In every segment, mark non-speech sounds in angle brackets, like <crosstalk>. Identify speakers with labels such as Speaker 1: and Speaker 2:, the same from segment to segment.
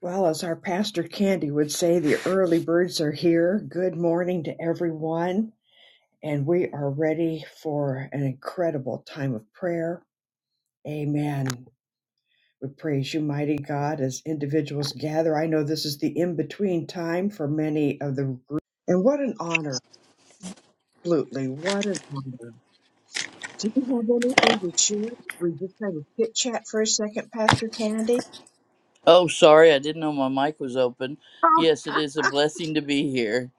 Speaker 1: Well, as our pastor Candy would say, the early birds are here. Good morning to everyone. And we are ready for an incredible time of prayer. Amen. We praise you, mighty God, as individuals gather. I know this is the in between time for many of the group. And what an honor, absolutely. What an honor. Did you have anything to share? We just had a chit chat for a second, Pastor Candy.
Speaker 2: Oh, sorry, I didn't know my mic was open.
Speaker 1: Oh,
Speaker 2: Yes, it is a blessing to be here.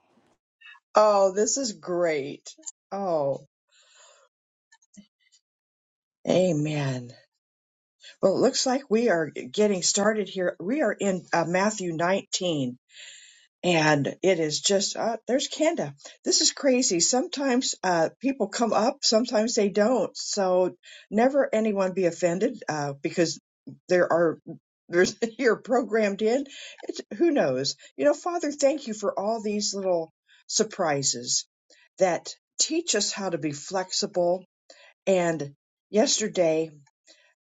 Speaker 1: oh this is great. Oh, amen. Well, it looks like we are getting started here. We are in uh, Matthew 19, and it is just, uh, there's Kenda. This is crazy. Sometimes uh, people come up, sometimes they don't. So never anyone be offended uh, because there are. There's <laughs> you're programmed in. It's, who knows? You know, Father, thank you for all these little surprises that teach us how to be flexible. And yesterday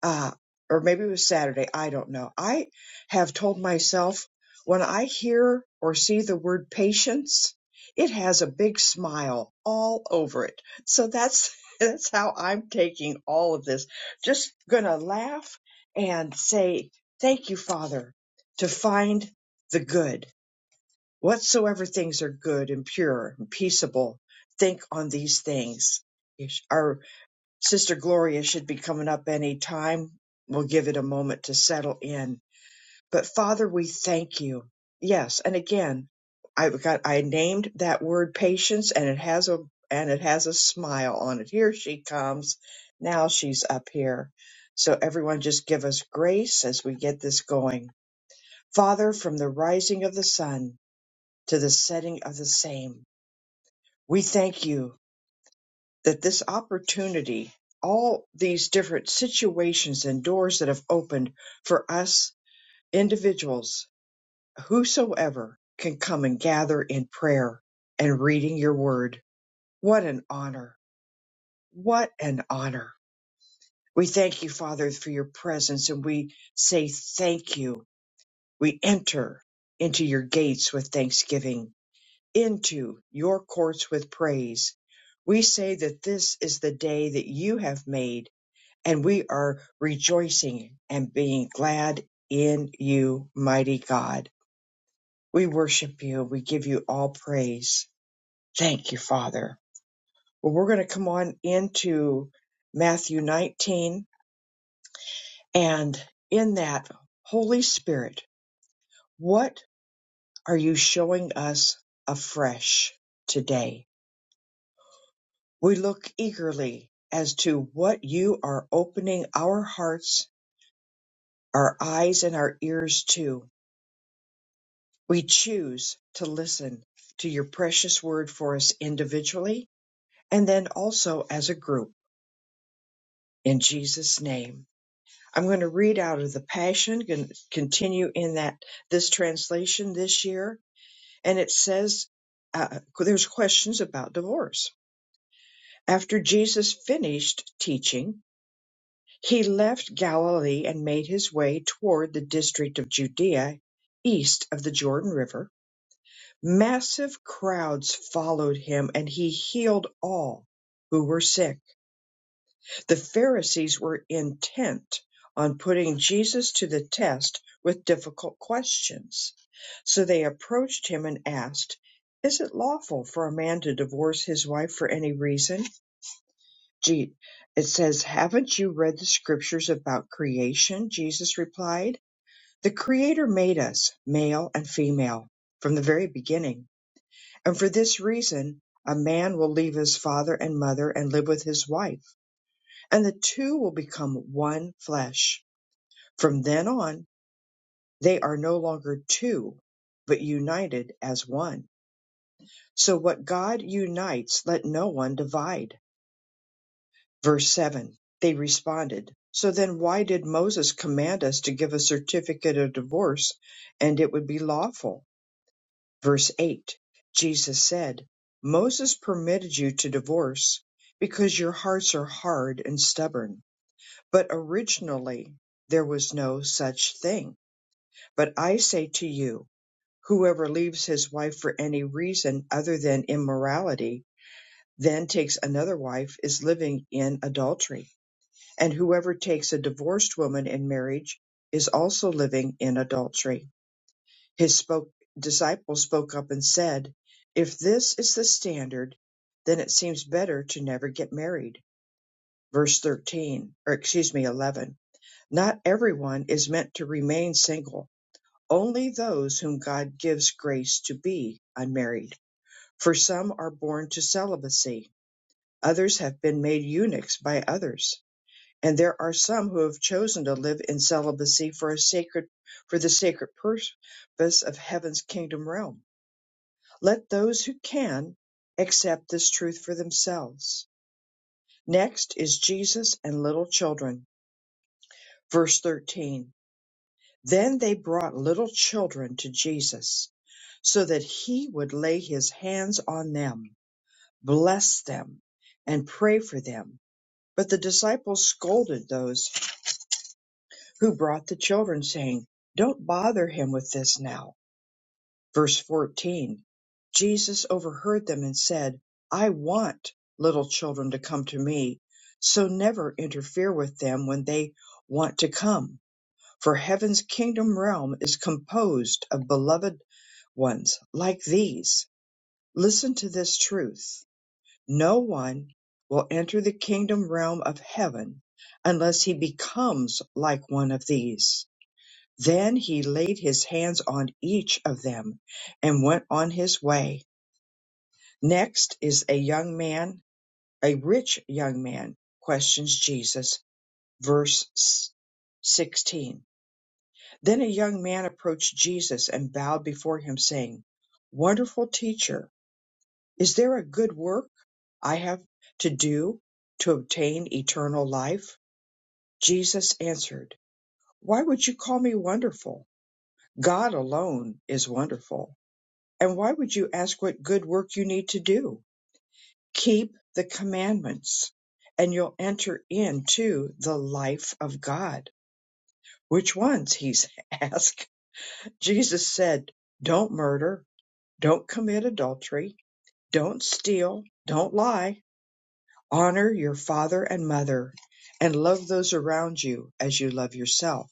Speaker 1: uh, or maybe it was Saturday. I don't know. I have told myself when I hear or see the word patience, it has a big smile all over it. So that's <laughs> that's how I'm taking all of this. Just gonna laugh and say thank you, Father, to find the good. Whatsoever things are good and pure and peaceable, think on these things. Our Sister Gloria should be coming up any time. We'll give it a moment to settle in. But Father, we thank you. Yes, and again, I got I named that word patience, and it has a and it has a smile on it. Here she comes. Now she's up here. So everyone, just give us grace as we get this going. Father, from the rising of the sun to the setting of the same, we thank you that this opportunity, all these different situations and doors that have opened for us individuals, whosoever can come and gather in prayer and reading your word. What an honor. What an honor. We thank you, Father, for your presence and we say thank you. We enter into your gates with thanksgiving, into your courts with praise. We say that this is the day that you have made and we are rejoicing and being glad in you, mighty God. We worship you. We give you all praise. Thank you, Father. Well, we're going to come on into Matthew 19 and in that, Holy Spirit, what are you showing us afresh today? We look eagerly as to what you are opening our hearts, our eyes, and our ears to We choose to listen to your precious word for us individually and then also as a group in Jesus' name. I'm going to read out of the Passion, going to continue in that this translation this year, and it says uh, there's questions about divorce. After Jesus finished teaching, he left Galilee and made his way toward the district of Judea east of the Jordan River Massive crowds followed him, and he healed all who were sick. The Pharisees were intent on putting Jesus to the test with difficult questions. So they approached him and asked, Is it lawful for a man to divorce his wife for any reason? Gee, it says, Haven't you read the scriptures about creation? Jesus replied, The Creator made us, male and female, from the very beginning. And for this reason, a man will leave his father and mother and live with his wife, and the two will become one flesh. From then on, they are no longer two, but united as one. So what God unites, let no one divide. Verse 7 They responded, So then why did Moses command us to give a certificate of divorce and it would be lawful? Verse 8 Jesus said, Moses permitted you to divorce because your hearts are hard and stubborn. But originally there was no such thing. But I say to you, whoever leaves his wife for any reason other than immorality, then takes another wife, is living in adultery. And whoever takes a divorced woman in marriage is also living in adultery. His spoke, disciples spoke up and said, If this is the standard, then it seems better to never get married. Verse 13, or excuse me, 11. Not everyone is meant to remain single, only those whom God gives grace to be unmarried. For some are born to celibacy, others have been made eunuchs by others. And there are some who have chosen to live in celibacy for a sacred, for the sacred purpose of heaven's kingdom realm. Let those who can accept this truth for themselves. Next is Jesus and little children. Verse 13. Then they brought little children to Jesus so that he would lay his hands on them, bless them, and pray for them. But the disciples scolded those who brought the children, saying, Don't bother him with this now Verse 14 Jesus overheard them and said, I want little children to come to me, so never interfere with them when they want to come. For heaven's kingdom realm is composed of beloved ones like these. Listen to this truth no one will enter the kingdom realm of heaven unless he becomes like one of these. Then he laid his hands on each of them and went on his way. Next is a young man, a rich young man, questions Jesus. Verse s- 16. Then a young man approached Jesus and bowed before him, saying, Wonderful teacher, is there a good work I have to do to obtain eternal life? Jesus answered, Why would you call me wonderful? God alone is wonderful And why would you ask what good work you need to do? Keep the commandments and you'll enter into the life of God. Which ones? He's asked. <laughs> Jesus said, don't murder, don't commit adultery, don't steal, don't lie, honor your father and mother, and love those around you as you love yourself.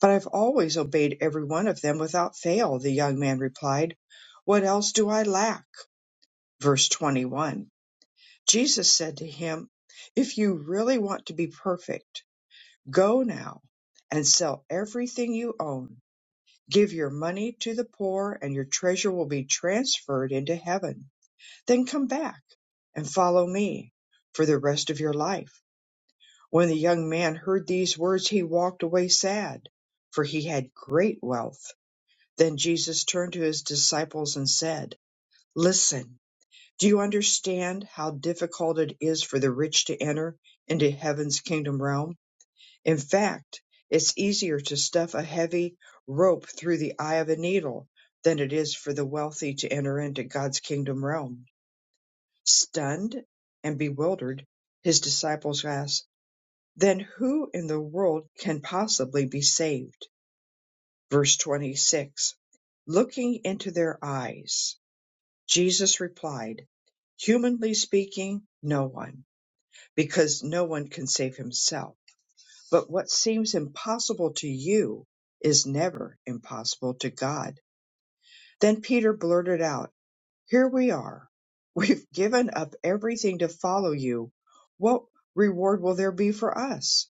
Speaker 1: But I've always obeyed every one of them without fail, the young man replied. What else do I lack? Verse 21. Jesus said to him, If you really want to be perfect, go now and sell everything you own. Give your money to the poor, and your treasure will be transferred into heaven. Then come back and follow me for the rest of your life. When the young man heard these words, he walked away sad, for he had great wealth. Then Jesus turned to his disciples and said, Listen. Do you understand how difficult it is for the rich to enter into heaven's kingdom realm? In fact, it's easier to stuff a heavy rope through the eye of a needle than it is for the wealthy to enter into God's kingdom realm. Stunned and bewildered, his disciples asked, Then who in the world can possibly be saved? Verse 26 Looking into their eyes, Jesus replied, Humanly speaking, no one because no one can save himself. But what seems impossible to you is never impossible to God. Then Peter blurted out, Here we are. <laughs> We've given up everything to follow you. What reward will there be for us?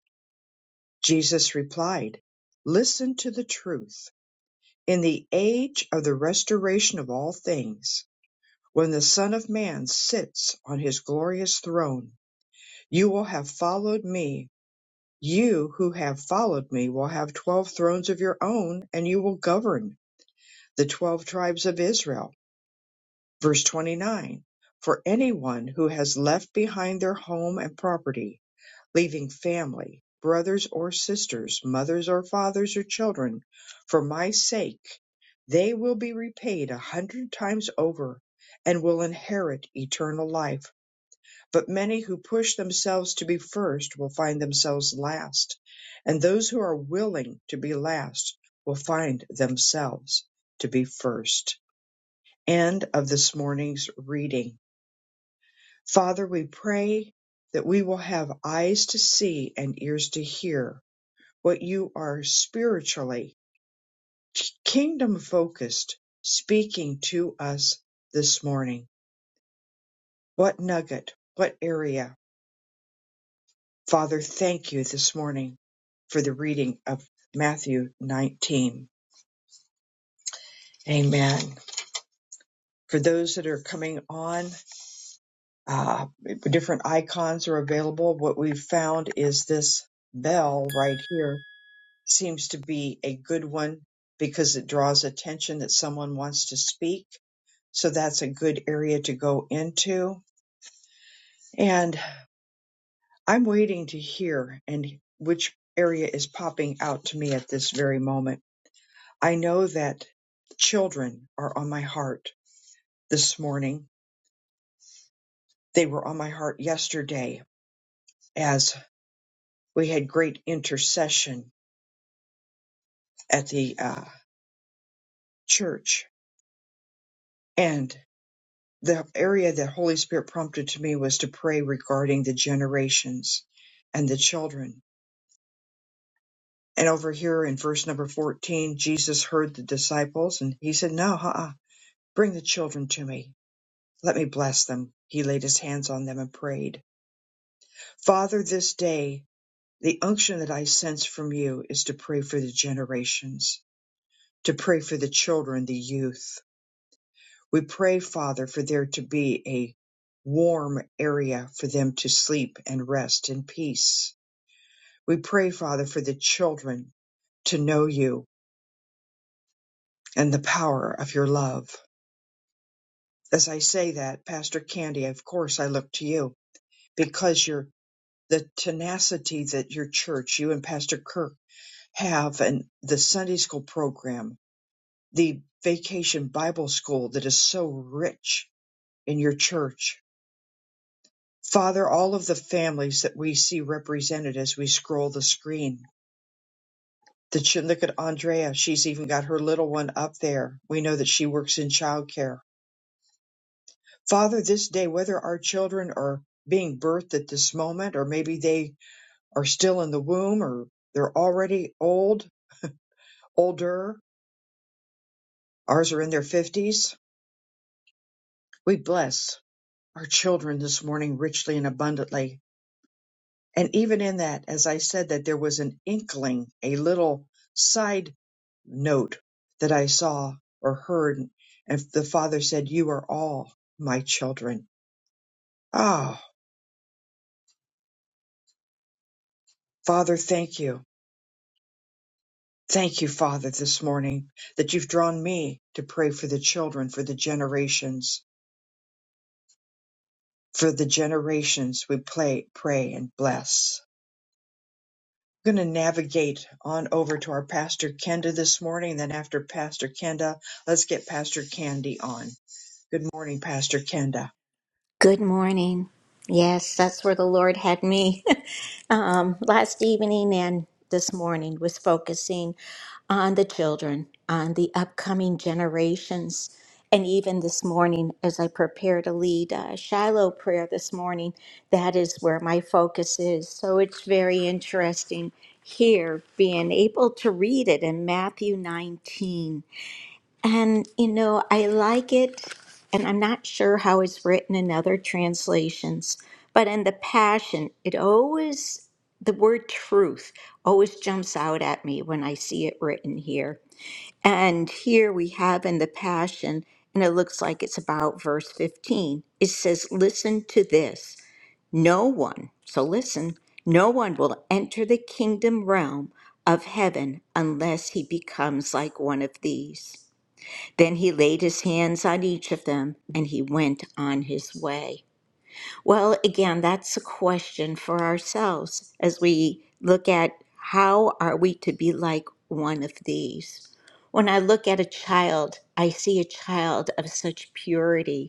Speaker 1: Jesus replied, Listen to the truth. In the age of the restoration of all things, when the Son of Man sits on his glorious throne, you will have followed me You who have followed me will have twelve thrones of your own, and you will govern the twelve tribes of Israel. Verse 29 For anyone who has left behind their home and property, leaving family, brothers or sisters, mothers or fathers or children, for my sake, they will be repaid a hundred times over and will inherit eternal life. But many who push themselves to be first will find themselves last, and those who are willing to be last will find themselves to be first. End of this morning's reading. Father, we pray that we will have eyes to see and ears to hear what you are spiritually, kingdom focused, speaking to us this morning. What nugget, what area, Father, thank you this morning for the reading of Matthew 19. Amen. For those that are coming on, uh, different icons are available. What we've found is this bell right here seems to be a good one because it draws attention that someone wants to speak. So that's a good area to go into. And I'm waiting to hear and which area is popping out to me at this very moment I know that children are on my heart this morning. They were on my heart yesterday as we had great intercession at the uh, church. And the area that Holy Spirit prompted to me was to pray regarding the generations and the children. And over here in verse number 14, Jesus heard the disciples and he said, No, uh-uh, bring the children to me. Let me bless them. He laid his hands on them and prayed. Father, this day The unction that I sense from you is to pray for the generations, to pray for the children, the youth. We pray, Father, for there to be a warm area for them to sleep and rest in peace. We pray, Father, for the children to know you and the power of your love. As I say that, Pastor Candy, of course I look to you because you're the tenacity that your church, you and Pastor Kirk have and the Sunday school program the vacation Bible school that is so rich in your church. Father, all of the families that we see represented as we scroll the screen. The ch- look at Andrea. She's even got her little one up there. We know that she works in childcare. Father, this day, whether our children are being birthed at this moment, or maybe they are still in the womb, or they're already old, older, ours are in their 50s, we bless our children this morning richly and abundantly And even in that, as I said, that there was an inkling, a little side note that I saw or heard. And the Father said, You are all my children. Ah, Father, thank you. Thank you, Father, this morning that you've drawn me to pray for the children, for the generations, for the generations we play, pray and bless. I'm going to navigate on over to our Pastor Kenda this morning. Then after Pastor Kenda, let's get Pastor Candy on. Good morning, Pastor Kenda.
Speaker 3: Good morning. Yes, that's where the Lord had me <laughs> um, last evening and this morning was focusing on the children, on the upcoming generations. And even this morning, as I prepare to lead uh, Shiloh prayer this morning, that is where my focus is. So it's very interesting here being able to read it in Matthew 19 and, you know, I like it, and I'm not sure how it's written in other translations, but in the Passion, it always, the word truth always jumps out at me when I see it written here. And here we have in the Passion, and it looks like it's about verse 15. It says, Listen to this. No one, so listen, no one will enter the kingdom realm of heaven unless he becomes like one of these. Then he laid his hands on each of them and he went on his way. Well, again, that's a question for ourselves as we look at how are we to be like one of these. When I look at a child, I see a child of such purity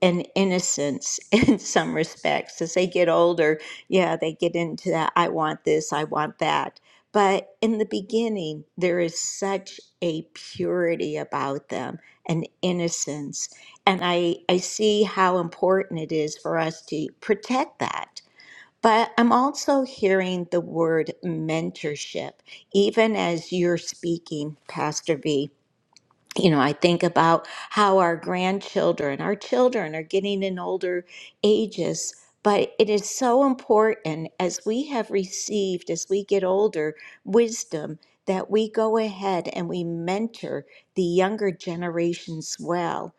Speaker 3: and innocence <laughs> in some respects. As they get older, yeah, they get into that I want this, I want that. But in the beginning, there is such a purity about them an innocence. And I, I see how important it is for us to protect that. But I'm also hearing the word mentorship, even as you're speaking, Pastor V you know, I think about how our grandchildren, our children are getting in older ages, but it is so important as we have received, as we get older, wisdom that we go ahead and we mentor the younger generations well.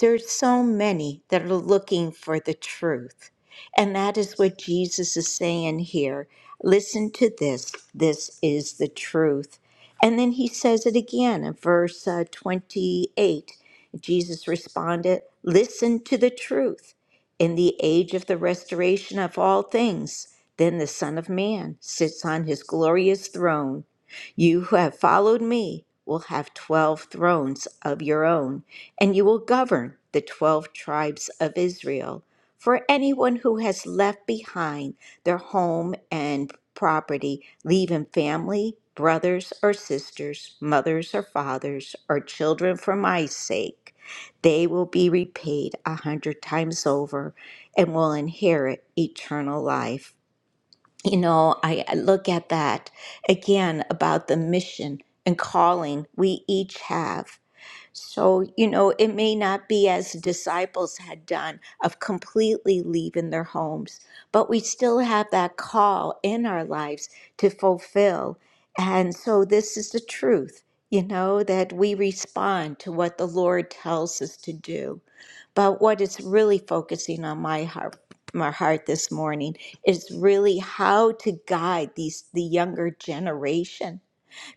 Speaker 3: There's so many that are looking for the truth. And that is what Jesus is saying here. Listen to this. This is the truth. And then he says it again in verse uh, 28. Jesus responded, Listen to the truth. In the age of the restoration of all things, then the Son of Man sits on his glorious throne. You who have followed me will have 12 thrones of your own and you will govern the twelve tribes of Israel. For anyone who has left behind their home and property, leaving family, brothers or sisters, mothers or fathers, or children for my sake, they will be repaid a hundred times over and will inherit eternal life. You know, I I look at that again about the mission and calling we each have. So, you know, it may not be as disciples had done of completely leaving their homes, but we still have that call in our lives to fulfill. And so, this is the truth, you know, that we respond to what the Lord tells us to do. But what is really focusing on my heart, my heart this morning is really how to guide these the younger generation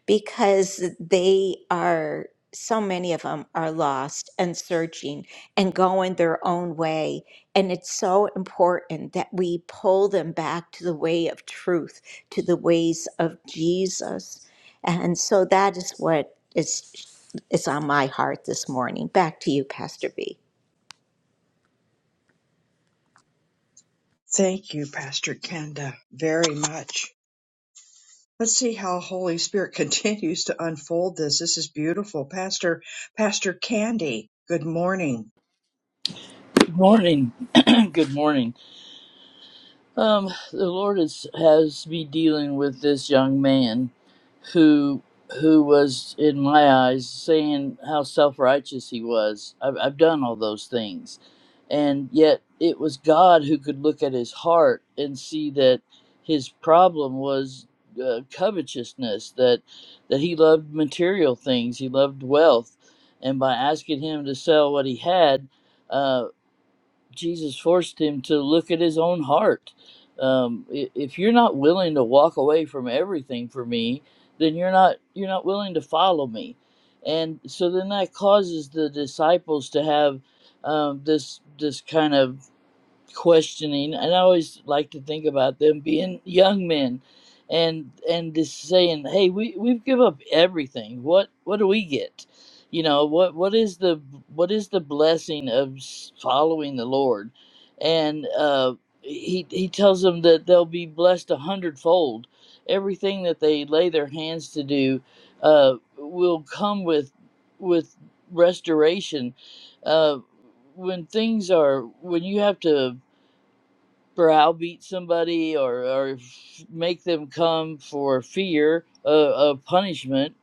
Speaker 3: because they are so many of them are lost and searching and going their own way and it's so important that we pull them back to the way of truth to the ways of jesus and so that is what is is on my heart this morning back to you pastor b
Speaker 1: Thank you, Pastor Kenda, very much. Let's see how Holy Spirit <laughs> continues to unfold this. This is beautiful. Pastor, Pastor Candy, good morning.
Speaker 2: Good morning. <clears throat> Good morning. Um, the Lord is, has me dealing with this young man who who was in my eyes saying how self-righteous he was. I've, I've done all those things. And yet it was God who could look at his heart and see that his problem was uh, covetousness, that that he loved material things, he loved wealth. And by asking him to sell what he had, uh, Jesus forced him to look at his own heart. Um, if you're not willing to walk away from everything for me, then you're not you're not willing to follow me, and so then that causes the disciples to have um, this this kind of questioning and i always like to think about them being young men and and just saying hey we we've give up everything what what do we get you know what what is the what is the blessing of s- following the lord and uh he he tells them that they'll be blessed a hundredfold everything that they lay their hands to do uh will come with with restoration uh when things are when you have to browbeat somebody or, or make them come for fear of, of punishment,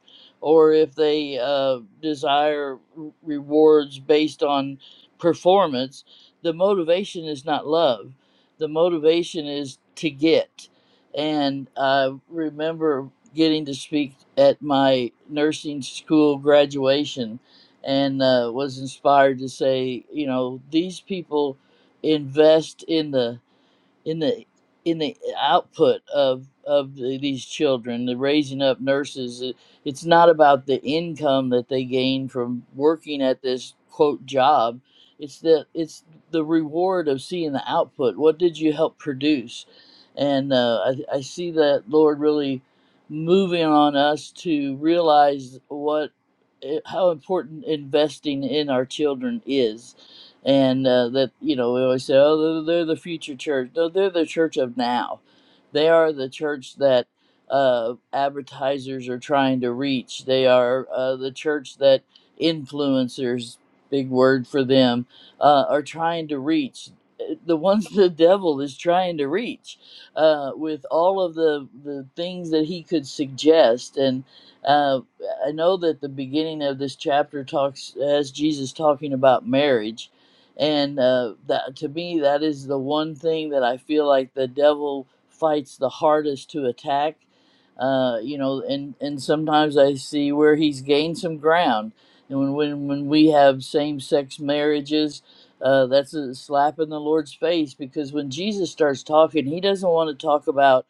Speaker 2: or if they uh, desire rewards based on performance, the motivation is not love. The motivation is to get. And I remember getting to speak at my nursing school graduation and uh, was inspired to say, you know, these people invest in the in the in the output of of the, these children the raising up nurses it, it's not about the income that they gain from working at this quote job it's the it's the reward of seeing the output what did you help produce and uh, I, I see that lord really moving on us to realize what eh, how important investing in our children is and uh, that you know we always say oh they're, they're the future church no they're the church of now they are the church that uh, advertisers are trying to reach they are uh, the church that influencers big word for them uh, are trying to reach Uh, the ones <laughs> the devil is trying to reach uh, with all of the, the things that he could suggest and uh, i know that the beginning of this chapter talks has jesus talking about marriage and uh, that to me that is the one thing that I feel like the devil fights the hardest to attack. Uh, you know, and and sometimes I see where he's gained some ground, and when when, when we have same sex marriages. Uh, that's a slap in the Lord's face because when Jesus starts talking, he doesn't want to talk about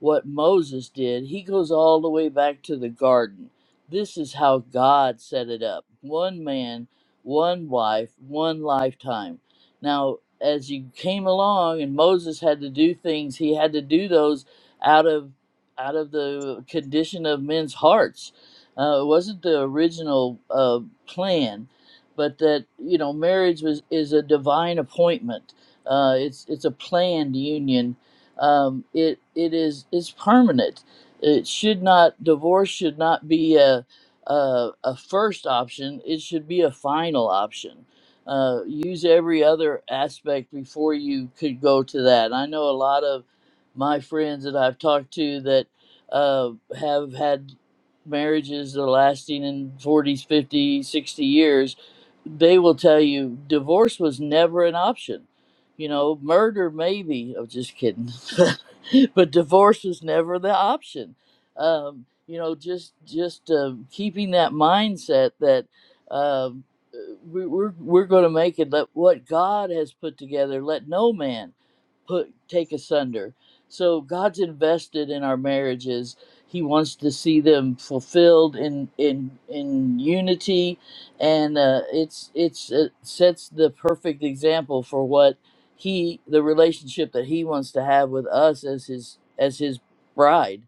Speaker 2: what Moses did. He goes all the way back to the garden. This is how God set it up. One man one life, one lifetime. Now, as you came along and Moses had to do things, he had to do those out of out of the condition of men's hearts. Uh, it wasn't the original uh, plan, but that you know, marriage was is a divine appointment. Uh, it's it's a planned union. Um, it it is it's permanent. It should not divorce should not be a uh, a first option, it should be a final option. Uh, use every other aspect before you could go to that. I know a lot of my friends that I've talked to that uh, have had marriages that are lasting in 40s, 50, sixty years, they will tell you divorce was never an option. You know, murder maybe. I'm just kidding. <laughs> but divorce was never the option um, you know just just uh, keeping that mindset that um, uh, we, we're we're going to make it let what god has put together let no man put take asunder so god's invested in our marriages he wants to see them fulfilled in in in unity and uh, it's it's it sets the perfect example for what he the relationship that he wants to have with us as his as his bride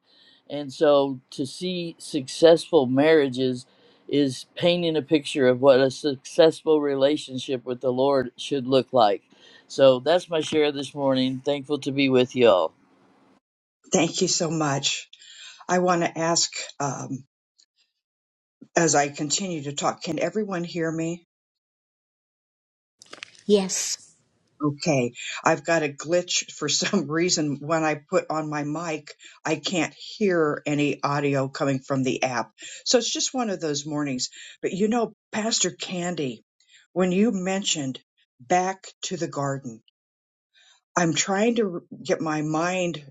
Speaker 2: and so to see successful marriages is painting a picture of what a successful relationship with the Lord should look like. So that's my share this morning. Thankful to be with y'all.
Speaker 1: Thank you so much. I want to ask, um, as I continue to talk, can everyone hear me?
Speaker 3: yes
Speaker 1: Okay, I've got a glitch for some <laughs> reason. When I put on my mic, I can't hear any audio coming from the app. So it's just one of those mornings. But you know, Pastor Candy, when you mentioned back to the garden, I'm trying to get my mind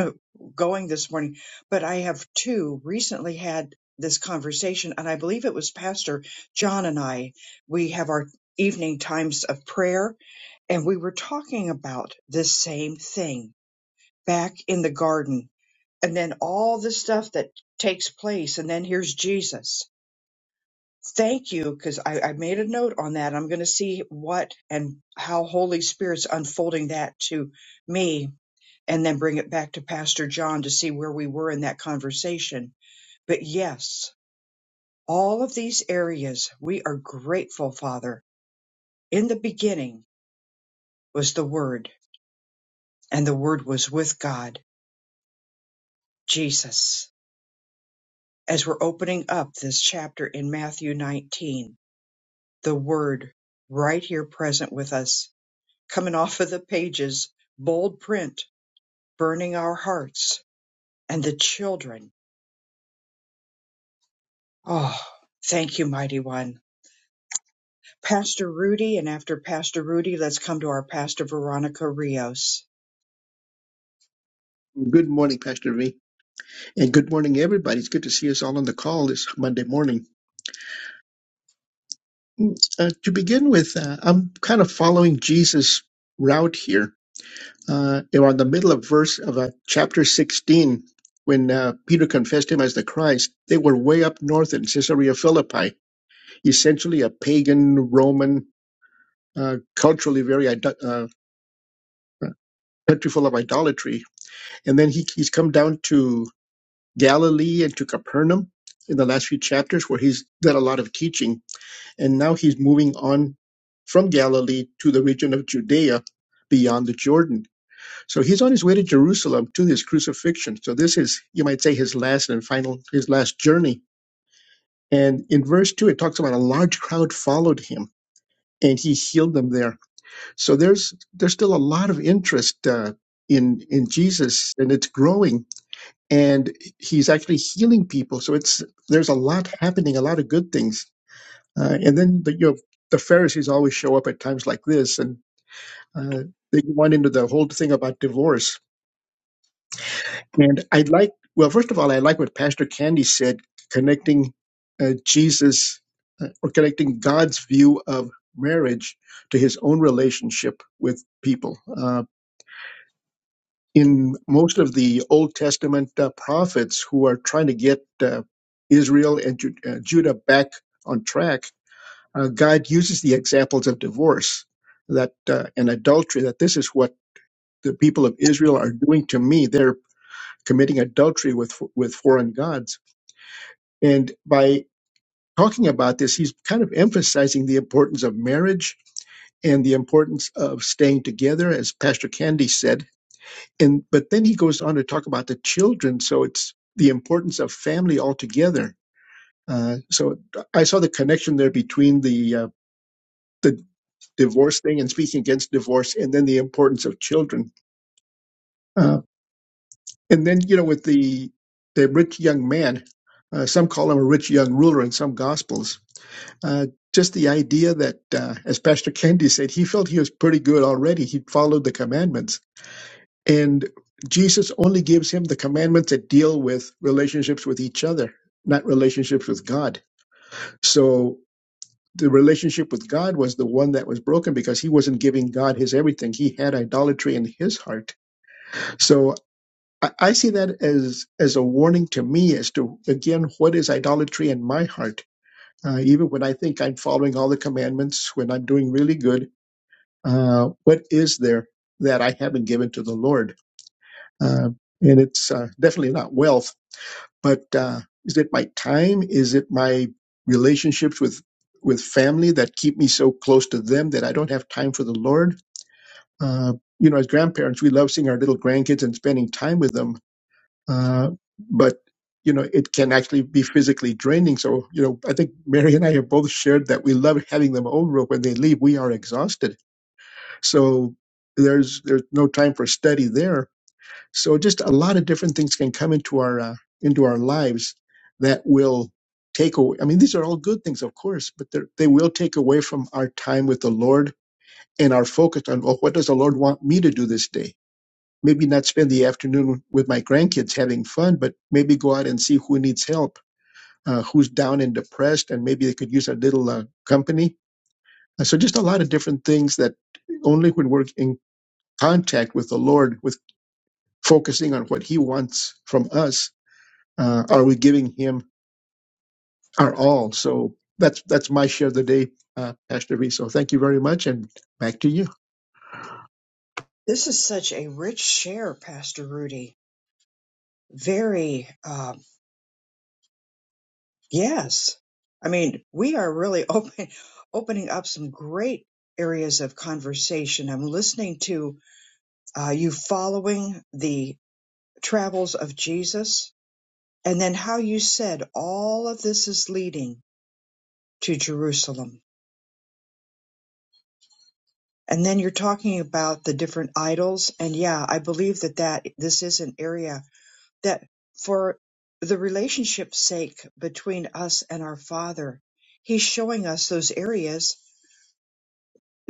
Speaker 1: <laughs> going this morning, but I have two recently had this conversation, and I believe it was Pastor John and I. We have our evening times of prayer, and we were talking about this same thing back in the garden, and then all the stuff that takes place, and then here's Jesus. Thank you, because I, I made a note on that. I'm going to see what and how Holy Spirit's unfolding that to me and then bring it back to Pastor John to see where we were in that conversation. But yes, all of these areas, we are grateful, Father. In the beginning was the Word, and the Word was with God, Jesus. As we're opening up this chapter in Matthew 19, the Word right here present with us, coming off of the pages, bold print, burning our hearts, and the children. Oh, thank you, Mighty One Pastor Rudy, and after Pastor Rudy, let's come to our Pastor Veronica Rios.
Speaker 4: Good morning, Pastor V, and good morning, everybody. It's good to see us all on the call this Monday morning. Uh, to begin with, uh, I'm kind of following Jesus' route here. Uh, we're on the middle of verse of uh, chapter 16, when uh, Peter confessed him as the Christ, they were way up north in Caesarea Philippi, essentially a pagan Roman, uh, culturally very ido- uh, country full of idolatry. And then he, he's come down to Galilee and to Capernaum in the last few chapters where he's done a lot of teaching. And now he's moving on from Galilee to the region of Judea beyond the Jordan. So he's on his way to Jerusalem to his crucifixion. So this is, you might say, his last and final, his last journey. And in verse two, it talks about a large crowd followed him and he healed them there. So there's, there's still a lot of interest, uh, in, in Jesus and it's growing and he's actually healing people. So it's there's a lot happening, a lot of good things. Uh, and then the, you know the Pharisees always show up at times like this, and uh, they went into the whole thing about divorce. And I like well, first of all, I like what Pastor Candy said, connecting uh, Jesus uh, or connecting God's view of marriage to his own relationship with people. Um, in most of the Old Testament uh, prophets who are trying to get uh, Israel and Ju- uh, Judah back on track, uh, God uses the examples of divorce that uh, and adultery. That this is what the people of Israel are doing to me. They're committing adultery with with foreign gods. And by talking about this, he's kind of emphasizing the importance of marriage and the importance of staying together, as Pastor Candy said and but then he goes on to talk about the children so it's the importance of family altogether uh, so i saw the connection there between the uh, the divorce thing and speaking against divorce and then the importance of children uh, and then you know with the the rich young man uh, some call him a rich young ruler in some gospels uh, just the idea that uh, as pastor kendi said he felt he was pretty good already he followed the commandments And Jesus only gives him the commandments that deal with relationships with each other, not relationships with God. So the relationship with God was the one that was broken because he wasn't giving God his everything. He had idolatry in his heart. So I I see that as as a warning to me as to again what is idolatry in my heart. Uh, even when I think I'm following all the commandments, when I'm doing really good, uh, what is there that I haven't given to the Lord? Uh, and it's uh, definitely not wealth but uh, is it my time is it my relationships with with family that keep me so close to them that i don't have time for the lord uh, you know as grandparents we love seeing our little grandkids and spending time with them uh, but you know it can actually be physically draining so you know i think mary and i have both shared that we love having them over when they leave we are exhausted so there's there's no time for study there so just a lot of different things can come into our uh, into our lives that will take away. I mean, these are all good things, of course, but they're- they will take away from our time with the Lord and our focus on well, what does the Lord want me to do this day? Maybe not spend the afternoon with my grandkids having fun, but maybe go out and see who needs help, uh, who's down and depressed, and maybe they could use a little uh, company. Uh, So just a lot of different things that only when we're in contact with the Lord, with focusing on what He wants from us, Uh, are we giving him our all? So that's that's my share of the day, uh, Pastor V. So thank you very much, and back to you.
Speaker 1: This is such a rich share, Pastor Rudy. Very, uh, yes. I mean, we are really open, <laughs> opening up some great areas of conversation. I'm listening to uh, you following the travels of Jesus, and then how you said all of this is leading to Jerusalem And then you're talking about the different idols. And yeah, I believe that that this is an area that for the relationship's sake between us and our father, he's showing us those areas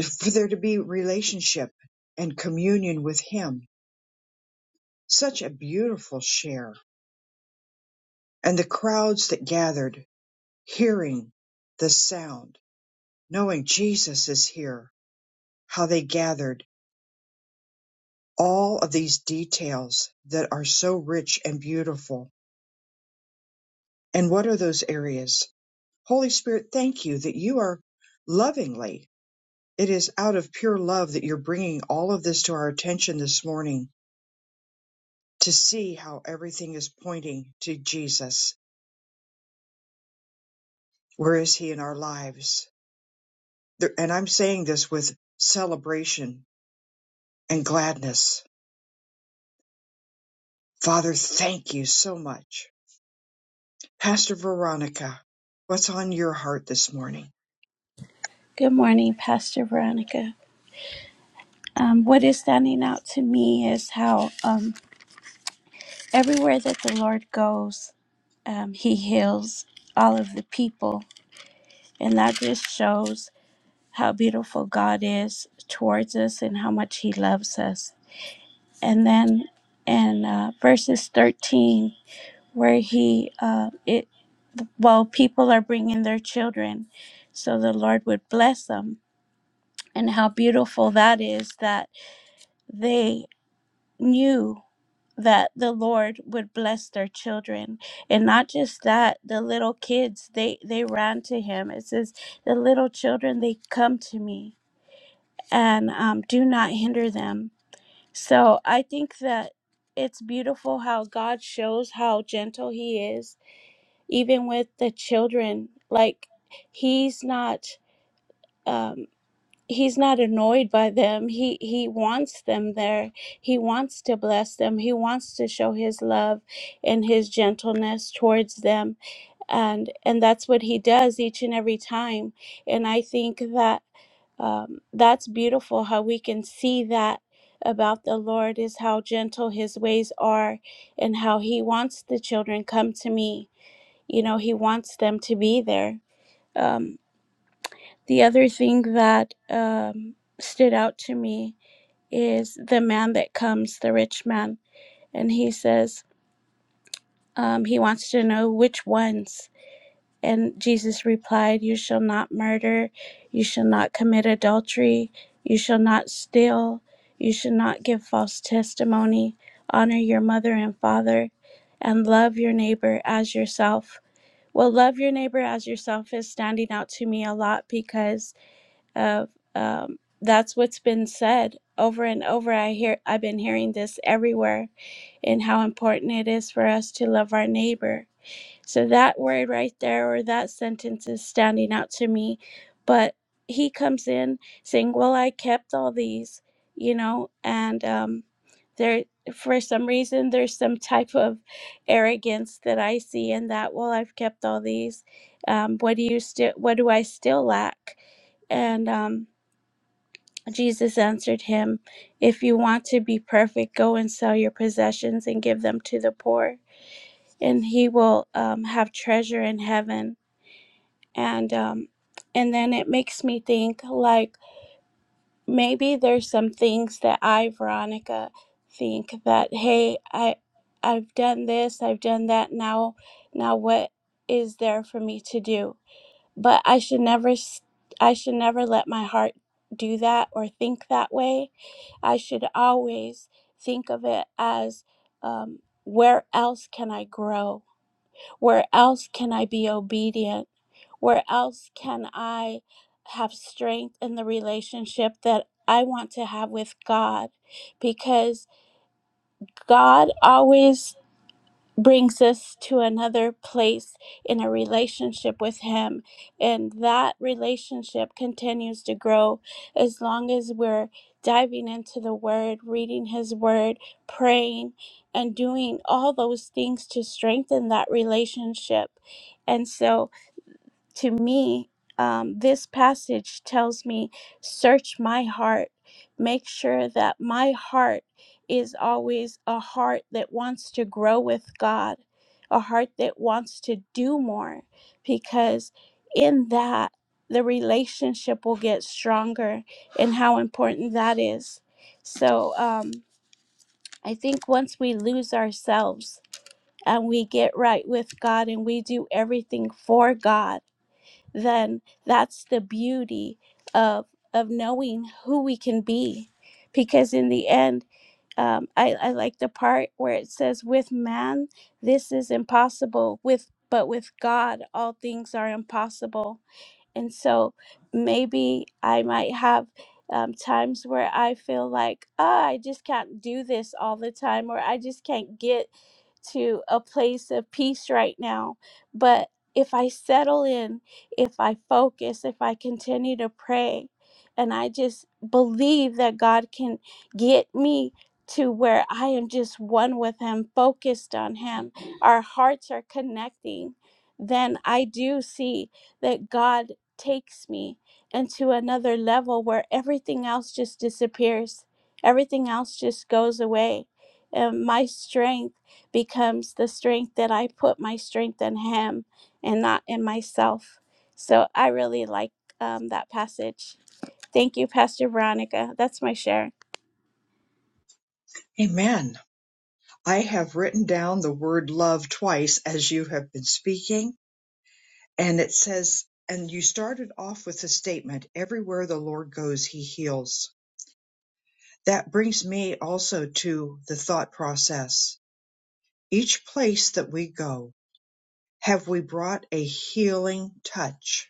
Speaker 1: for there to be relationship and communion with him. Such a beautiful share. And the crowds that gathered hearing the sound, knowing Jesus is here, how they gathered all of these details that are so rich and beautiful And what are those areas? Holy Spirit, thank you that you are lovingly. It is out of pure love that you're bringing all of this to our attention this morning to see how everything is pointing to Jesus. Where is he in our lives? There- And I'm saying this with celebration and gladness. Father, thank you so much. Pastor Veronica, what's on your heart this morning?
Speaker 5: Good morning, Pastor Veronica. Um, what is standing out to me is how um, everywhere that the Lord goes, um, He heals all of the people. And that just shows how beautiful God is towards us and how much He loves us. And then in uh, verses 13, where He, uh, it, well, people are bringing their children, so the Lord would bless them. And how beautiful that is that they knew that the lord would bless their children and not just that the little kids they they ran to him it says the little children they come to me and um, do not hinder them so i think that it's beautiful how god shows how gentle he is even with the children like he's not um he's not annoyed by them he he wants them there he wants to bless them he wants to show his love and his gentleness towards them and and that's what he does each and every time and i think that um, that's beautiful how we can see that about the lord is how gentle his ways are and how he wants the children come to me you know he wants them to be there Um. The other thing that um, stood out to me is the man that comes, the rich man, and he says um, he wants to know which ones. And Jesus replied, You shall not murder, you shall not commit adultery, you shall not steal, you shall not give false testimony, honor your mother and father, and love your neighbor as yourself. Well, love your neighbor as yourself is standing out to me a lot because of um, that's what's been said over and over i hear i've been hearing this everywhere and how important it is for us to love our neighbor so that word right there or that sentence is standing out to me but he comes in saying well i kept all these you know and um, there for some reason there's some type of arrogance that i see in that well i've kept all these um, what do you still what do i still lack and um, Jesus answered him, If you want to be perfect, go and sell your possessions and give them to the poor, and he will um, have treasure in heaven. And um, and then it makes me think like maybe there's some things that I, Veronica, think that hey, I I've done this, I've done that. Now, now what is there for me to do? But I should never s- I should never let my heart do that or think that way I should always think of it as um, where else can I grow? Where else can I be obedient? Where else can I have strength in the relationship that I want to have with God? Because God always brings us to another place in a relationship with Him. And that relationship continues to grow as long as we're diving into the Word, reading His Word, praying, and doing all those things to strengthen that relationship. And so, to me, um, this passage tells me, search my heart. Make sure that my heart is always a heart that wants to grow with God, a heart that wants to do more, because in that, the relationship will get stronger and how important that is. So um, I think once we lose ourselves and we get right with God and we do everything for God then that's the beauty of of knowing who we can be because in the end um, I, I like the part where it says with man this is impossible with but with god all things are impossible and so maybe I might have um, times where I feel like, ah, I just can't do this all the time, or I just can't get to a place of peace right now. But if I settle in, if I focus, if I continue to pray, and I just believe that God can get me to where I am just one with Him, focused on Him, our hearts are connecting, then I do see that God takes me into another level where everything else just disappears. Everything else just goes away. And my strength becomes the strength that I put my strength in Him and not in myself. So I really like um, that passage. Thank you, Pastor Veronica. That's my share.
Speaker 1: Amen. I have written down the word love twice as you have been speaking And it says, and you started off with the statement, everywhere the Lord goes, he heals. That brings me also to the thought process. Each place that we go, have we brought a healing touch?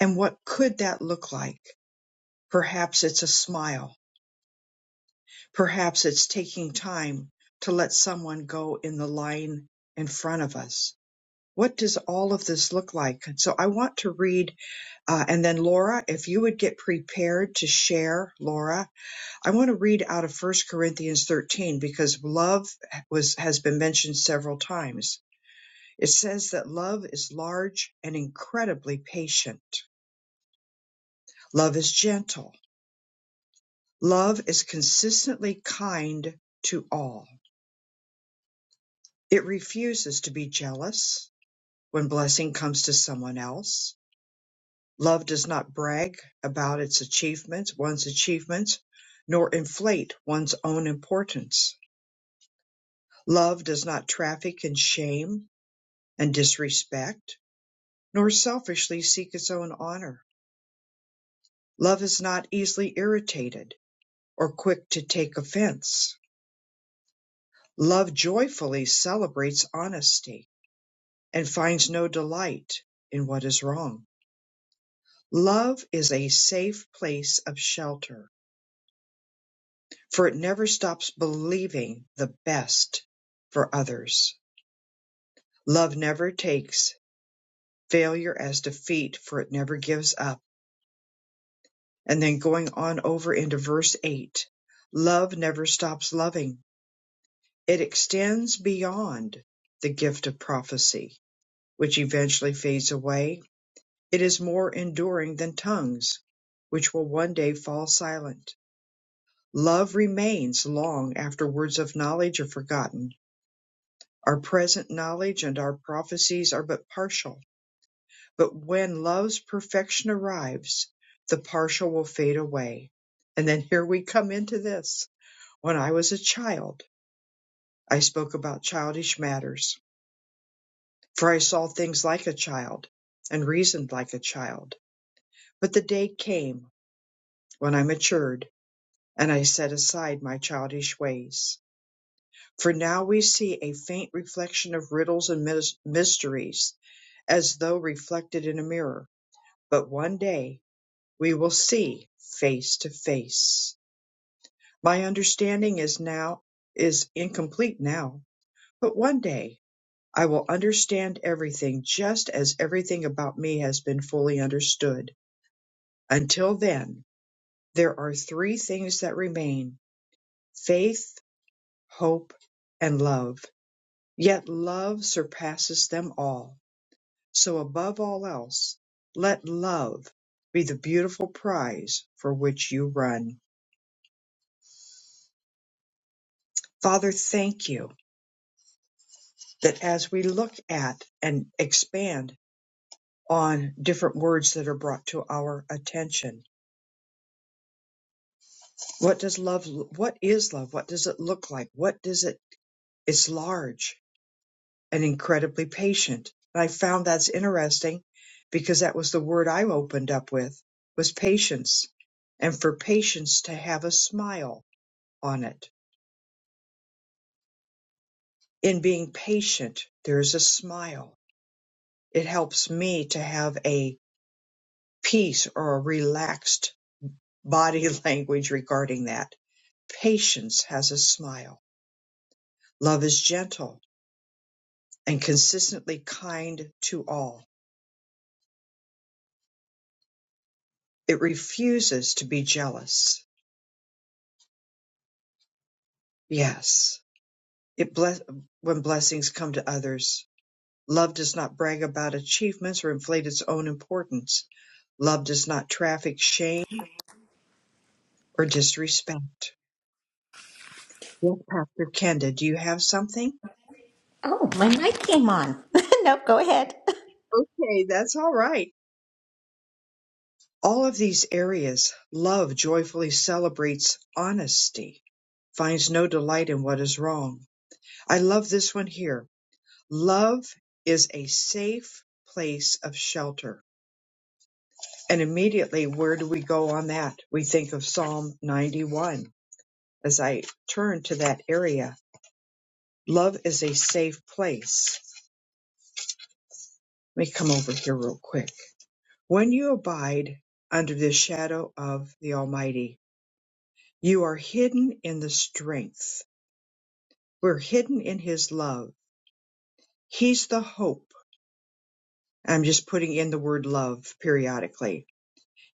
Speaker 1: And what could that look like? Perhaps it's a smile. Perhaps it's taking time to let someone go in the line in front of us. What does all of this look like? So I want to read Uh, and then Laura, if you would get prepared to share, Laura, I want to read out of First Corinthians 13 because love was has been mentioned several times. It says that love is large and incredibly patient. Love is gentle. Love is consistently kind to all. It refuses to be jealous when blessing comes to someone else. Love does not brag about its achievements, one's achievements, nor inflate one's own importance. Love does not traffic in shame and disrespect, nor selfishly seek its own honor. Love is not easily irritated or quick to take offense. Love joyfully celebrates honesty and finds no delight in what is wrong. Love is a safe place of shelter for it never stops believing the best for others. Love never takes failure as defeat, for it never gives up. And then going on over into verse 8 love never stops loving, it extends beyond the gift of prophecy, which eventually fades away. It is more enduring than tongues, which will one day fall silent. Love remains long after words of knowledge are forgotten Our present knowledge and our prophecies are but partial, but when love's perfection arrives, the partial will fade away. And then here we come into this. When I was a child, I spoke about childish matters, for I saw things like a child and reasoned like a child. But the day came when I matured and I set aside my childish ways. For now we see a faint reflection of riddles and mys- mysteries as though reflected in a mirror but one day we will see face to face. My understanding is now is incomplete now, but one day I will understand everything just as everything about me has been fully understood. Until then, there are three things that remain faith, hope, and love. Yet love surpasses them all. So above all else, let love be the beautiful prize for which you run. Father, thank you that as we look at and expand on different words that are brought to our attention, what does love, what is love? What does it look like? What does it, it's large and incredibly patient. And I found that's interesting because that was the word I opened up with was patience and for patience to have a smile on it. In being patient, there is a smile. It helps me to have a peace or a relaxed body <laughs> language regarding that. Patience has a smile. Love is gentle and consistently kind to all. It refuses to be jealous. Yes, it bless when blessings come to others. Love does not brag about achievements or inflate its own importance. Love does not traffic shame or disrespect. Yes, Pastor Kenda, do you have something?
Speaker 3: oh my mic came on <laughs> no go ahead
Speaker 1: Okay, that's all right. All of these areas, love joyfully celebrates honesty, finds no delight in what is wrong. I love this one here. Love is a safe place of shelter. And immediately, where do we go on that? We think of Psalm 91 as I turn to that area. Love is a safe place. Let me come over here real quick. When you abide under the shadow of the Almighty, you are hidden in the strength We're hidden in his love. He's the hope. I'm just putting in the word love periodically.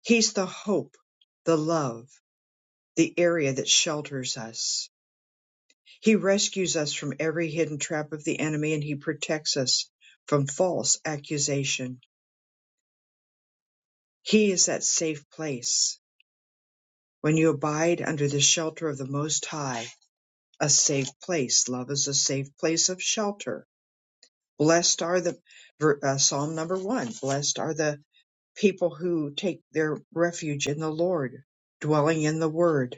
Speaker 1: He's the hope, the love, the area that shelters us. He rescues us from every hidden trap of the enemy and he protects us from false accusation. He is that safe place. When you abide under the shelter of the Most High, a safe place. Love is a safe place of shelter. Blessed are the ver- uh, Psalm number one. Blessed are the people who take their refuge in the Lord, dwelling in the Word.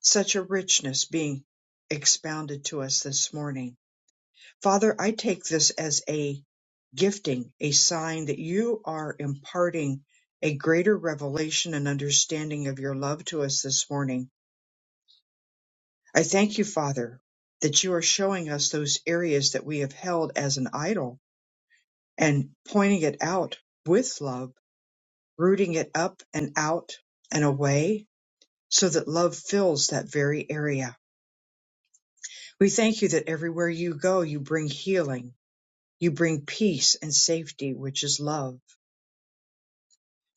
Speaker 1: Such a richness being expounded to us this morning. Father, I take this as a gifting, a sign that you are imparting a greater revelation and understanding of your love to us this morning. I thank you, Father, that you are showing us those areas that we have held as an idol and pointing it out with love, rooting it up and out and away so that love fills that very area. We thank you that everywhere you go, you bring healing, you bring peace and safety, which is love,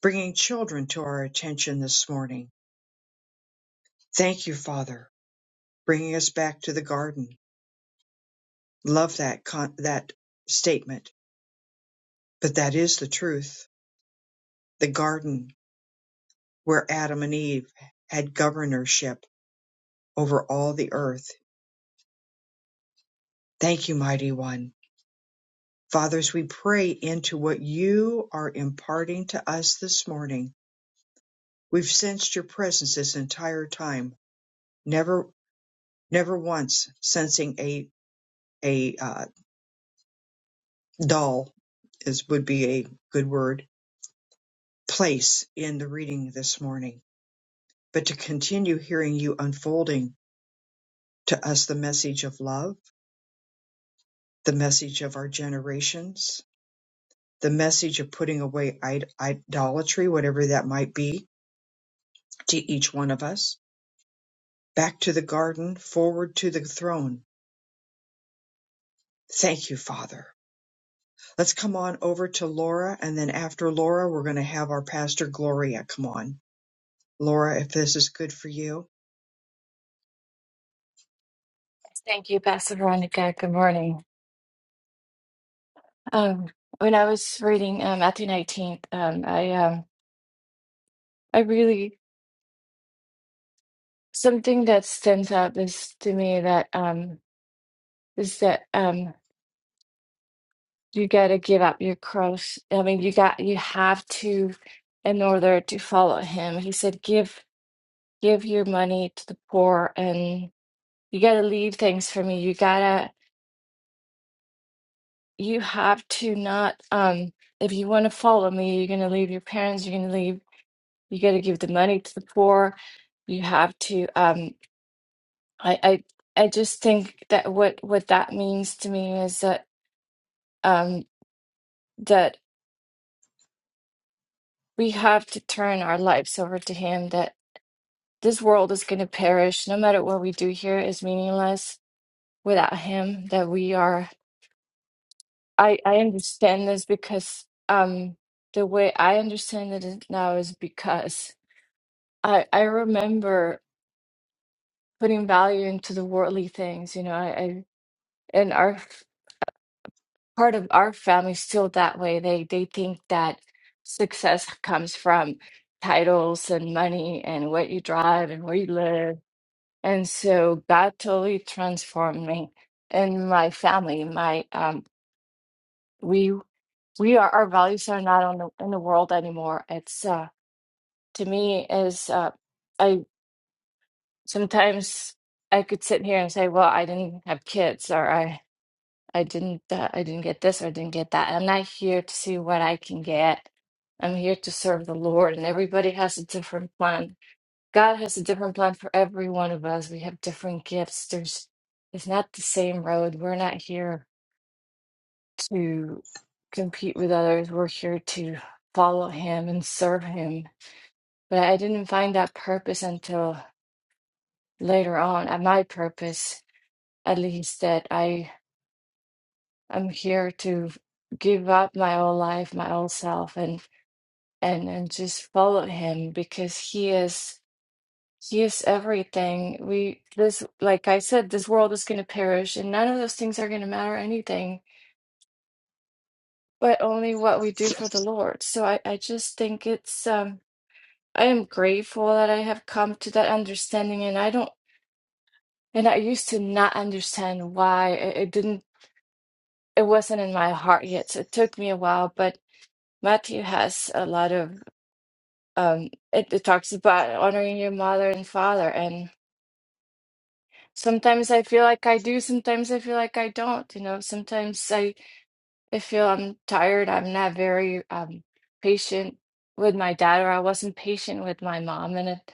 Speaker 1: bringing children to our attention this morning. Thank you, Father, bringing us back to the garden. Love that con- that statement, but that is the truth. The garden where Adam and Eve had governorship over all the earth. Thank you, mighty one. Fathers, we pray into what you are imparting to us this morning We've sensed your presence this entire time, never never once sensing a a uh, dull is would be a good word place in the reading this morning, but to continue hearing you unfolding to us the message of love, the message of our generations, the message of putting away id- idolatry, whatever that might be, to each one of us, back to the garden, forward to the throne. Thank you, Father. Let's come on over to Laura, and then after Laura, we're going to have our pastor Gloria come on. Laura, if this is good for you.
Speaker 6: Thank you, Pastor Veronica. Good morning. Um, when I was reading uh, Matthew 19, um, I um, I really something that stands out is to me that um, is that um, you got to give up your cross. I mean, you got you have to in order to follow him. He said, "Give give your money to the poor, and you got to leave things for me. You gotta you have to not um, if you want to follow me, you're gonna leave your parents. You're gonna leave." You got to give the money to the poor. You have to. Um, I, I, I just think that what what that means to me is that um, that we have to turn our lives over to Him. That this world is going to perish. No matter what we do here is meaningless without Him. That we are. I I understand this because um, the way I understand it now is because I I remember putting value into the worldly things. You know, I, I and our part of our family still that way. They they think that success comes from titles and money and what you drive and where you live. And so God totally transformed me and my family. My um we we are our values are not on the in the world anymore. It's uh to me is uh I sometimes I could sit here and say, well, I didn't have kids or I. I didn't uh, I didn't get this or I didn't get that. I'm not here to see what I can get. I'm here to serve the Lord, and everybody has a different plan. God has a different plan for every one of us. We have different gifts. There's it's not the same road. We're not here to compete with others. We're here to follow him and serve him. But I didn't find that purpose until later on, at my purpose, at least that I I'm here to give up my old life, my old self, and and and just follow him because he is he is everything. We this like I said, this world is going to perish, and none of those things are going to matter anything, but only what we do for the Lord. So I I just think it's um I am grateful that I have come to that understanding, and I don't and I used to not understand why it, it didn't it wasn't in my heart yet. So it took me a while, but Matthew has a lot of um it, it talks about honoring your mother and father and sometimes i feel like i do sometimes i feel like i don't you know sometimes i i feel i'm tired i'm not very um patient with my dad or i wasn't patient with my mom and it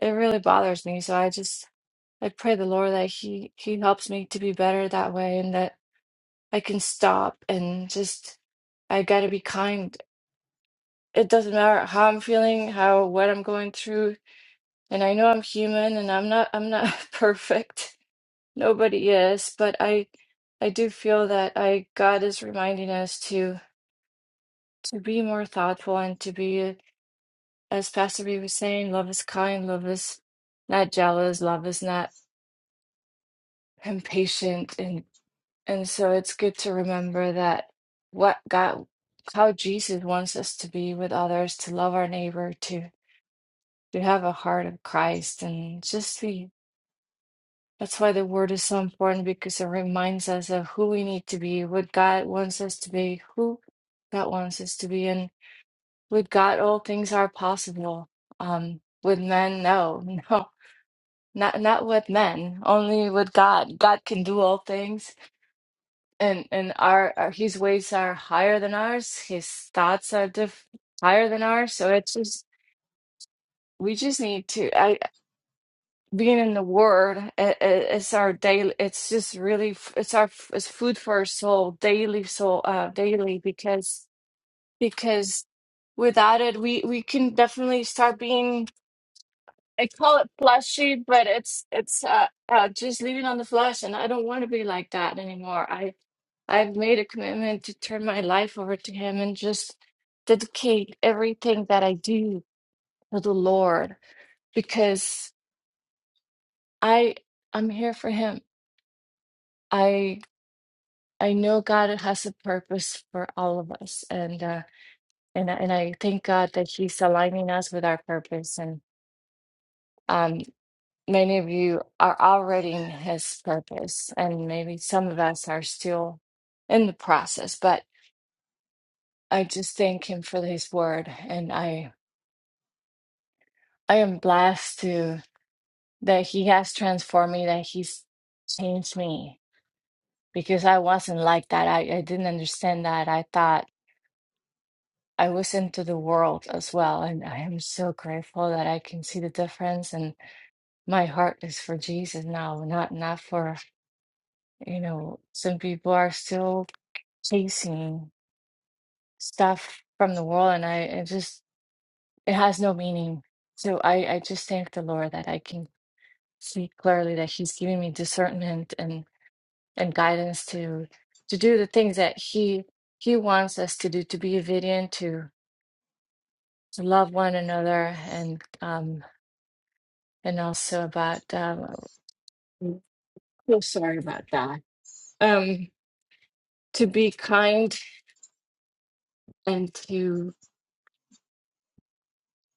Speaker 6: it really bothers me so i just i pray the lord that he he helps me to be better that way and that i can stop and just i gotta be kind it doesn't matter how i'm feeling how what i'm going through And I know I'm human and I'm not I'm not <laughs> perfect. Nobody is, but I I do feel that I God is reminding us to to be more thoughtful and to be as Pastor B was saying, love is kind, love is not jealous, love is not impatient and and so it's good to remember that what God how Jesus wants us to be with others, to love our neighbor, to to have a heart of Christ and just be That's why the word is so important because it reminds us of who we need to be, what God wants us to be, who God wants us to be. And with God, all things are possible. Um, with men, no, <laughs> no, not not with men, only with God. God can do all things, and and our, our His ways are higher than ours. His thoughts are diff higher than ours. So it's just we just need to. I being in the word i- i- it's our daily it's just really f- it's our f- it's food for our soul daily soul uh daily because because without it we we can definitely start being i call it fleshy but it's it's uh, uh just living on the flesh and i don't want to be like that anymore i i've made a commitment to turn my life over to him and just dedicate everything that i do to the lord because i i'm here for him I I know God has a purpose for all of us, and uh, and I- and I thank God that He's aligning us with our purpose. And um, many of you are already in His purpose, and maybe some of us are still in the process. But I just thank Him for His word, and I I am blessed to that He has transformed me, that He's changed me because I wasn't like that. I, I didn't understand that. I thought. I listen to the world as well. And I am so grateful that I can see the difference. And my heart is for Jesus now, not not for, you know, some people are still chasing stuff from the world and I it just it has no meaning. So I, I just thank the Lord that I can see clearly that He's giving me discernment and, and guidance to to do the things that He He wants us to do, to be obedient, to to love one another and um and also about um I'm so sorry about that. Um to be kind and to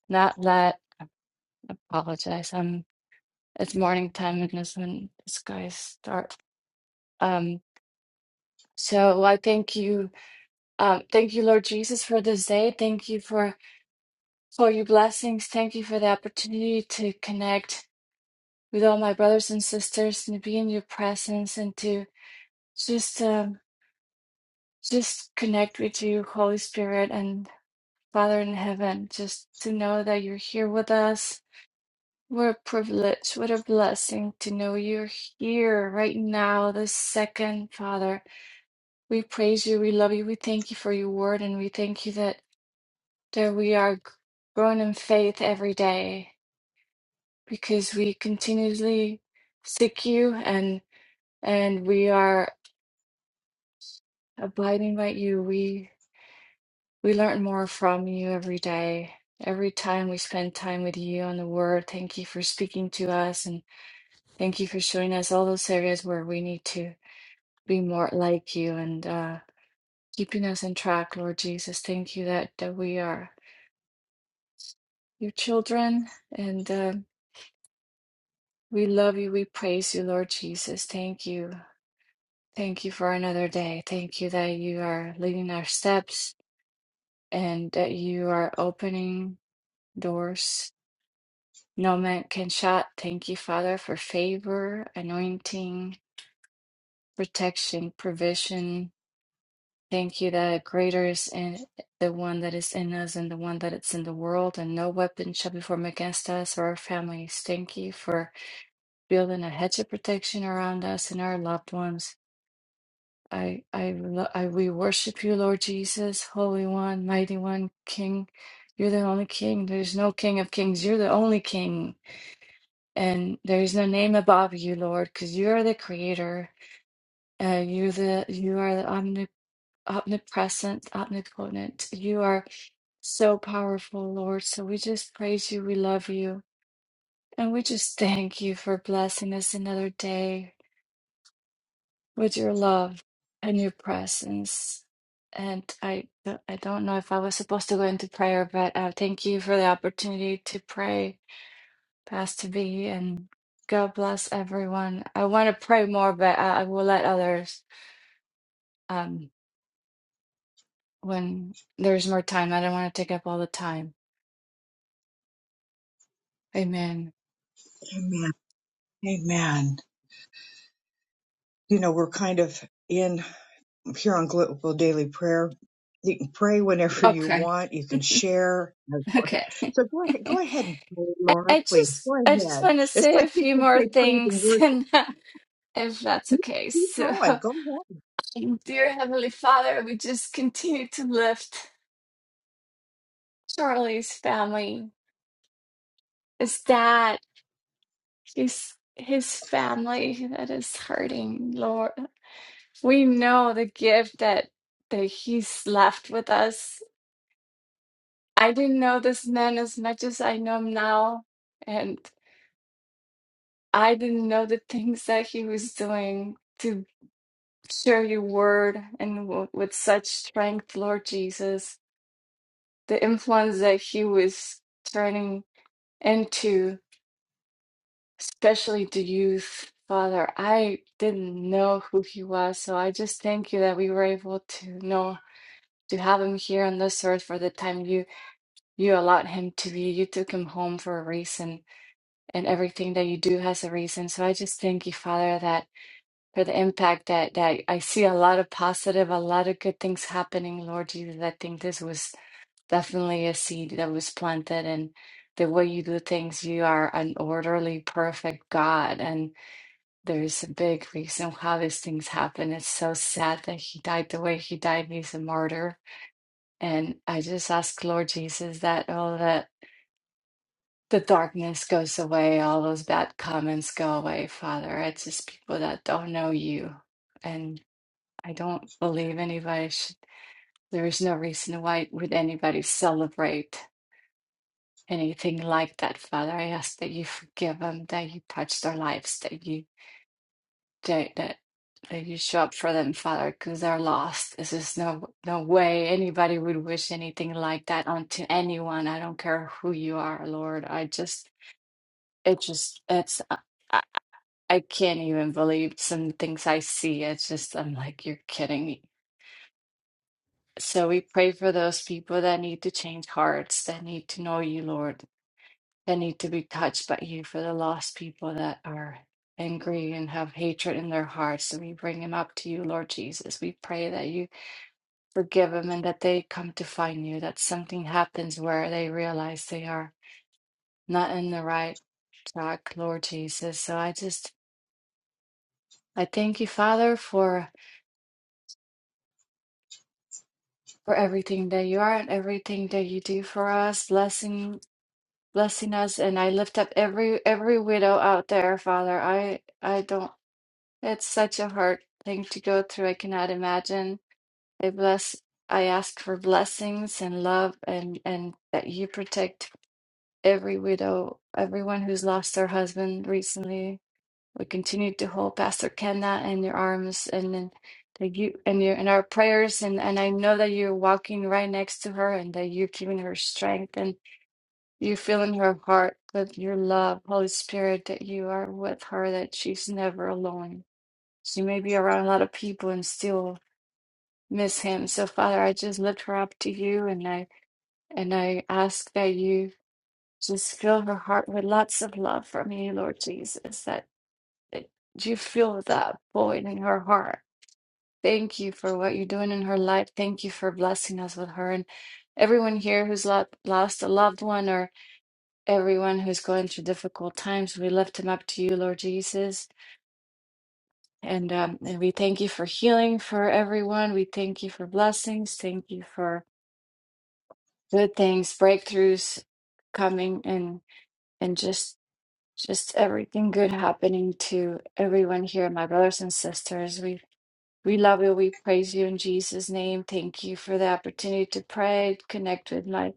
Speaker 6: not let apologize. Um it's morning time and this when this guy start. Um so I thank you um thank you Lord Jesus for this day. Thank you for for your blessings. Thank you for the opportunity to connect with all my brothers and sisters and to be in your presence and to just um just connect with you, Holy Spirit, and. Father in heaven, just to know that you're here with us. What a privilege, what a blessing to know you're here right now, this second, Father. We praise you, we love you, we thank you for your word, and we thank you that, that we are g- growing in faith every day because we continuously seek you and and we are abiding by you. We. We learn more from you every day. Every time we spend time with you on the word, thank you for speaking to us and thank you for showing us all those areas where we need to be more like you and uh, keeping us in track, Lord Jesus. Thank you that, that we are your children and uh, we love you. We praise you, Lord Jesus. Thank you. Thank you for another day. Thank you that you are leading our steps and that you are opening doors No man can shut. Thank you, Father, for favor, anointing, protection, provision. Thank you that greater is in the one that is in us and the one that is in the world, and no weapon shall be formed against us or our families. Thank you for building a hedge of protection around us and our loved ones. I, I, lo- I, we worship you, Lord Jesus, Holy One, Mighty One, King. You're the only King. There's no King of Kings. You're the only King. and there is no name above you, Lord, because you are the creator. Uh, you the you are the omni omnipresent, omnipotent. You are so powerful, Lord. So we just praise you. We love you, and we just thank you for blessing us another day with your love and your presence. And I I don't know if I was supposed to go into prayer, but uh, thank you for the opportunity to pray Pastor V, and God bless everyone. I want to pray more, but I, I will let others um, when there's more time. I don't want to take up all the time. Amen.
Speaker 1: Amen. Amen. You know, we're kind of in here on Global Daily Prayer. You can pray whenever you
Speaker 6: Okay.
Speaker 1: want. You can share.
Speaker 6: <laughs> Okay. <laughs>
Speaker 1: So go ahead, go ahead and pray,
Speaker 6: I,
Speaker 1: Laura,
Speaker 6: I
Speaker 1: please.
Speaker 6: just
Speaker 1: Go
Speaker 6: I just
Speaker 1: ahead.
Speaker 6: want to
Speaker 1: It's
Speaker 6: say a
Speaker 1: like
Speaker 6: few
Speaker 1: people
Speaker 6: more
Speaker 1: say praise and
Speaker 6: things, <laughs>
Speaker 1: worship.
Speaker 6: and uh, if that's
Speaker 1: Keep,
Speaker 6: okay.
Speaker 1: keep
Speaker 6: So,
Speaker 1: going.
Speaker 6: <laughs>
Speaker 1: Go ahead.
Speaker 6: dear Heavenly Father, we just continue to lift Charlie's family, his dad, his his family that is hurting, Lord. We know the gift that that he's left with us. I didn't know this man as much as I know him now, and I didn't know the things that he was doing to share your word and w with such strength, Lord Jesus. The influence that he was turning into, especially the youth, Father. I didn't know who he was, so I just thank you that we were able to know to have him here on this earth for the time used. you allowed him to be. You took him home for a reason, and everything that you do has a reason. So I just thank you, Father, that for the impact that that I see a lot of positive, a lot of good things happening, Lord Jesus. I think this was definitely a seed that was planted, and the way you do things, you are an orderly, perfect God, and there's a big reason how these things happen. It's so sad that he died the way he died. He's a martyr. And I just ask, Lord Jesus, that all the the darkness goes away, all those bad comments go away, Father. It's just people that don't know you. And I don't believe anybody should, there is no reason why would anybody celebrate anything like that, Father. I ask that you forgive them, that you touch their lives, that you that that, that you show up for them, Father, because they're lost. This is no no way anybody would wish anything like that onto anyone. I don't care who you are, Lord. I just it just it's. I can't even believe some things I see. It's just, I'm like, you're kidding me. So we pray for those people that need to change hearts, that need to know you, Lord, that need to be touched by you, for the lost people that are angry and have hatred in their hearts. And we bring them up to you, Lord Jesus. We pray that you forgive them and that they come to find you, that something happens where they realize they are not in the right track, Lord Jesus. So I just, I thank you, Father, for. for everything that you are and everything that you do for us, blessing blessing us. And I lift up every every widow out there, Father. I I don't. It's such a hard thing to go through. I cannot imagine. I bless. I ask for blessings and love, and and that you protect every widow, everyone who's lost their husband recently. We continue to hold Pastor Kenda in your arms and in that you and your and our prayers and and I know that you're walking right next to her and that you're giving her strength and you feel in her heart with your love, Holy Spirit, that you are with her, that she's never alone. She may be around a lot of people and still miss him. So Father, I just lift her up to you and I and I ask that you just fill her heart with lots of love from you, Lord Jesus, that. Do you feel that void in her heart? Thank you for what you're doing in her life. Thank you for blessing us with her and everyone here who's lo- lost a loved one or everyone who's going through difficult times. We lift them up to you, Lord Jesus. And, um, and we thank you for healing for everyone. We thank you for blessings. Thank you for good things, breakthroughs coming and and just just everything good happening to everyone here, my brothers and sisters. We We love you. We praise you in Jesus' name. Thank you for the opportunity to pray, connect with my.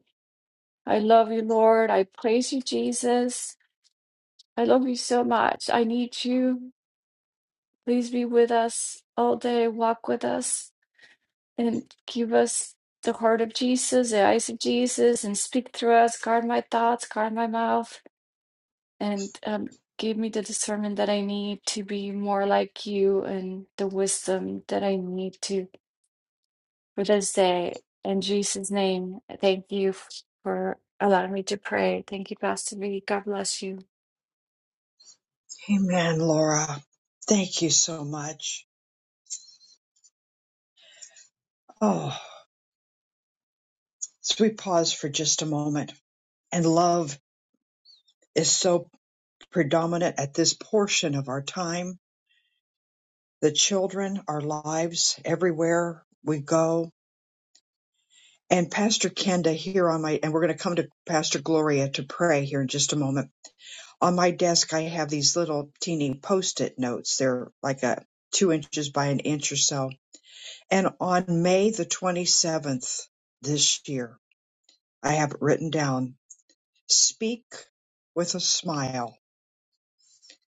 Speaker 6: I love you, Lord. I praise you, Jesus. I love you so much. I need you. Please be with us all day. Walk with us and give us the heart of Jesus, the eyes of Jesus, and speak through us. Guard my thoughts, guard my mouth, and um, give me the discernment that I need to be more like you and the wisdom that I need to for this day. In Jesus' name, thank you f- for allowing me to pray. Thank you, Pastor B. God bless you.
Speaker 1: Amen, Laura. Thank you so much. Oh, so we pause for just a moment. and love is so predominant at this portion of our time. The children, our lives, everywhere we go. And Pastor Kenda here on my, and we're going to come to Pastor Gloria to pray here in just a moment. On my desk, I have these little teeny post it notes. They're like a two inches by an inch or so. And on May the 27th this year, I have it written down, speak with a smile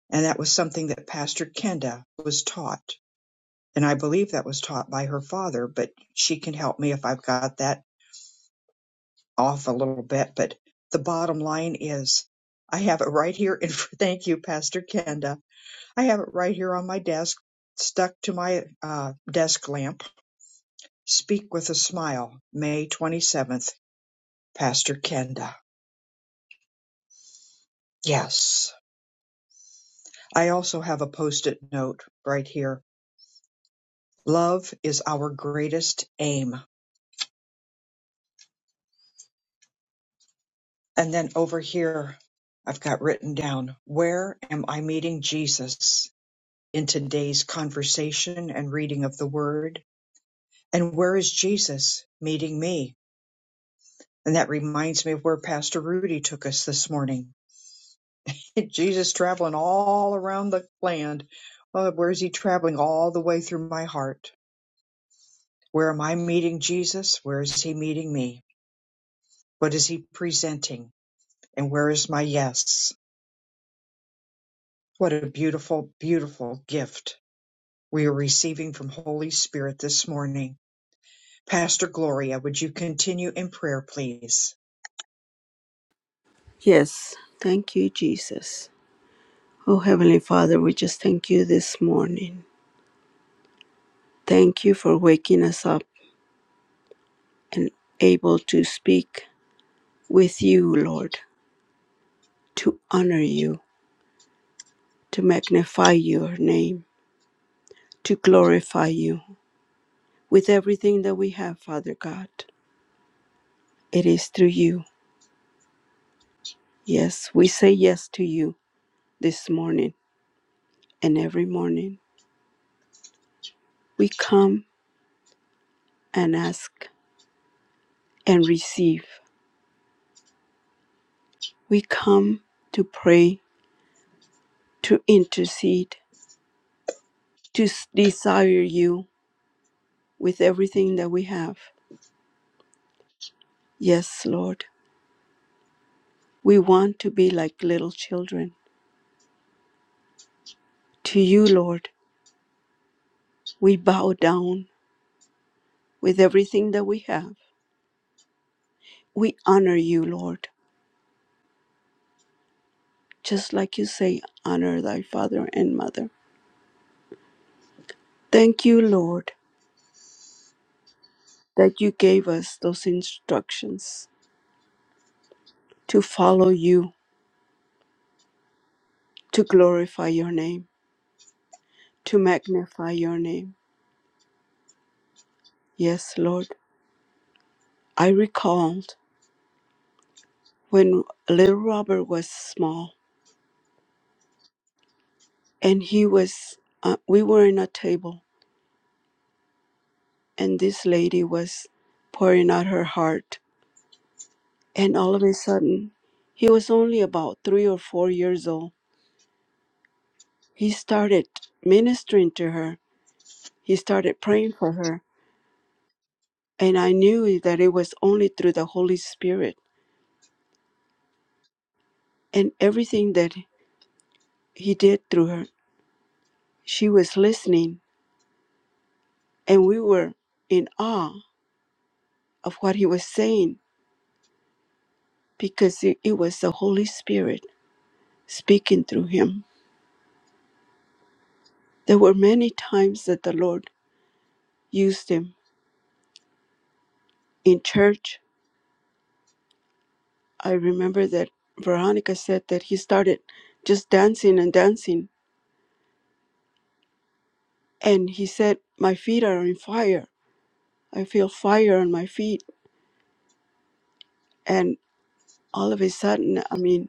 Speaker 1: And that was something that Pastor Kenda was taught. And I believe that was taught by her father, but she can help me if I've got that off a little bit. But the bottom line is I have it right here. And <laughs> thank you, Pastor Kenda. I have it right here on my desk, stuck to my uh, desk lamp. Speak with a smile, May 27th, Pastor Kenda. Yes. I also have a post it note right here. Love is our greatest aim. And then over here, I've got written down, where am I meeting Jesus in today's conversation and reading of the word? And where is Jesus meeting me? And that reminds me of where Pastor Rudy took us this morning. <laughs> Jesus traveling all around the land. Oh, where is he traveling all the way through my heart? Where am I meeting Jesus? Where is he meeting me? What is he presenting? And where is my yes? What a beautiful, beautiful gift we are receiving from Holy Spirit this morning. Pastor Gloria, would you continue in prayer, please?
Speaker 5: Yes, thank you, Jesus. Oh, Heavenly Father, we just thank you this morning. Thank you for waking us up and able to speak with you, Lord, to honor you, to magnify your name, to glorify you with everything that we have, Father God. It is through you. Yes, we say yes to you this morning and every morning. We come and ask and receive. We come to pray, to intercede, to s- desire you with everything that we have. Yes, Lord, we want to be like little children. To you, Lord, We bow down with everything that we have. We honor you, Lord, just like you say, honor thy father and mother. Thank you, Lord, that you gave us those instructions to follow you, to glorify your name, to magnify your name. Yes, Lord, I recalled when little Robert was small and he was, uh, we were in a table and this lady was pouring out her heart And all of a sudden, he was only about three or four years old. He started ministering to her, he started praying for her. And I knew that it was only through the Holy Spirit and everything that he did through her. She was listening, and we were in awe of what he was saying because it it was the Holy Spirit speaking through him. There were many times that the Lord used him in church I remember that Veronica said that he started just dancing and dancing. And he said, My feet are on fire. I feel fire on my feet. And all of a sudden, I mean,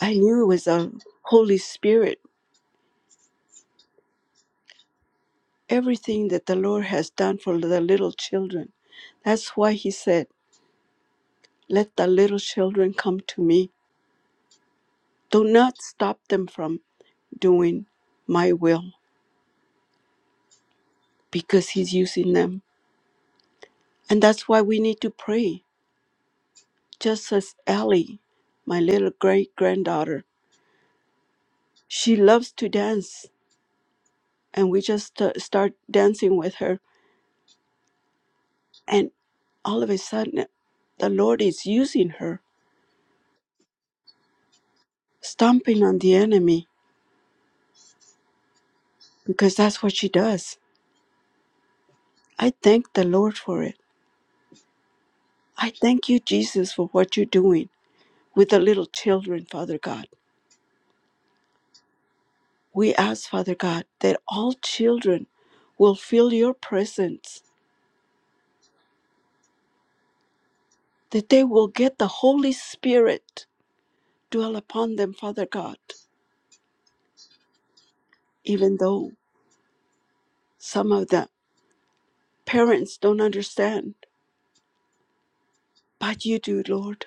Speaker 5: I knew it was the Holy Spirit. Everything that the Lord has done for the little children. That's why he said, Let the little children come to me. Do not stop them from doing my will because he's using them. And that's why we need to pray just as Ellie, my little great granddaughter. She loves to dance, and we just uh, start dancing with her. And all of a sudden, the Lord is using her, stomping on the enemy, because that's what she does. I thank the Lord for it. I thank you, Jesus, for what you're doing with the little children, Father God. We ask, Father God, that all children will feel your presence, that they will get the Holy Spirit Dwell upon them, Father God, even though some of the parents don't understand, but you do, Lord.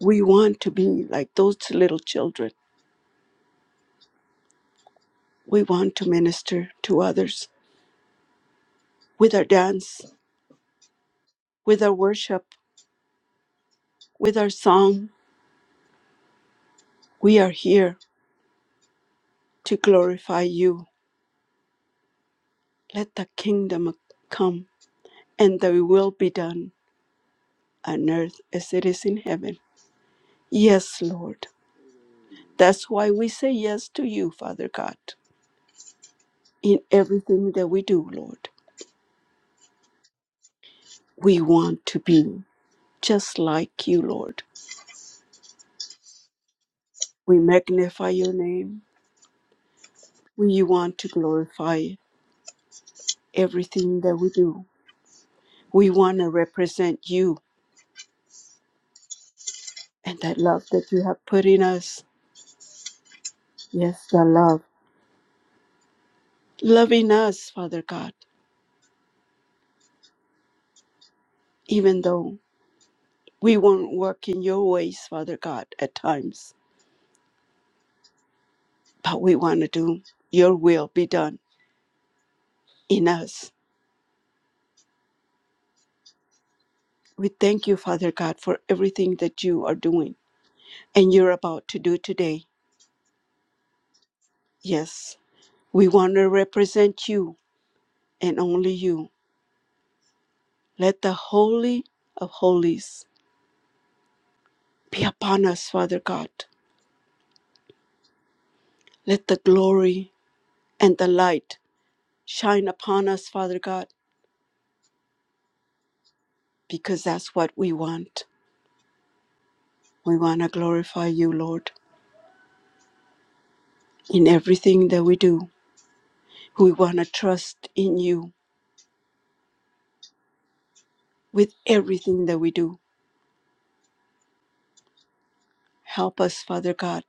Speaker 5: We want to be like those little children. We want to minister to others with our dance, with our worship, with our song. We are here to glorify you. Let the kingdom come and thy will be done on earth as it is in heaven. Yes, Lord. That's why we say yes to you, Father God. in everything that we do, Lord. We want to be just like you, Lord. We magnify your name. We want to glorify everything that we do. We want to represent you and that love that you have put in us. Yes, the love. Loving us, Father God, even though we won't work in your ways, Father God, at times, but we want to do your will be done in us. We thank you, Father God, for everything that you are doing and you're about to do today. Yes, we want to represent you and only you. Let the Holy of Holies be upon us, Father God. Let the glory and the light shine upon us, Father God, because that's what we want. We want to glorify you, Lord, in everything that we do. We want to trust in you with everything that we do. Help us, Father God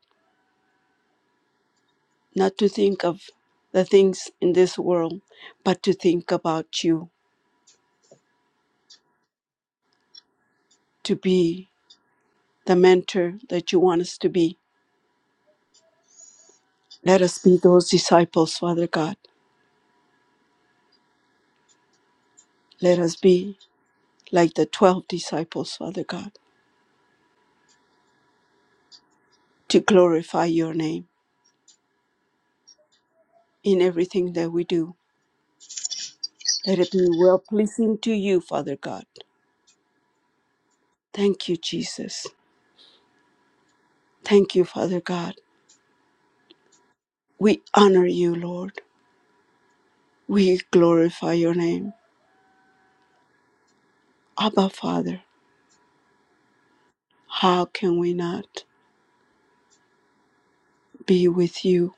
Speaker 5: not to think of the things in this world, but to think about you, to be the mentor that you want us to be. Let us be those disciples, Father God. Let us be like the 12 disciples, Father God, to glorify your name in everything that we do. Let it be well pleasing to you, Father God. Thank you, Jesus. Thank you, Father God. We honor you, Lord. We glorify your name. Abba, Father, how can we not? be with you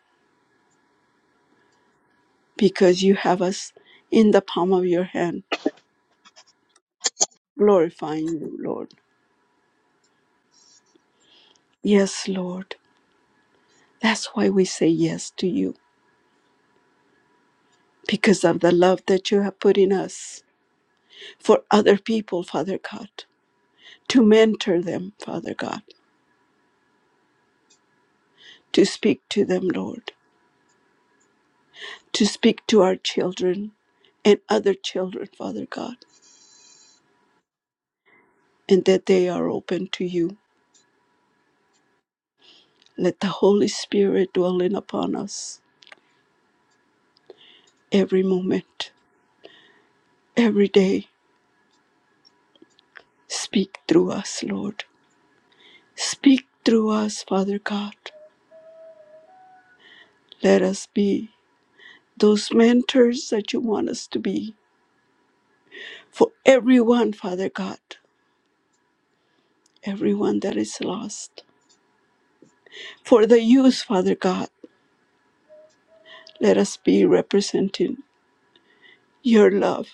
Speaker 5: because you have us in the palm of your hand, glorifying you, Lord. Yes, Lord. That's why we say yes to you because of the love that you have put in us for other people, Father God, to mentor them, Father God, to speak to them, Lord, to speak to our children and other children, Father God, and that they are open to you. Let the Holy Spirit dwell in upon us every moment, every day Speak through us, Lord. Speak through us, Father God. Let us be those mentors that you want us to be for everyone, Father God, everyone that is lost. For the youth, Father God, let us be representing your love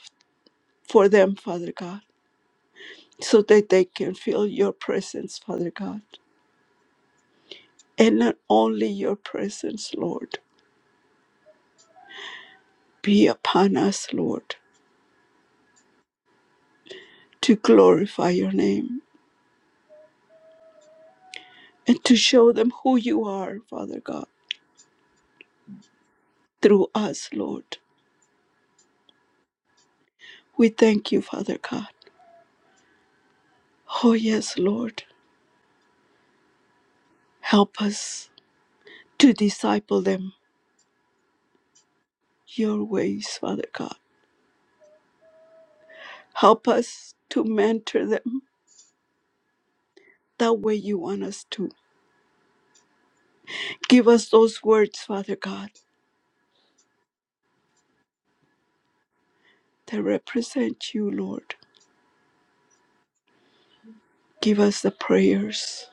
Speaker 5: for them, Father God, so that they can feel your presence, Father God. And not only your presence, Lord, be upon us, Lord, to glorify your name and to show them who you are, Father God, through us, Lord. We thank you, Father God. Oh, yes, Lord. Help us to disciple them your ways, Father God. Help us to mentor them that way you want us to. Give us those words, Father God, that represent you, Lord. Give us the prayers,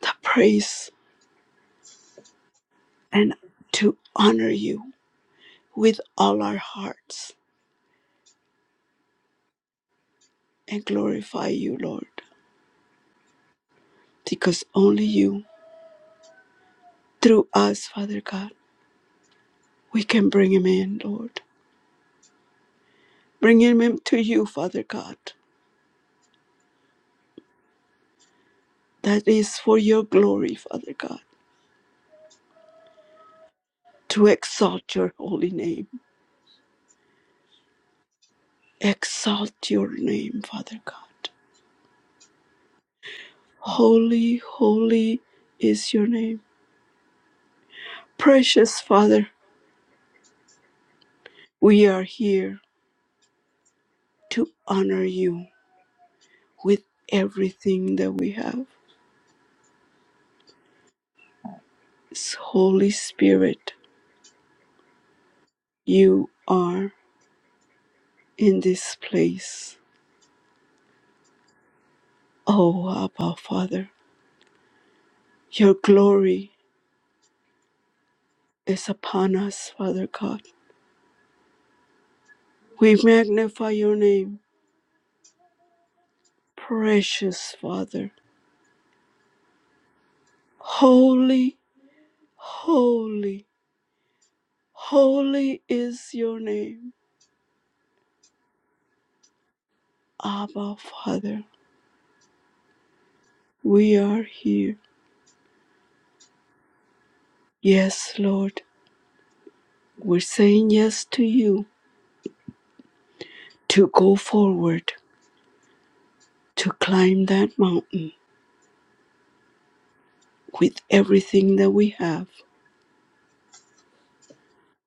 Speaker 5: the praise, and to honor you with all our hearts and glorify you, Lord, because only you Through us, Father God, we can bring him in, Lord. Bring him to you, Father God. That is for your glory, Father God, to exalt your holy name. Exalt your name, Father God. Holy, holy is your name. Precious Father, we are here to honor you with everything that we have. Holy Spirit, you are in this place. Oh, Abba, Father. Your glory is upon us, Father God. We magnify your name, precious Father. Holy, holy, holy is your name, Abba, Father. We are here. Yes, Lord, we're saying yes to you to go forward, to climb that mountain with everything that we have,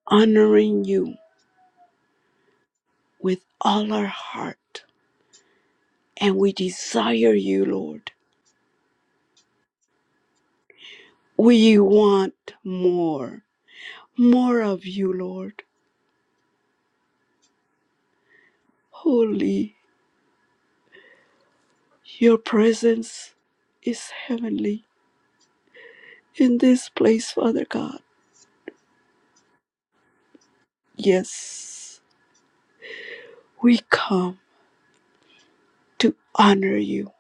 Speaker 5: honoring you with all our heart. And we desire you, Lord. We want more, more of you, Lord. Holy, your presence is heavenly in this place, Father God. Yes, we come to honor you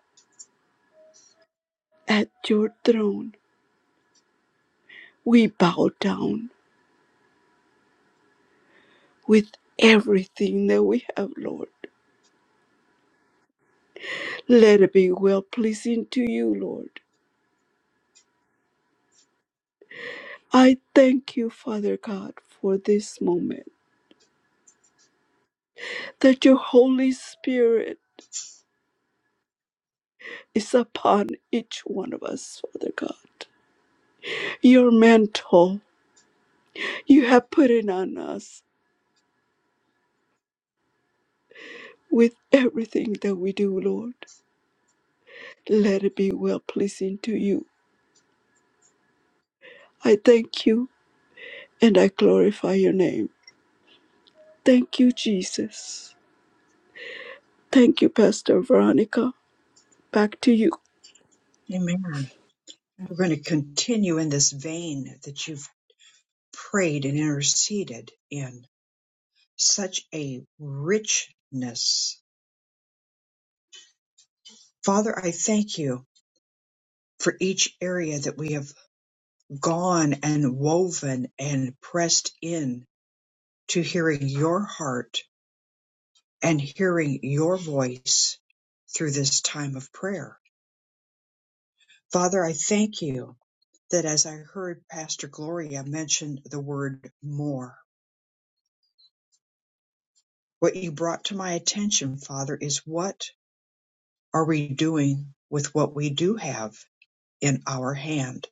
Speaker 5: at your throne. We bow down with everything that we have, Lord. Let it be well pleasing to you, Lord. I thank you, Father God, for this moment that your Holy Spirit is upon each one of us, Father God. Your mantle you have put it on us with everything that we do, Lord. Let it be well pleasing to you. I thank you and I glorify your name. Thank you, Jesus. Thank you, Pastor Veronica. Back to you.
Speaker 1: Amen. We're going to continue in this vein that you've prayed and interceded in such a richness. Father, I thank you for each area that we have gone and woven and pressed in to hearing your heart and hearing your voice through this time of prayer. Father, I thank you that as I heard Pastor Gloria mention the word more, what you brought to my attention, Father, is what are we doing with what we do have in our hand?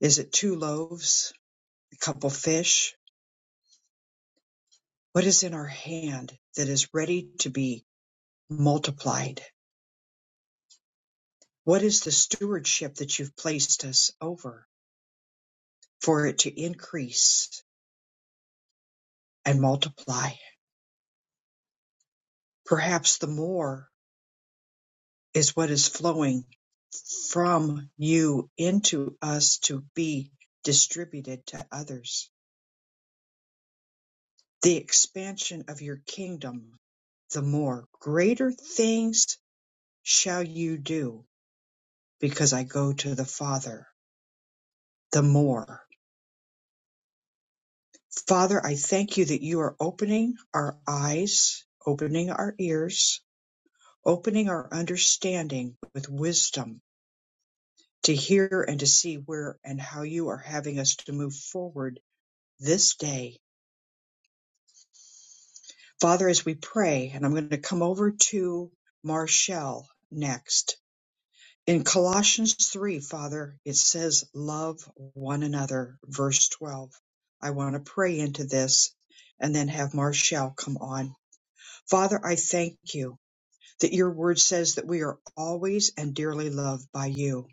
Speaker 1: Is it two loaves, a couple fish? What is in our hand that is ready to be multiplied? What is the stewardship that you've placed us over for it to increase and multiply? Perhaps the more is what is flowing from you into us to be distributed to others. The expansion of your kingdom, the more greater things shall you do because I go to the Father, the more. Father, I thank you that you are opening our eyes, opening our ears, opening our understanding with wisdom to hear and to see where and how you are having us to move forward this day. Father, as we pray, and I'm going to come over to Marshall next. In Colossians 3, Father, it says, Love one another, verse 12. I want to pray into this and then have Marshall come on. Father, I thank you that your word says that we are always and dearly loved by you.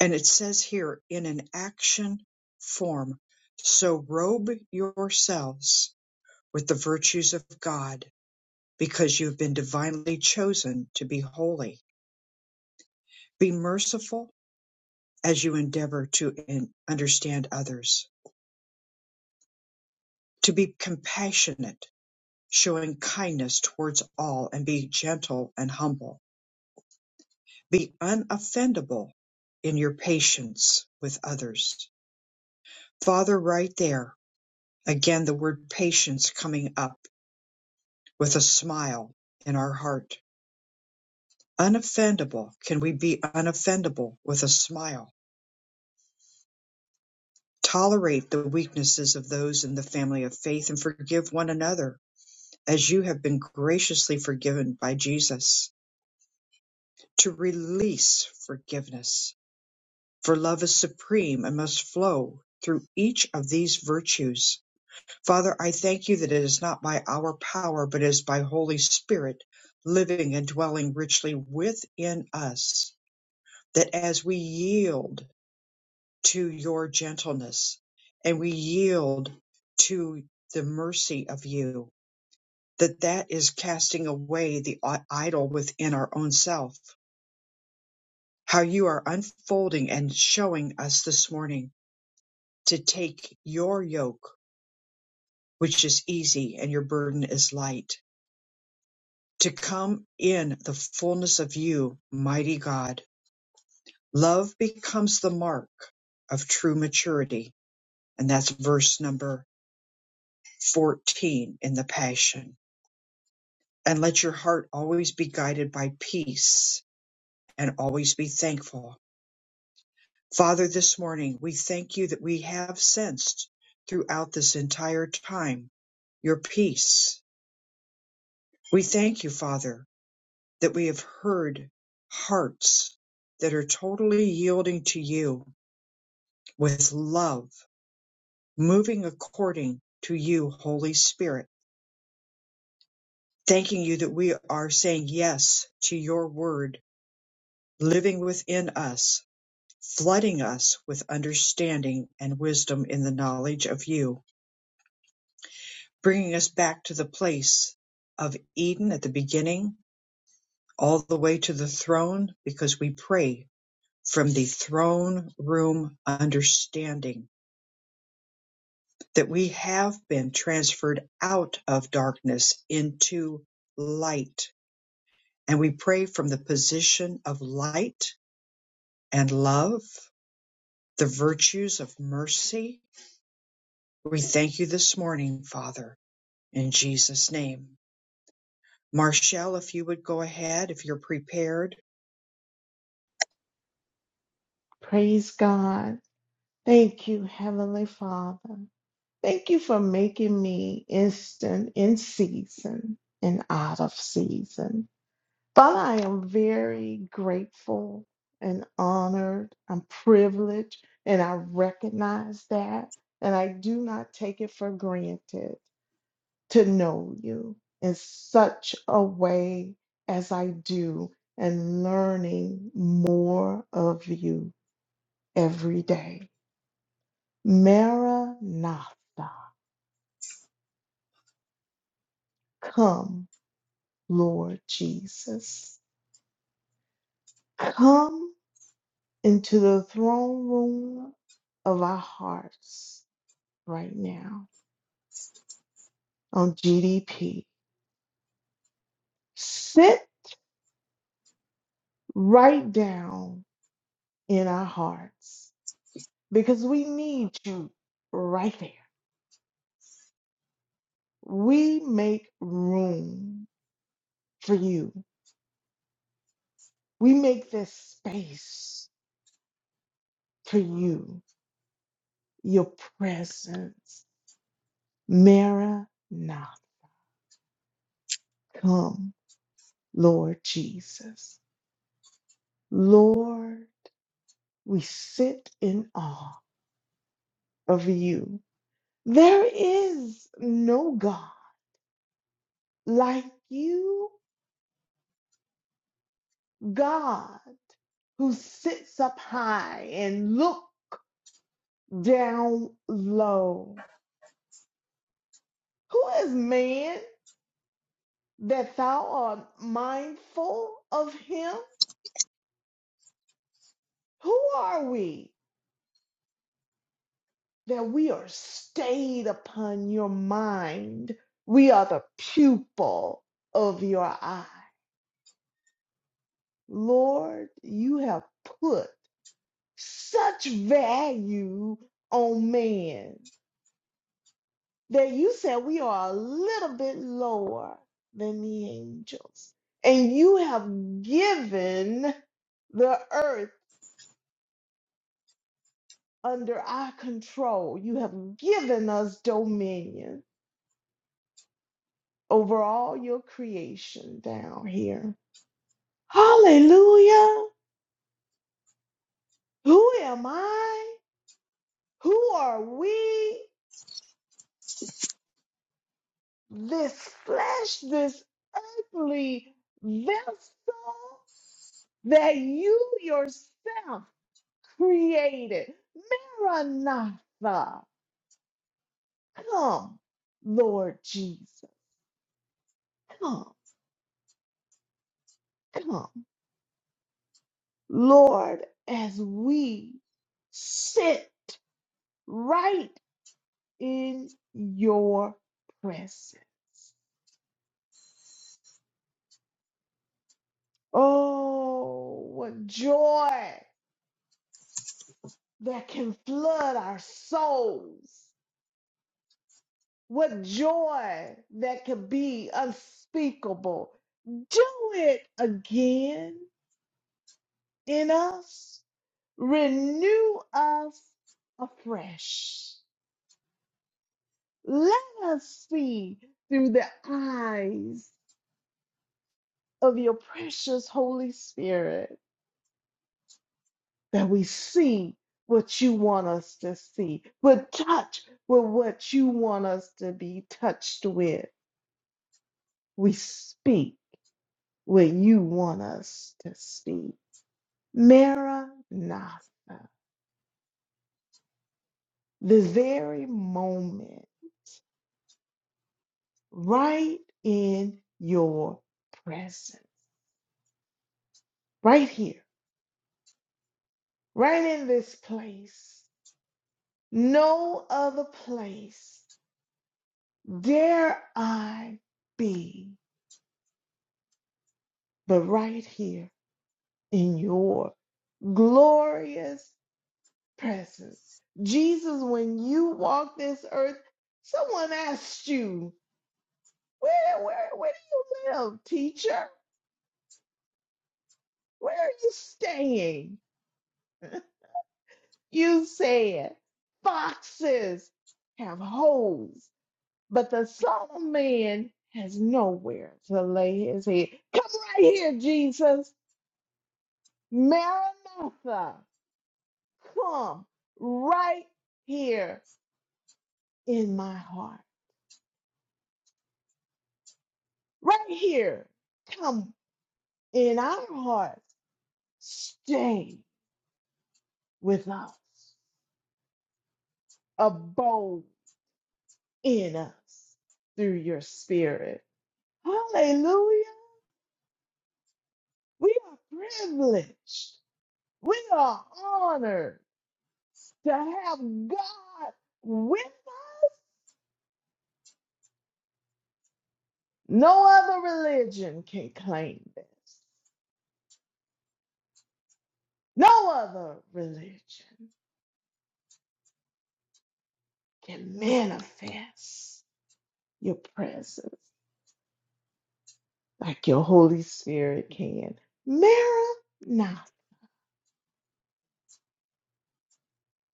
Speaker 1: And it says here in an action form, so robe yourselves with the virtues of God because you have been divinely chosen to be holy. Be merciful as you endeavor to in- understand others, to be compassionate, showing kindness towards all, and be gentle and humble. Be unoffendable in your patience with others. Father, right there, again, the word patience coming up with a smile in our heart. Unoffendable. Can we be unoffendable with a smile? Tolerate the weaknesses of those in the family of faith and forgive one another as you have been graciously forgiven by Jesus. To release forgiveness, for love is supreme and must flow through each of these virtues. Father, I thank you that it is not by our power, but is by Holy Spirit living and dwelling richly within us. That as we yield to your gentleness and we yield to the mercy of you that that is casting away the idol within our own self how you are unfolding and showing us this morning to take your yoke which is easy and your burden is light to come in the fullness of you mighty god love becomes the mark of true maturity and that's verse number 14 in the passion and let your heart always be guided by peace and always be thankful. Father, this morning we thank you that we have sensed throughout this entire time your peace. We thank you, Father, that we have heard hearts that are totally yielding to you with love, moving according to you, Holy Spirit. Thanking you that we are saying yes to your word living within us flooding us with understanding and wisdom in the knowledge of you, bringing us back to the place of Eden at the beginning, all the way to the throne, because we pray from the throne room understanding that we have been transferred out of darkness into light. And we pray from the position of light and love, the virtues of mercy. We thank you this morning, Father In Jesus' name. Marshall, if you would go ahead, if you're prepared.
Speaker 7: Praise God. Thank you, Heavenly Father. Thank you for making me instant in season and out of season. Father, I am very grateful and honored. I'm privileged, and I recognize that. And I do not take it for granted to know you in such a way as I do and learning more of you every day. Maranatha, come, Lord Jesus. Come into the throne room of our hearts right now on GDP. Sit right down in our hearts because we need you right there. We make room for you, we make this space for you, your presence. Maranatha. Come, Lord Jesus. Lord, we sit in awe of you. There is no God like you, God, who sits up high and look down low. Who is man that thou art mindful of him? Who are we that we are stayed upon your mind. We are the pupil of your eye. Lord, you have put such value on man that you said we are a little bit lower than the angels. And you have given the earth under our control. You have given us dominion over all your creation down here. Hallelujah. Who am I? Who are we? This flesh, this earthly vessel that you yourself created. Maranatha. Come, Lord Jesus. Come, come. Lord, as we sit right in your presence. Oh, what joy that can flood our souls. What joy that can be unspeakable. Do it again in us. Renew us afresh. Let us see through the eyes of your precious Holy Spirit. that we see what you want us to see, but touch with what you want us to be touched with. We speak what you want us to speak. Maranatha, the very moment, right in your presence, right here, right in this place, no other place dare I be but right here in your glorious presence. Jesus, when you walk this earth, someone asked you, where, where, where do you live, teacher? Where are you staying? You said, foxes have holes, but the son of man has nowhere to lay his head. Come right here, Jesus. Maranatha, come right here in my heart. right here. Come in our hearts. Stay with us. Abode in us through your spirit. Hallelujah. We are privileged. We are honored to have God with us. No other religion can claim this. No other religion can manifest your presence. like your Holy Spirit can. Maranatha.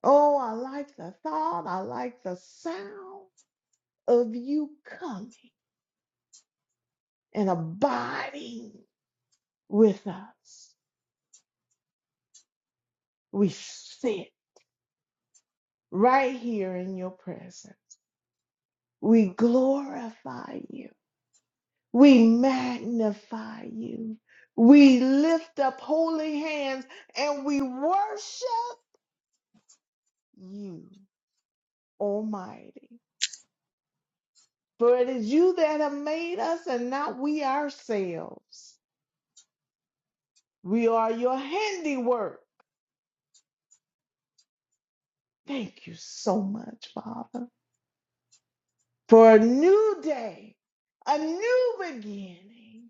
Speaker 7: Oh, I like the thought. I like the sound of you coming and abiding with us. We sit right here in your presence. We glorify you. We magnify you. We lift up holy hands and we worship you, Almighty. For it is you that have made us and not we ourselves. We are your handiwork. Thank you so much, Father, for a new day, a new beginning,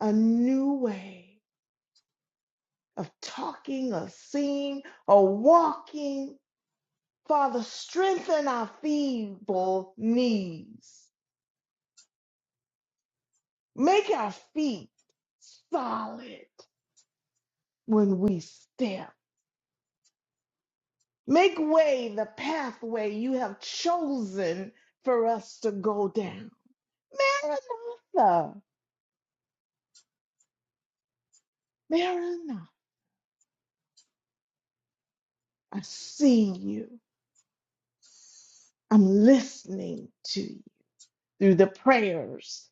Speaker 7: a new way of talking or seeing or walking. Father, strengthen our feeble knees. Make our feet solid when we step. Make way the pathway you have chosen for us to go down. Maranatha, Maranatha, I see you. I'm listening to you through the prayers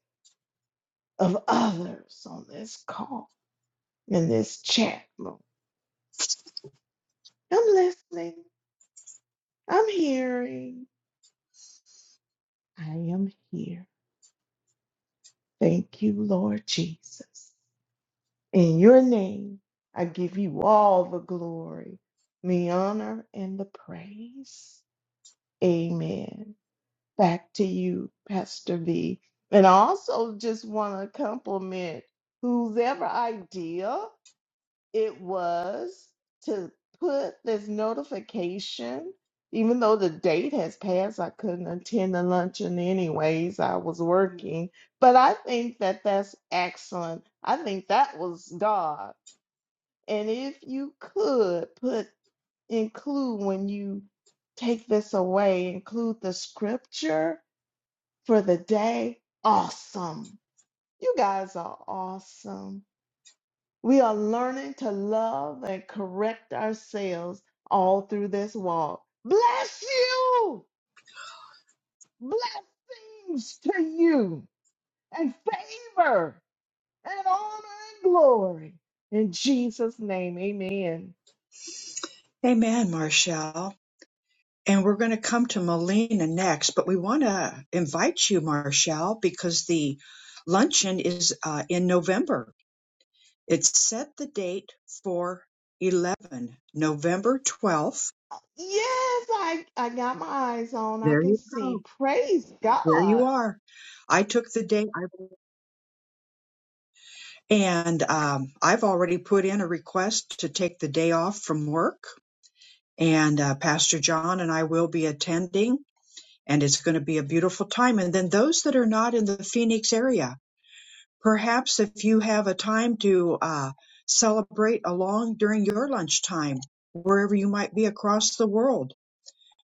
Speaker 7: of others on this call, in this chat room. I'm listening. I'm hearing. I am here. Thank you, Lord Jesus. In your name, I give you all the glory, the honor, and the praise. Amen. Back to you, Pastor V. And I also just want to compliment whoever idea it was to put this notification, even though the date has passed, I couldn't attend the luncheon anyways. I was working. But I think that that's excellent. I think that was God and if you could put include when you take this away, include the scripture for the day, awesome. You guys are awesome. We are learning to love and correct ourselves all through this walk. Bless you! Blessings to you and favor and honor and glory. In Jesus' name, amen.
Speaker 1: Amen, Marshall. And we're going to come to Melina next, but we want to invite you, Marshall, because the luncheon is uh, in November. It's set the date for 11, November 12th.
Speaker 7: Yes, I I got my eyes on. I
Speaker 1: There
Speaker 7: can
Speaker 1: you
Speaker 7: see.
Speaker 1: go.
Speaker 7: Praise
Speaker 1: There you
Speaker 7: God.
Speaker 1: are. I took the day, and um, I've already put in a request to take the day off from work and uh, Pastor John and I will be attending, and it's going to be a beautiful time. And then those that are not in the Phoenix area, perhaps if you have a time to uh, celebrate along during your lunchtime, wherever you might be across the world,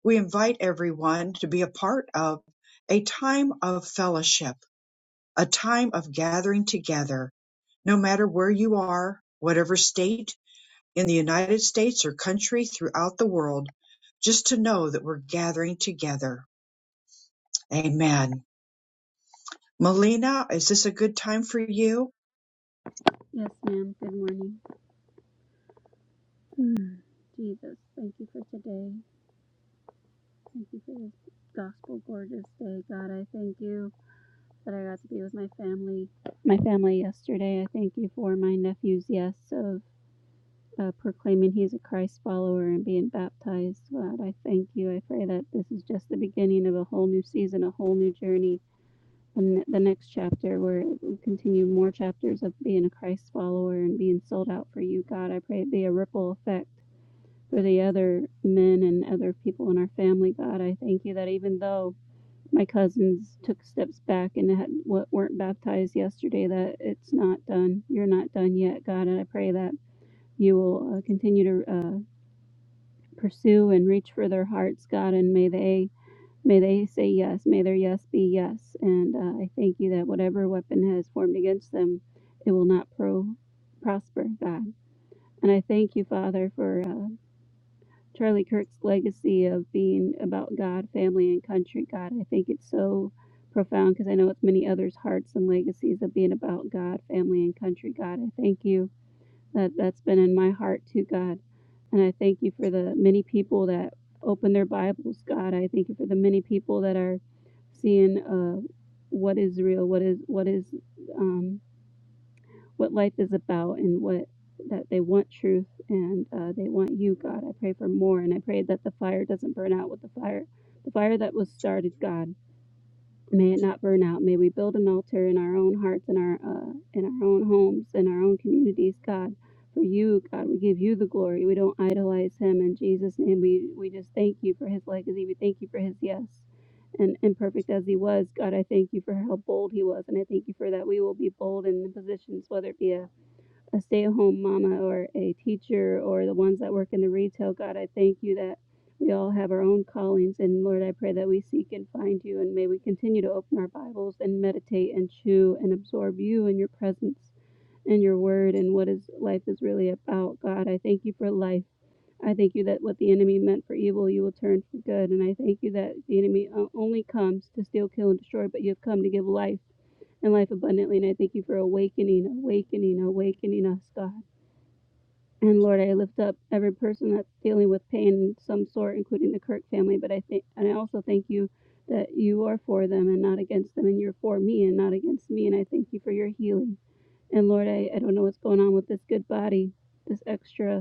Speaker 1: we invite everyone to be a part of a time of fellowship, a time of gathering together, no matter where you are, whatever state in the United States or country throughout the world, just to know that we're gathering together. Amen. Melina, is this a good time for you?
Speaker 8: Yes, ma'am. Good morning. Mm. Jesus, thank you for today. Thank you for this gospel gorgeous day. God, I thank you that I got to be with my family. My family yesterday. I thank you for my nephew's yes of uh, proclaiming he's a Christ follower and being baptized. God, I thank you. I pray that this is just the beginning of a whole new season, a whole new journey. And the next chapter, where we continue more chapters of being a Christ follower and being sold out for you, God, I pray it be a ripple effect for the other men and other people in our family. God, I thank you that even though my cousins took steps back and had, weren't baptized yesterday, that it's not done. You're not done yet, God, and I pray that you will uh, continue to uh, pursue and reach for their hearts, God, and may they may they say yes, may their yes be yes, and uh, I thank you that whatever weapon has formed against them, it will not pro prosper, God, and I thank you, Father, for. Uh, Charlie Kirk's legacy of being about God, family, and country. God, I think it's so profound because I know it's many others' hearts and legacies of being about God, family, and country. God, I thank you that that's been in my heart too, God. And I thank you for the many people that open their Bibles, God. I thank you for the many people that are seeing uh, what is real, what is what is um, what life is about and what that they want truth and uh, they want you, God. I pray for more, and I pray that the fire doesn't burn out with the fire, the fire that was started, God. May it not burn out. May we build an altar in our own hearts, in our uh, in our own homes, in our own communities, God. For you, God, we give you the glory. We don't idolize him in Jesus' name. We we just thank you for his legacy. We thank you for his yes and imperfect as he was, God, I thank you for how bold he was, and I thank you for that we will be bold in the positions, whether it be a a stay at home mama or a teacher or the ones that work in the retail. God, I thank you that we all have our own callings. And Lord, I pray that we seek and find you. And may we continue to open our Bibles and meditate and chew and absorb you and your presence and your word and what is life is really about. God, I thank you for life. I thank you that what the enemy meant for evil, you will turn for good. And I thank you that the enemy uh, only comes to steal, kill, and destroy, but you have come to give life and life abundantly. And I thank you for awakening, awakening, awakening us, God. And Lord, I lift up every person that's dealing with pain in some sort, including the Kirk family. But I think, and I also thank you that you are for them and not against them, and you're for me and not against me. And I thank you for your healing. And Lord, I, I don't know what's going on with this good body, this extra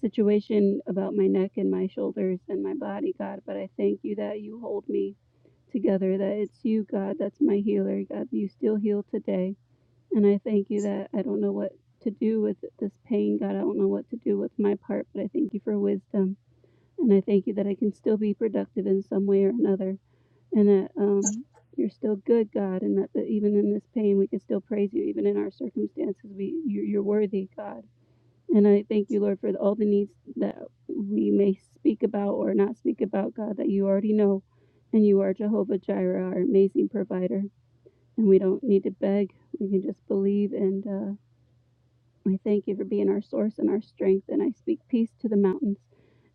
Speaker 8: situation about my neck and my shoulders and my body, God, but I thank you that you hold me together, that it's you, God, that's my healer. God, you still heal today. And I thank you that I don't know what to do with this pain, God. I don't know what to do with my part, but I thank you for wisdom. And I thank you that I can still be productive in some way or another. And that um, you're still good, God, and that, that even in this pain, we can still praise you. Even in our circumstances, we you, you're worthy, God. And I thank you, Lord, for all the needs that we may speak about or not speak about, God, that you already know. And you are Jehovah Jireh, our amazing provider. And we don't need to beg, we can just believe. And uh, I thank you for being our source and our strength. And I speak peace to the mountains.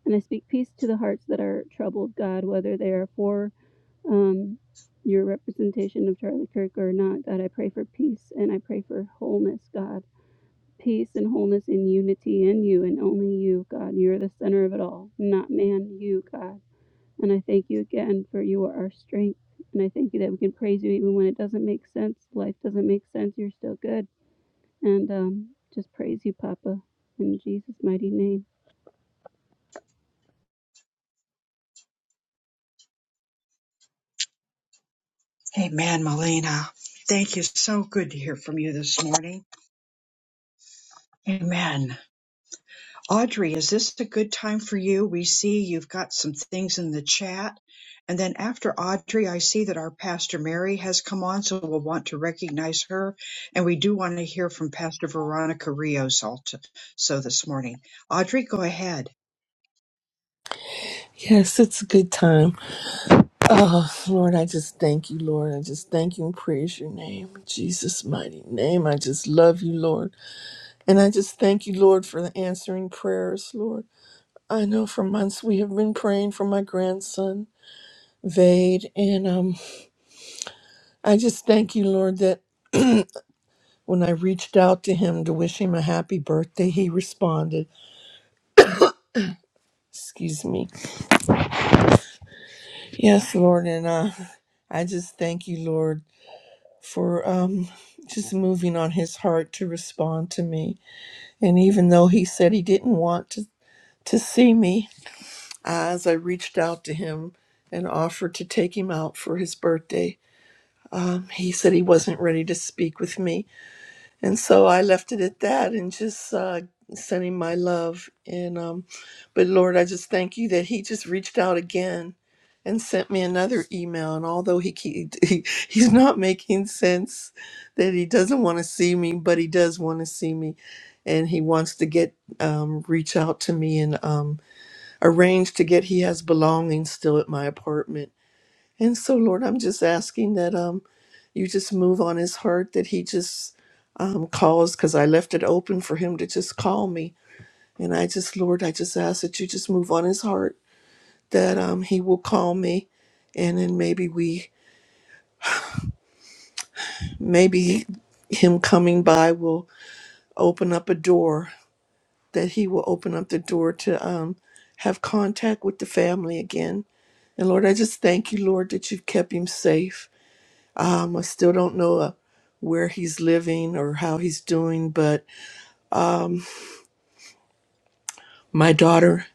Speaker 8: And I speak peace to the hearts that are troubled, God, whether they are for um, your representation of Charlie Kirk or not. God, I pray for peace and I pray for wholeness, God peace and wholeness and unity in you and only you, God. You're the center of it all, not man, you, God. And I thank you again for you are our strength. And I thank you that we can praise you even when it doesn't make sense. Life doesn't make sense. You're still good. And um, just praise you, Papa, in Jesus' mighty name.
Speaker 1: Amen, Melina. Thank you. So good to hear from you this morning. Amen. Audrey, is this a good time for you? We see you've got some things in the chat. And then after Audrey, I see that our Pastor Mary has come on, so we'll want to recognize her. And we do want to hear from Pastor Veronica Rios also so this morning. Audrey, go ahead.
Speaker 9: Yes, it's a good time. Oh, Lord, I just thank you, Lord. I just thank you and praise your name, in Jesus' mighty name. I just love you, Lord. And I just thank you, Lord, for the answering prayers, Lord. I know for months we have been praying for my grandson, Vade, and um, I just thank you, Lord, that <clears throat> when I reached out to him to wish him a happy birthday, he responded. Excuse me. Yes, Lord, and uh, I just thank you, Lord. for um, just moving on his heart to respond to me. And even though he said he didn't want to, to see me, as I reached out to him and offered to take him out for his birthday, um, he said he wasn't ready to speak with me. And so I left it at that and just uh, sending my love. And, um, but Lord, I just thank you that he just reached out again and sent me another email. And although he, ke- <laughs> he he's not making sense that he doesn't want to see me, but he does want to see me. And he wants to get, um, reach out to me and um, arrange to get, he has belongings still at my apartment and so, Lord, I'm just asking that um, you just move on his heart, that he just um, calls, because I left it open for him to just call me. And I just, Lord, I just ask that you just move on his heart, that um, he will call me. And then maybe we, maybe him coming by will open up a door, that he will open up the door to um, have contact with the family again. And Lord, I just thank you, Lord, that you've kept him safe. I still don't know uh, where he's living or how he's doing, but my daughter,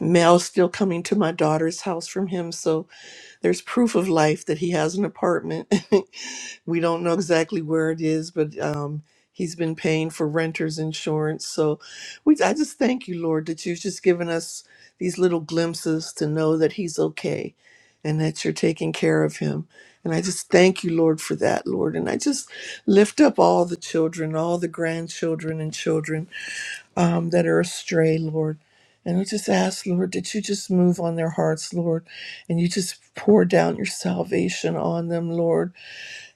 Speaker 9: mail's still coming to my daughter's house from him. So there's proof of life that he has an apartment. <laughs> We don't know exactly where it is, but um, he's been paying for renter's insurance. So we, I just thank you, Lord, that you've just given us these little glimpses to know that he's okay and that you're taking care of him. And I just thank you, Lord, for that, Lord. And I just lift up all the children, all the grandchildren and children um, that are astray, Lord. And we just ask, Lord, that you just move on their hearts, Lord, and you just pour down your salvation on them, Lord.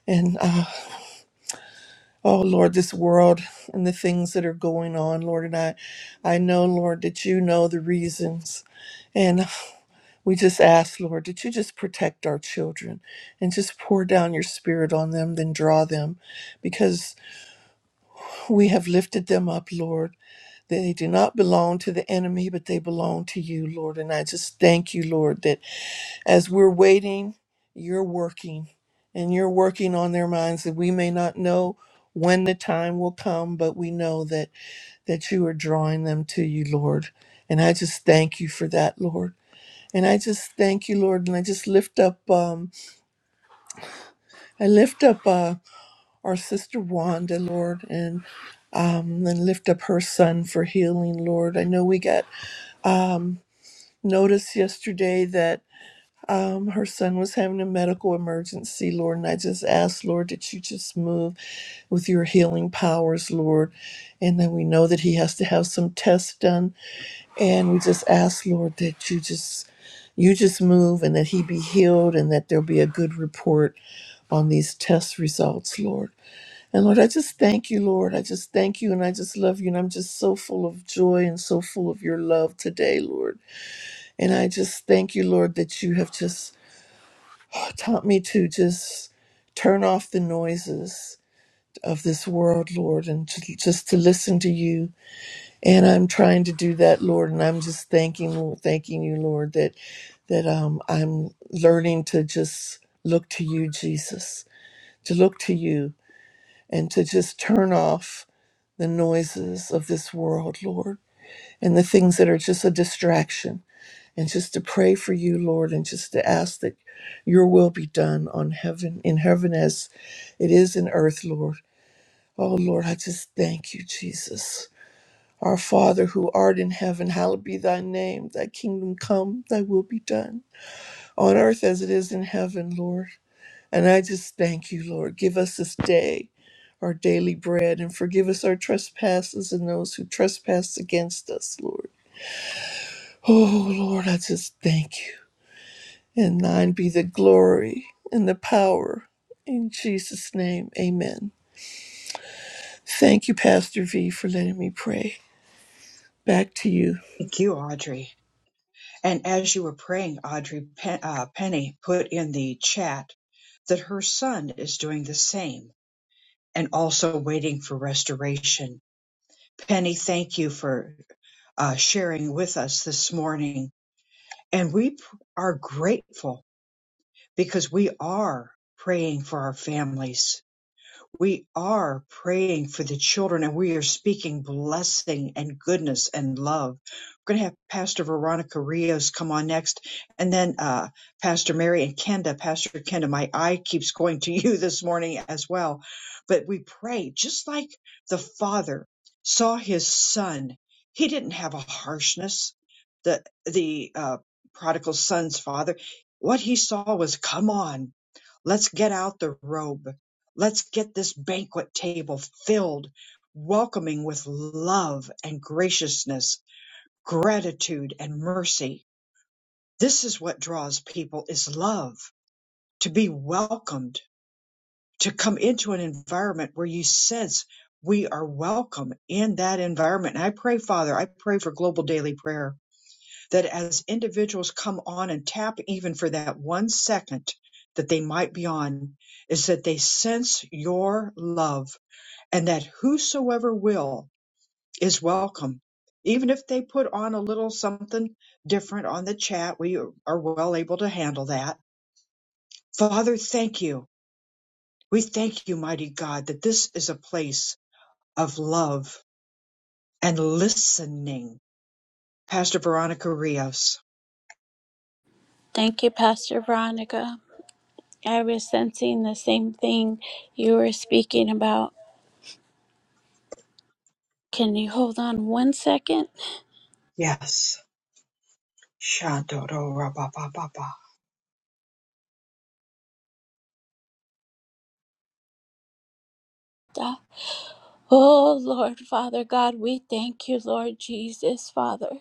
Speaker 9: And um, Oh Lord, this world and the things that are going on, Lord, and I, I know, Lord, that you know the reasons, and we just ask, Lord, that you just protect our children, and just pour down your Spirit on them, then draw them, because we have lifted them up, Lord. They do not belong to the enemy, but they belong to you, Lord. And I just thank you, Lord, that as we're waiting, you're working and you're working on their minds that we may not know when the time will come, but we know that, that you are drawing them to you, Lord. And I just thank you for that, Lord. And I just thank you, Lord. And I just lift up, um, I lift up uh, our sister Wanda, Lord, and um, and lift up her son for healing, Lord. I know we got notice yesterday Um, her son was having a medical emergency, Lord, and I just asked, Lord, that you just move with your healing powers, Lord. And then we know that he has to have some tests done, and we just ask, Lord, that you just you just move and that he be healed and that there'll be a good report on these test results, Lord. And Lord, I just thank you, Lord. I just thank you and I just love you. And I'm just so full of joy and so full of your love today, Lord. And I just thank you, Lord, that you have just taught me to just turn off the noises of this world, Lord, and to, just to listen to you. And I'm trying to do that, Lord. And I'm just thanking, thanking you, Lord, that that um, I'm learning to just look to you, Jesus, to look to you, and to just turn off the noises of this world, Lord, and the things that are just a distraction and just to pray for you, Lord, and just to ask that your will be done on heaven, in heaven as it is in earth, Lord. Oh, Lord, I just thank you, Jesus. Our Father who art in heaven, hallowed be thy name. Thy kingdom come, thy will be done on earth as it is in heaven, Lord. And I just thank you, Lord. Give us this day our daily bread and forgive us our trespasses and those who trespass against us, Lord. Oh, Lord, I just thank you. And thine be the glory and the power. In Jesus' name, amen. Thank you, Pastor V, for letting me pray. Back to you.
Speaker 1: Thank you, Audrey. And as you were praying, Audrey Pen- uh, Penny put in the chat that her son is doing the same and also waiting for restoration. Penny, thank you for uh, sharing with us this morning. And we p- are grateful because we are praying for our families we are praying for the children and we are speaking blessing and goodness and love. We're going to have Pastor Veronica Rios come on next, and then uh, Pastor Mary and Kenda. Pastor Kenda, my eye keeps going to <laughs> you this morning as well. But we pray just like the Father saw his Son. He didn't have a harshness. The the uh, prodigal son's father, what he saw was, "Come on, Let's get out the robe. Let's get this banquet table filled, welcoming with love and graciousness, gratitude and mercy. This is what draws people is love, to be welcomed, to come into an environment where you sense we are welcome in that environment. And I pray, Father, I pray for global daily prayer that as individuals come on and tap even for that one second that they might be on is that they sense your love and that whosoever will is welcome. Even if they put on a little something different on the chat, we are well able to handle that. Father, thank you. We thank you, mighty God, that this is a place of love and listening. Pastor Veronica Rios.
Speaker 5: Thank you, Pastor Veronica. I was sensing the same thing you were speaking about. Can you hold on one second?
Speaker 1: Yes. Shandorobababa.
Speaker 5: Oh, Lord, Father God, we thank you, Lord Jesus, Father.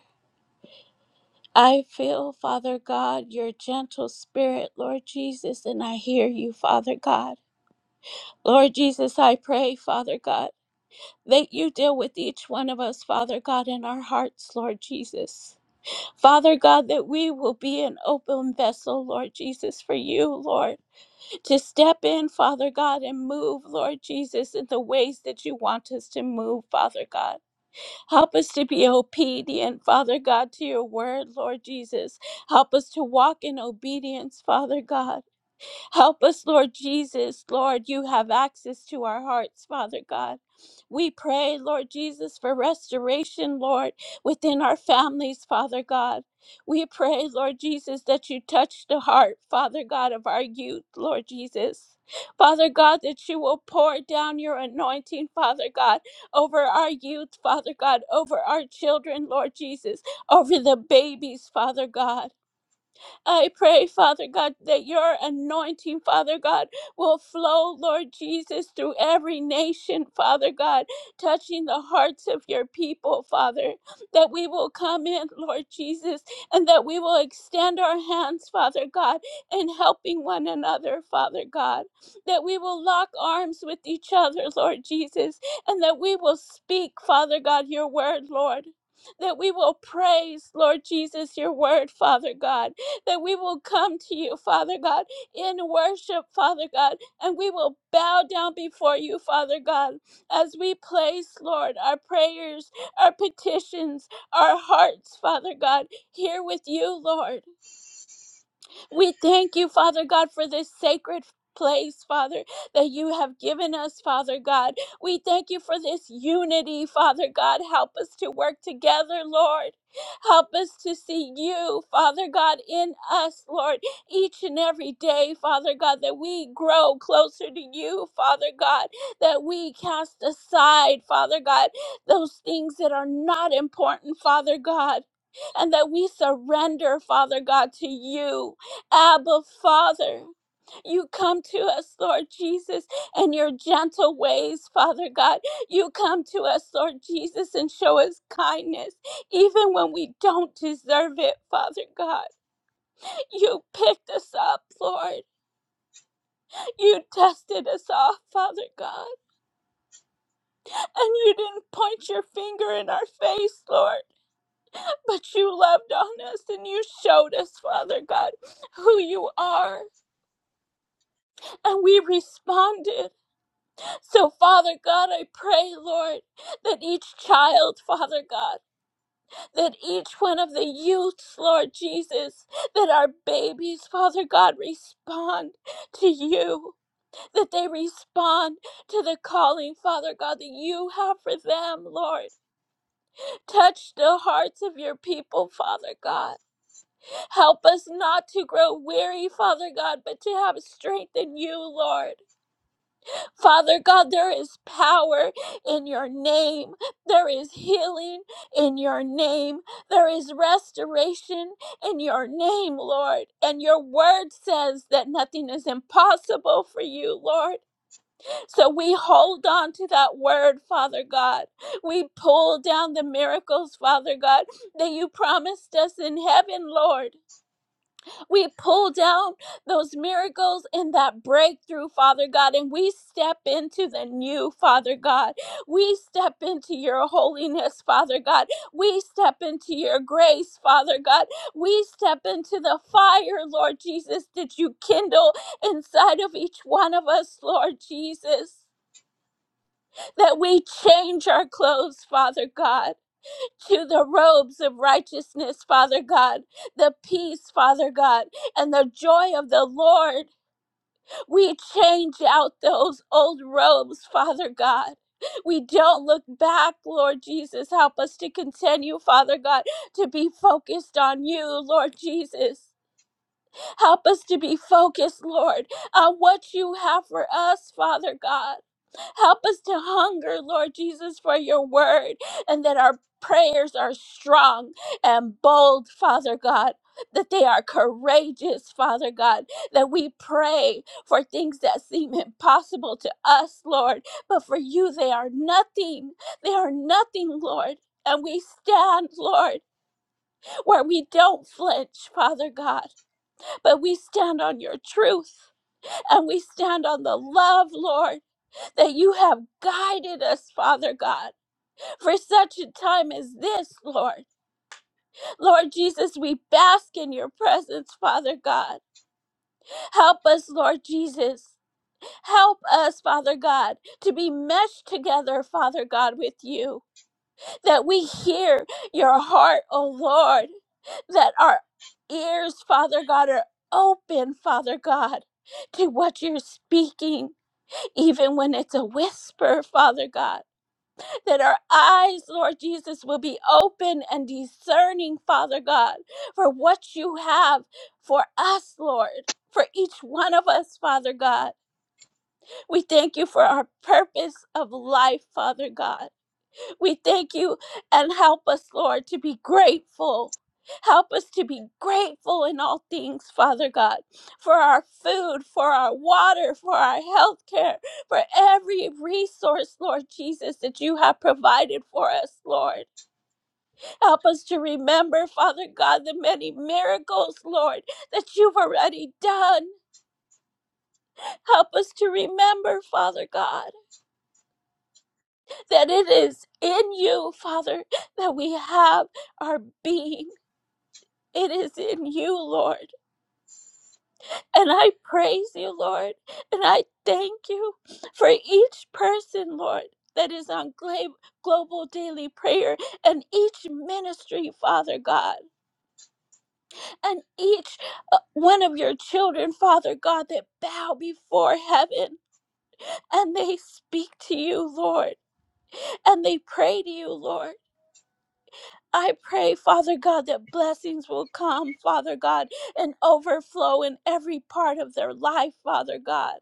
Speaker 5: I feel, Father God, your gentle spirit, Lord Jesus, and I hear you, Father God. Lord Jesus, I pray, Father God, that you deal with each one of us, Father God, in our hearts, Lord Jesus. Father God, that we will be an open vessel, Lord Jesus, for you, Lord, to step in, Father God, and move, Lord Jesus, in the ways that you want us to move, Father God. Help us to be obedient, Father God, to your word, Lord Jesus. Help us to walk in obedience, Father God. Help us, Lord Jesus. Lord, you have access to our hearts, Father God. We pray, Lord Jesus, for restoration, Lord, within our families, Father God. We pray, Lord Jesus, that you touch the heart, Father God, of our youth, Lord Jesus. Father God, that you will pour down your anointing, Father God, over our youth, Father God, over our children, Lord Jesus, over the babies, Father God. I pray, Father God, that your anointing, Father God, will flow, Lord Jesus, through every nation, Father God, touching the hearts of your people, Father. That we will come in, Lord Jesus, and that we will extend our hands, Father God, in helping one another, Father God. That we will lock arms with each other, Lord Jesus, and that we will speak, Father God, your word, Lord that we will praise, Lord Jesus, your word, Father God that we will come to you, Father God, in worship, Father God, and we will bow down before you, Father God, as we place, Lord, our prayers, our petitions, our hearts, Father God, here with you, Lord. We thank you, Father God, for this sacred place, Father, that you have given us, Father God. We thank you for this unity, Father God. Help us to work together, Lord. Help us to see you, Father God, in us, Lord, each and every day, Father God, that we grow closer to you, Father God, that we cast aside, Father God, those things that are not important, Father God, and that we surrender, Father God, to you. Abba, Father. You come to us, Lord Jesus, and your gentle ways, Father God. You come to us, Lord Jesus, and show us kindness, even when we don't deserve it, Father God. You picked us up, Lord. You dusted us off, Father God. And you didn't point your finger in our face, Lord, but you loved on us and you showed us, Father God, who you are. And we responded. So, Father God, I pray, Lord, that each child, Father God, that each one of the youths, Lord Jesus, that our babies, Father God, respond to you, that they respond to the calling, Father God, that you have for them, Lord. Touch the hearts of your people, Father God. Help us not to grow weary, Father God, but to have strength in you, Lord. Father God, there is power in your name. There is healing in your name. There is restoration in your name, Lord. And your word says that nothing is impossible for you, Lord. So we hold on to that word, Father God. We pull down the miracles, Father God, that you promised us in heaven, Lord. We pull down those miracles and that breakthrough, Father God, and we step into the new, Father God. We step into your holiness, Father God. We step into your grace, Father God. We step into the fire, Lord Jesus, that you kindle inside of each one of us, Lord Jesus. That we change our clothes, Father God to the robes of righteousness, Father God, the peace, Father God, and the joy of the Lord. We change out those old robes, Father God. We don't look back, Lord Jesus. Help us to continue, Father God, to be focused on you, Lord Jesus. Help us to be focused, Lord, on what you have for us, Father God. Help us to hunger, Lord Jesus, for your word, and that our prayers are strong and bold, Father God. That they are courageous, Father God, that we pray for things that seem impossible to us, Lord, but for you they are nothing. They are nothing, Lord. And we stand, Lord, where we don't flinch, Father God but we stand on your truth and we stand on the love, Lord, that you have guided us, Father God, for such a time as this, Lord. Lord Jesus, we bask in your presence, Father God. Help us, Lord Jesus. Help us, Father God, to be meshed together, Father God, with you, that we hear your heart, O Lord. that our ears, Father God, are open, Father God, to what you're speaking, even when it's a whisper, Father God. That our eyes, Lord Jesus, will be open and discerning, Father God, for what you have for us, Lord. For each one of us, Father God. We thank you for our purpose of life, Father God. We thank you and help us, Lord, to be grateful. Help us to be grateful in all things, Father God, for our food, for our water, for our health care, for every resource, Lord Jesus, that you have provided for us, Lord. Help us to remember, Father God, the many miracles, Lord, that you've already done. Help us to remember, Father God, that it is in you, Father, that we have our being. It is in you, Lord. And I praise you, Lord. And I thank you for each person, Lord, that is on Gla- Global Daily Prayer and each ministry, Father God, and each uh, one of your children, Father God, that bow before heaven and they speak to you, Lord, and they pray to you, Lord. I pray, Father God, that blessings will come, Father God, and overflow in every part of their life, Father God.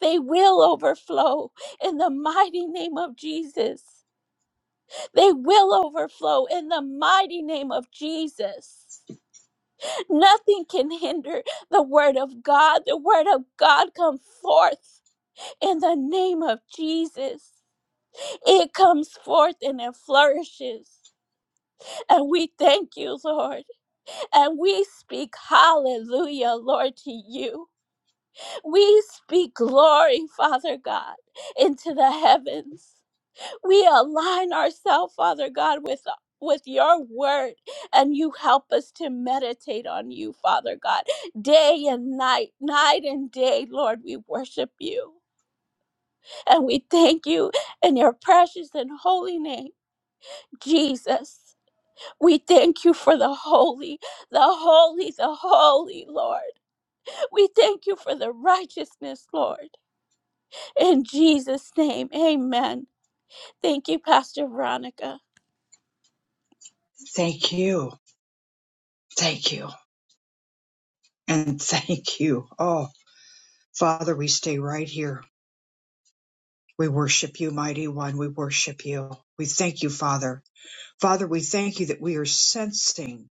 Speaker 5: They will overflow in the mighty name of Jesus. They will overflow in the mighty name of Jesus. Nothing can hinder the word of God. The word of God come forth in the name of Jesus. It comes forth and it flourishes. And we thank you, Lord. And we speak hallelujah, Lord, to you. We speak glory, Father God, into the heavens. We align ourselves, Father God, with with your word and you help us to meditate on you father god day and night night and day lord we worship you and we thank you in your precious and holy name jesus we thank you for the holy the holy the holy lord We thank you for the righteousness, Lord. In Jesus' name, amen. Thank you, Pastor Veronica.
Speaker 1: Thank you. Thank you. And thank you. Oh, Father, we stay right here. We worship you, mighty one. We worship you. We thank you, Father. Father, we thank you that we are sensing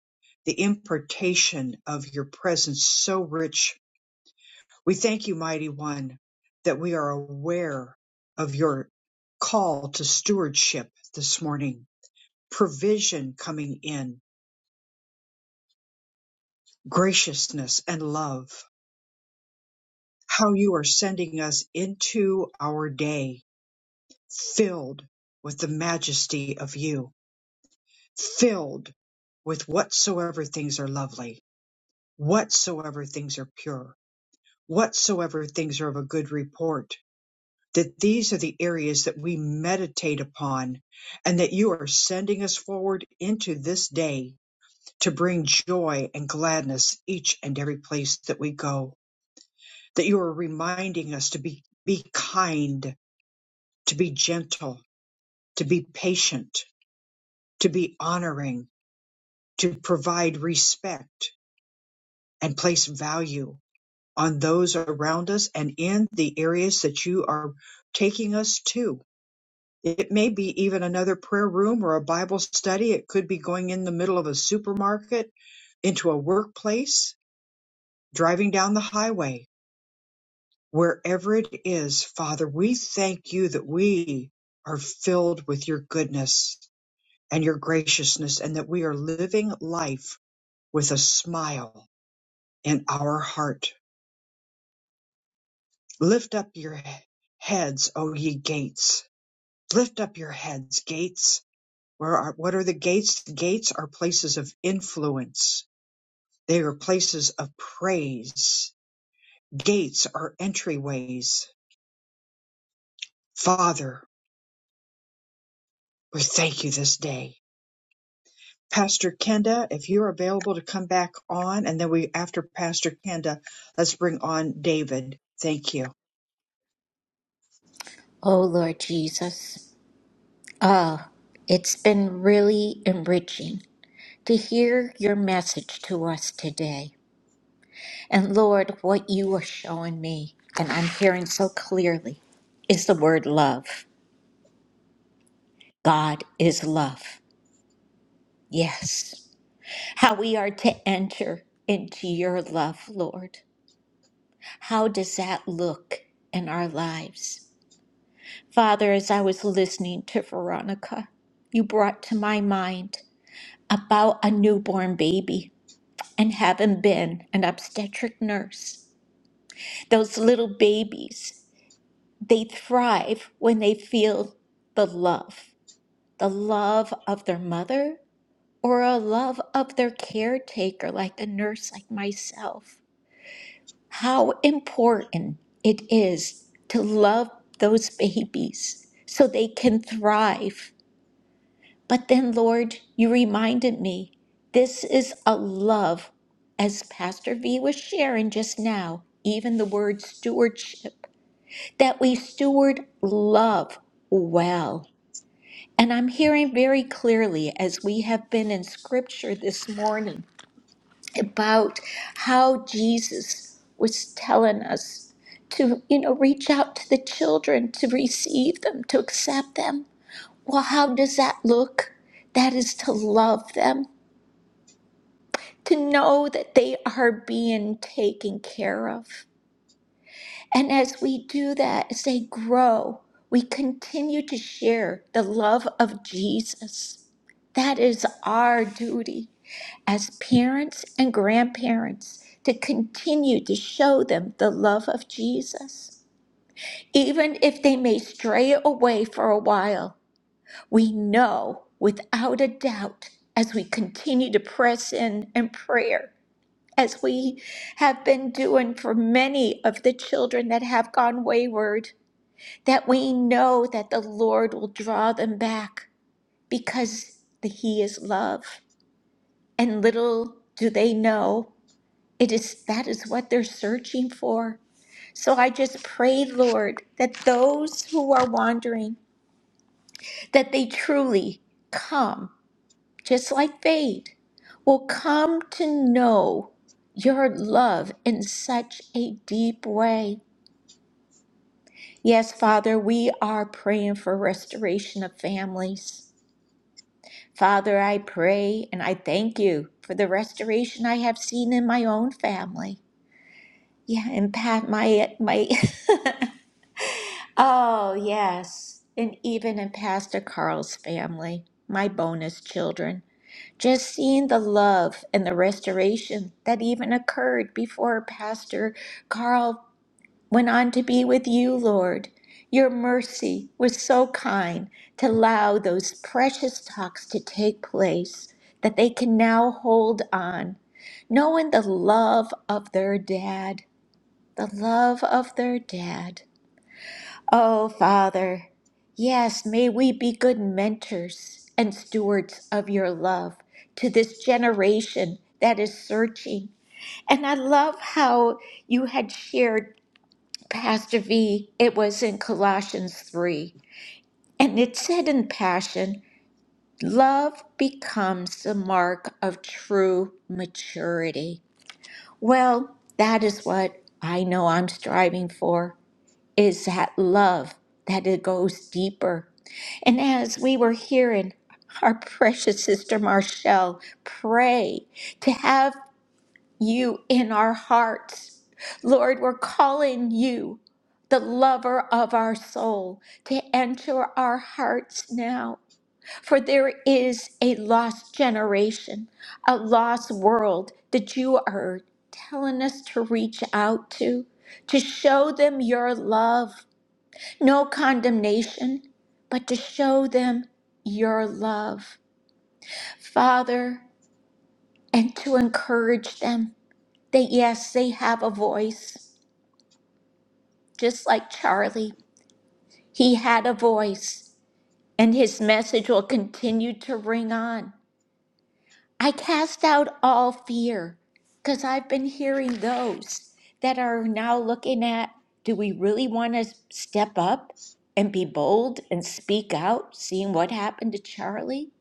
Speaker 1: the impartation of your presence so rich. We thank you, mighty one, that we are aware of your call to stewardship this morning, provision coming in, graciousness and love. how you are sending us into our day filled with the majesty of you, filled with whatsoever things are lovely, whatsoever things are pure, whatsoever things are of a good report. That these are the areas that we meditate upon, and that you are sending us forward into this day to bring joy and gladness each and every place that we go. That you are reminding us to be, be kind to be gentle, to be patient, to be honoring, to provide respect and place value on those around us and in the areas that you are taking us to. It may be even another prayer room or a Bible study. It could be going in the middle of a supermarket, into a workplace, driving down the highway. Wherever it is, Father, we thank you that we are filled with your goodness and your graciousness and that we are living life with a smile in our heart. Lift up your he- heads, O ye gates. Lift up your heads, gates. Where are, what are the gates? The gates are places of influence. They are places of praise. Gates are entryways. Father, we thank you this day. Pastor Kenda, if you're available to come back on, and then we, after Pastor Kenda, let's bring on David. Thank you.
Speaker 3: oh lord jesus oh it's been really enriching to hear your message to us today. And Lord, what you are showing me, and I'm hearing so clearly, is the word love. God is love. Yes. How we are to enter into your love, Lord. How does that look in our lives? Father, as I was listening to Veronica, you brought to my mind about a newborn baby and having been an obstetric nurse. Those little babies, they thrive when they feel the love, the love of their mother or a love of their caretaker, like a nurse like myself. How important it is to love those babies so they can thrive. But then, Lord, you reminded me this is a love, as Pastor V was sharing just now, even the word stewardship. that we steward love well. And I'm hearing very clearly as we have been in scripture this morning about how Jesus was telling us to, you know, reach out to the children, to receive them, to accept them. Well, how does that look? That is to love them, to know that they are being taken care of. And as we do that, as they grow, we continue to share the love of Jesus. That is our duty as parents and grandparents to continue to show them the love of Jesus. Even if they may stray away for a while, we know without a doubt as we continue to press in in prayer, as we have been doing for many of the children that have gone wayward, that we know that the Lord will draw them back because the- he is love. And little do they know it is that is what they're searching for. So I just pray, Lord, that those who are wandering, that they truly come, just like Fade, will come to know your love in such a deep way. Yes, Father, we are praying for restoration of families. Father, I pray and I thank you for the restoration I have seen in my own family. Yeah, and Pat, my my, <laughs> oh yes, and even in Pastor Carl's family, my bonus children. Just seeing the love and the restoration that even occurred before Pastor Carl went on to be with you, Lord. Your mercy was so kind to allow those precious talks to take place that they can now hold on, knowing the love of their dad, the love of their dad. Oh, Father, yes, may we be good mentors and stewards of your love to this generation that is searching. And I love how you had shared Pastor V, it was in Colossians 3, and it said in Passion, love becomes the mark of true maturity. Well, that is what I know I'm striving for, is that love, that it goes deeper. And as we were hearing our <laughs> precious sister Marshall pray, to have you in our hearts. Lord, we're calling you, the lover of our soul, to enter our hearts now. For there is a lost generation, a lost world that you are telling us to reach out to, to show them your love, no condemnation, but to show them your love. Father, and to encourage them that yes, they have a voice just like Charlie. He had a voice, and his message will continue to ring on. I cast out all fear because I've been hearing those that are now looking at do we really want to step up and be bold and speak out, seeing what happened to Charlie?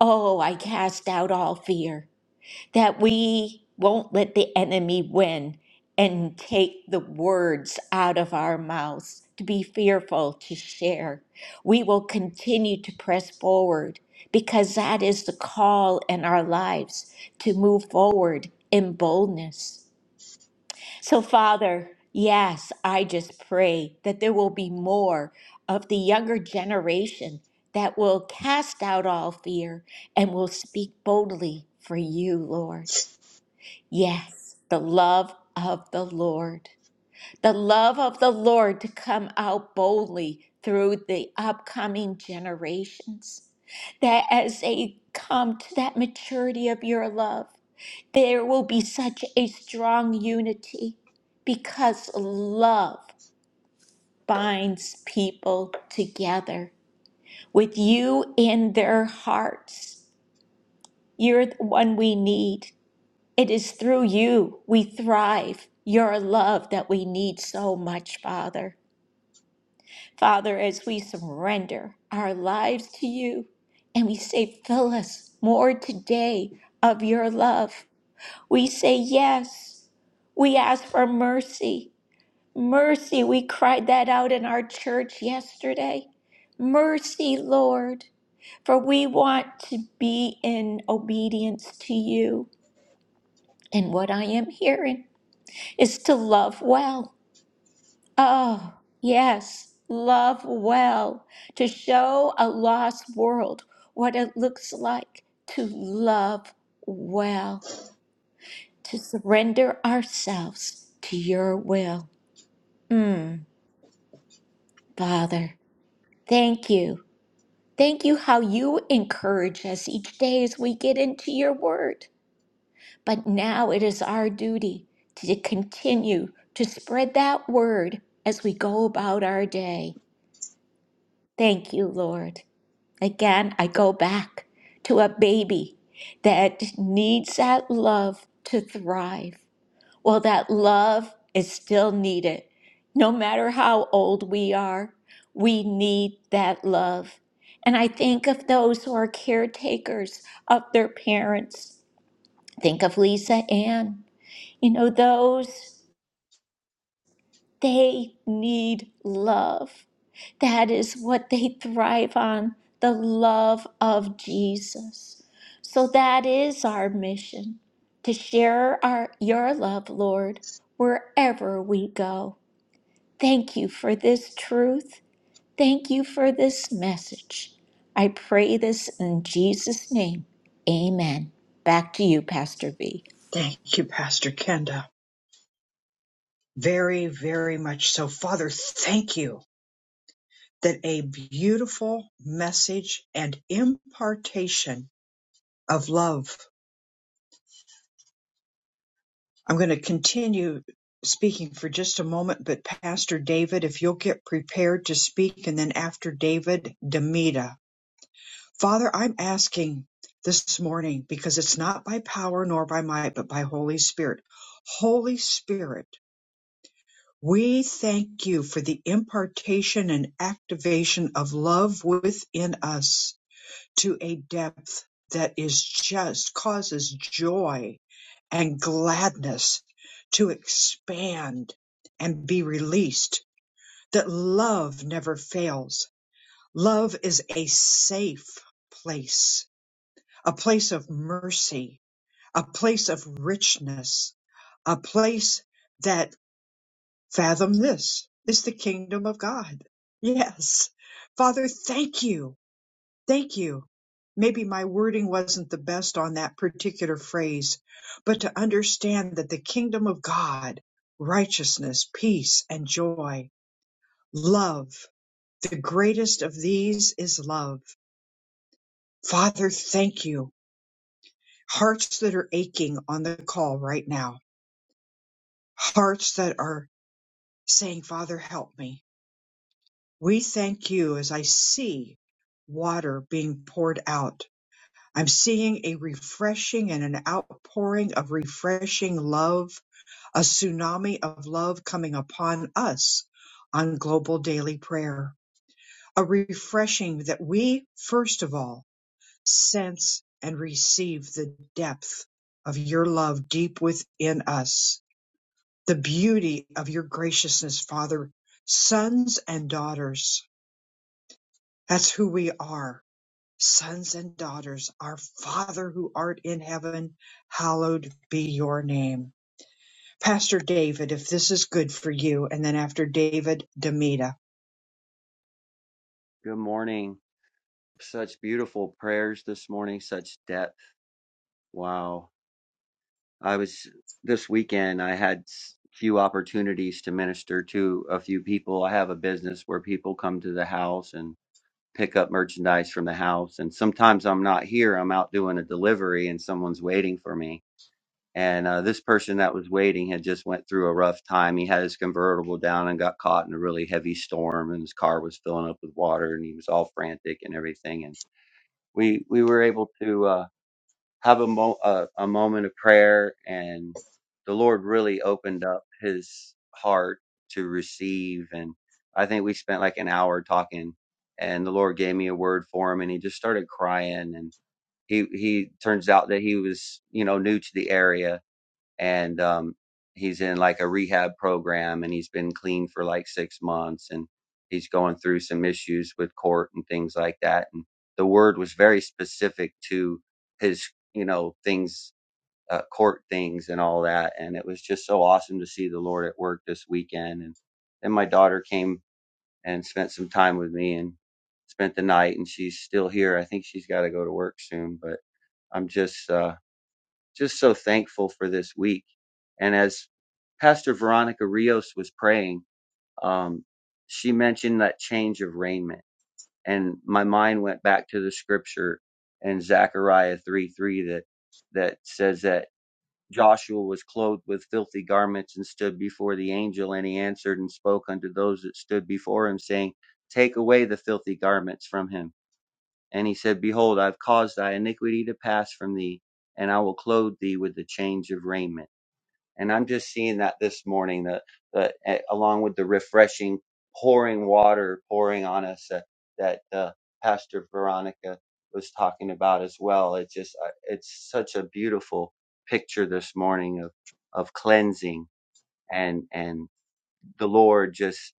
Speaker 3: Oh, I cast out all fear that we won't let the enemy win and take the words out of our mouths to be fearful to share. We will continue to press forward because that is the call in our lives to move forward in boldness. So, Father, yes, I just pray that there will be more of the younger generation that will cast out all fear and will speak boldly for you, Lord. Yes, the love of the Lord. The love of the Lord to come out boldly through the upcoming generations. That as they come to that maturity of your love, there will be such a strong unity because love binds people together with you in their hearts. You're the one we need. It is through you we thrive, your love that we need so much, Father. Father, as we surrender our lives to you and we say, fill us more today of your love, we say yes. We ask for mercy. Mercy, we cried that out in our church yesterday. Mercy, Lord, for we want to be in obedience to you and what I am hearing. is to love well. Oh, yes, love well. To show a lost world what it looks like to love well, to surrender ourselves to your will. Mm, Father, thank you. Thank you how you encourage us each day as we get into your word. But now it is our duty to continue to spread that word as we go about our day. Thank you, Lord. Again, I go back to a baby that needs that love to thrive. Well, that love is still needed. No matter how old we are, we need that love. And I think of those who are caretakers of their parents. Think of Lisa Ann. You know, those. They need love. That is what they thrive on the love of Jesus. So that is our mission to share our, your love, Lord, wherever we go. Thank you for this truth. Thank you for this message. I pray this in Jesus' name. Amen. Back to you, Pastor V.
Speaker 1: Thank you, Pastor Kenda. Very, very much so. Father, thank you that a beautiful message and impartation of love. I'm going to continue speaking for just a moment, but Pastor David, if you'll get prepared to speak, and then after David, Demita. Father, I'm asking this morning because it's not by power nor by might, but by Holy Spirit. Holy Spirit, We thank you for the impartation and activation of love within us to a depth that is just causes joy and gladness to expand and be released, that love never fails. Love is a safe place, a place of mercy, a place of richness, a place that Fathom this is the kingdom of God. Yes. Father, thank you. Thank you. Maybe my wording wasn't the best on that particular phrase, but to understand that the kingdom of God, righteousness, peace, and joy, love, the greatest of these is love. Father, thank you. Hearts that are aching on the call right now, hearts that are saying, Father, help me. We thank you as I see water being poured out. I'm seeing a refreshing and an outpouring of refreshing love, a tsunami of love coming upon us on global daily prayer. A refreshing that we, first of all, sense and receive the depth of your love deep within us, the beauty of your graciousness, Father, sons and daughters. That's who we are sons and daughters, our Father who art in heaven, hallowed be your name. Pastor David, if this is good for you, and then after David, Demita.
Speaker 10: Good morning. Such beautiful prayers this morning, such depth. Wow. I was this weekend, I had s- few opportunities to minister to a few people. I have a business where people come to the house and pick up merchandise from the house. And sometimes I'm not here, I'm out doing a delivery and someone's waiting for me. And uh, this person that was waiting had just went through a rough time. He had his convertible down and got caught in a really heavy storm and his car was filling up with water and he was all frantic and everything. we we were able to uh, have a, mo- uh, a moment of prayer, and the Lord really opened up His heart to receive. And I think we spent like an hour talking, and the Lord gave me a word for him, and he just started crying. And he he turns out that he was you know new to the area, and um, he's in like a rehab program and he's been clean for like six months and he's going through some issues with court and things like that and the word was very specific to his you know things uh, court things and all that and it was just so awesome to see the lord at work this weekend and then my daughter came and spent some time with me and spent the night and she's still here i think she's got to go to work soon but i'm just uh just so thankful for this week. And as Pastor Veronica Rios was praying, um, she mentioned that change of raiment. And my mind went back to the scripture in Zechariah 3 3 that, that says that Joshua was clothed with filthy garments and stood before the angel, and he answered and spoke unto those that stood before him, saying, Take away the filthy garments from him. And he said, Behold, I've caused thy iniquity to pass from thee, and I will clothe thee with the change of raiment. And I'm just seeing that this morning, that, that eh, along with the refreshing pouring water pouring on us that, that uh, Pastor Veronica was talking about as well. It's just, uh, it's such a beautiful picture this morning of, of cleansing and and the Lord just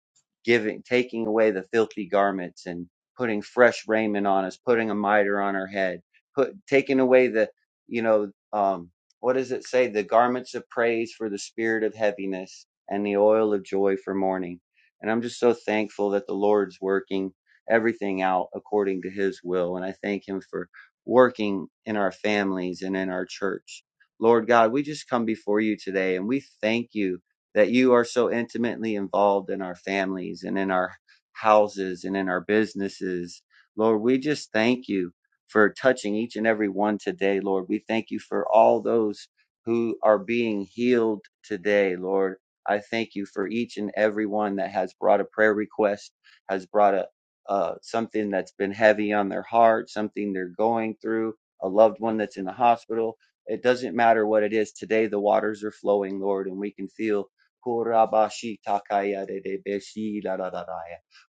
Speaker 10: giving, taking away the filthy garments and putting fresh raiment on us, putting a mitre on our head, put taking away the, you know, um, what does it say? The garments of praise for the spirit of heaviness and the oil of joy for mourning. And I'm just so thankful that the Lord's working everything out according to His will, and I thank Him for working in our families and in our church. Lord God, we just come before you today and we thank you that you are so intimately involved in our families and in our houses and in our businesses. Lord, we just thank you for touching each and every one today, Lord. We thank you for all those who are being healed today, Lord. I thank you for each and every one that has brought a prayer request, has brought a uh, something that's been heavy on their heart, something they're going through, a loved one that's in the hospital. It doesn't matter what it is. Today, the waters are flowing, Lord, and we can feel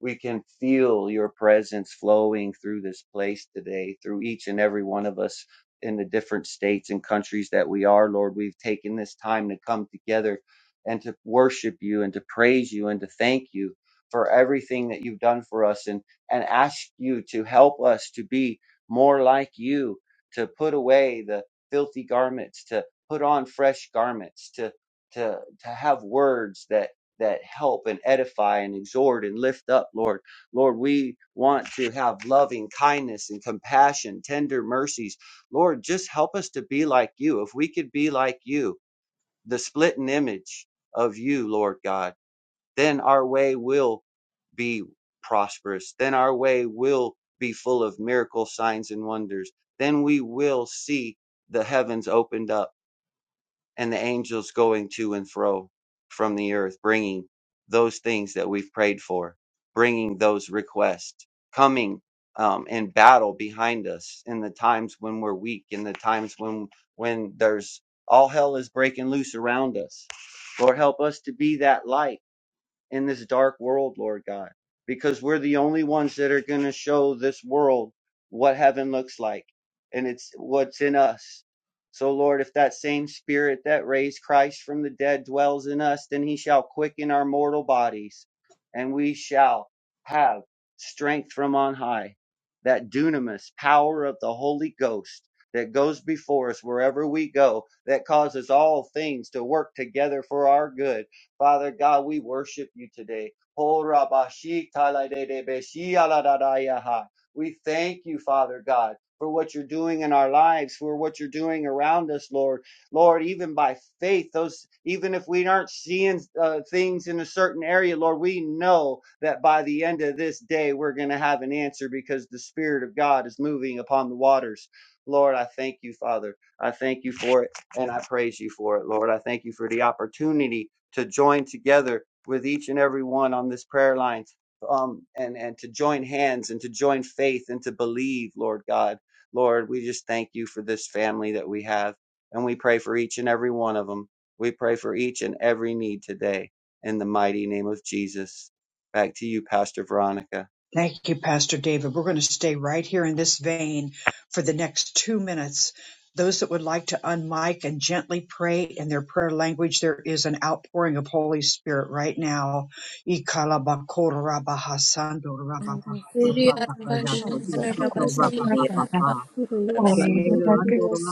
Speaker 10: we can feel your presence flowing through this place today, through each and every one of us in the different states and countries that we are, Lord. We've taken this time to come together and to worship you and to praise you and to thank you for everything that you've done for us and, and ask you to help us to be more like you, to put away the filthy garments, to put on fresh garments, to to to have words that that help and edify and exhort and lift up lord lord we want to have loving kindness and compassion tender mercies lord just help us to be like you if we could be like you the splitting image of you lord god then our way will be prosperous then our way will be full of miracle signs and wonders then we will see the heavens opened up and the angels going to and fro from the earth, bringing those things that we've prayed for, bringing those requests, coming um, in battle behind us in the times when we're weak, in the times when when there's all hell is breaking loose around us. Lord, help us to be that light in this dark world, Lord God, because we're the only ones that are going to show this world what heaven looks like and it's what's in us. So, Lord, if that same spirit that raised Christ from the dead dwells in us, then he shall quicken our mortal bodies and we shall have strength from on high, that dunamis power of the Holy Ghost that goes before us wherever we go, that causes all things to work together for our good Father God, we worship you today. Ho rabashi taladedebeshi aladadayaha. We thank you, Father God, for what you're doing in our lives, for what you're doing around us, Lord. Lord, even by faith, those even if we aren't seeing uh, things in a certain area, Lord, we know that by the end of this day, we're going to have an answer because the Spirit of God is moving upon the waters. Lord, I thank you, Father. I thank you for it, and I praise you for it, Lord. I thank you for the opportunity to join together with each and every one on this prayer line um, and, and to join hands and to join faith and to believe, Lord God. Lord, we just thank you for this family that we have. And we pray for each and every one of them. We pray for each and every need today in the mighty name of Jesus. Back to you, Pastor Veronica.
Speaker 1: Thank you, Pastor David. We're going to stay right here in this vein for the next two minutes. Those that would like to unmic and gently pray in their prayer language, there is an outpouring of Holy Spirit right now.
Speaker 11: Hiri
Speaker 5: Ori araba shandara raba siri
Speaker 1: <laughs>
Speaker 5: araba
Speaker 1: Shela
Speaker 5: raba.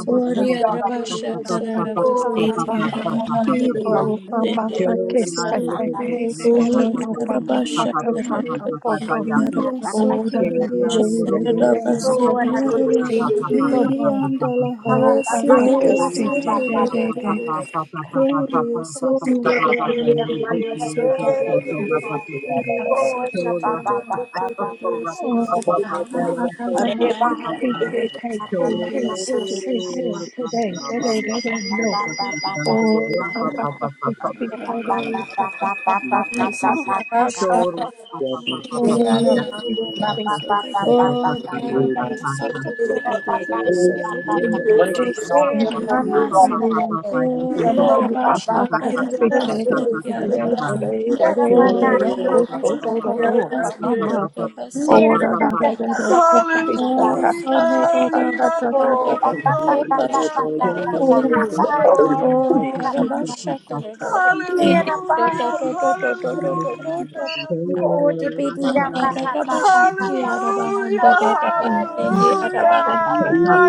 Speaker 5: Ori araba shatara raba siri araba handara raba siri araba. Ori araba shatara raba siri araba. Shatara raba siri araba handara raba. Ori araba
Speaker 3: Oh, ba ba
Speaker 11: Soto
Speaker 3: ba ba.
Speaker 11: I don't
Speaker 3: Yes,
Speaker 11: have it. Um, um, how do
Speaker 10: <laughs>
Speaker 11: you set it? How do
Speaker 10: Thank
Speaker 11: you set it?
Speaker 10: you.
Speaker 11: I
Speaker 1: Thank
Speaker 11: don't have it. I don't have it. on. It's
Speaker 5: shatara raba siri
Speaker 3: yes,
Speaker 5: araba.
Speaker 3: yes,
Speaker 5: Oh, the Arabasta,
Speaker 10: know,
Speaker 12: Hallelujah, Hallelujah, Hallelujah, Hallelujah, Hallelujah,
Speaker 11: off. Yes,
Speaker 5: oh, the Arabasta, the Arabasta,
Speaker 3: yes.
Speaker 5: oh, the Arabasta, the Arabasta, Arabasta, oh, so no, the Arabasta, Arabasta, Arabasta, oh, the Arabasta, the
Speaker 9: Oh,
Speaker 5: Arabasta,
Speaker 12: Hallelujah,
Speaker 5: the
Speaker 1: you.
Speaker 5: Arabasta, Sandara Rabashi, the Arabahanda Rabashi, the
Speaker 12: Lord,
Speaker 5: Arabaka.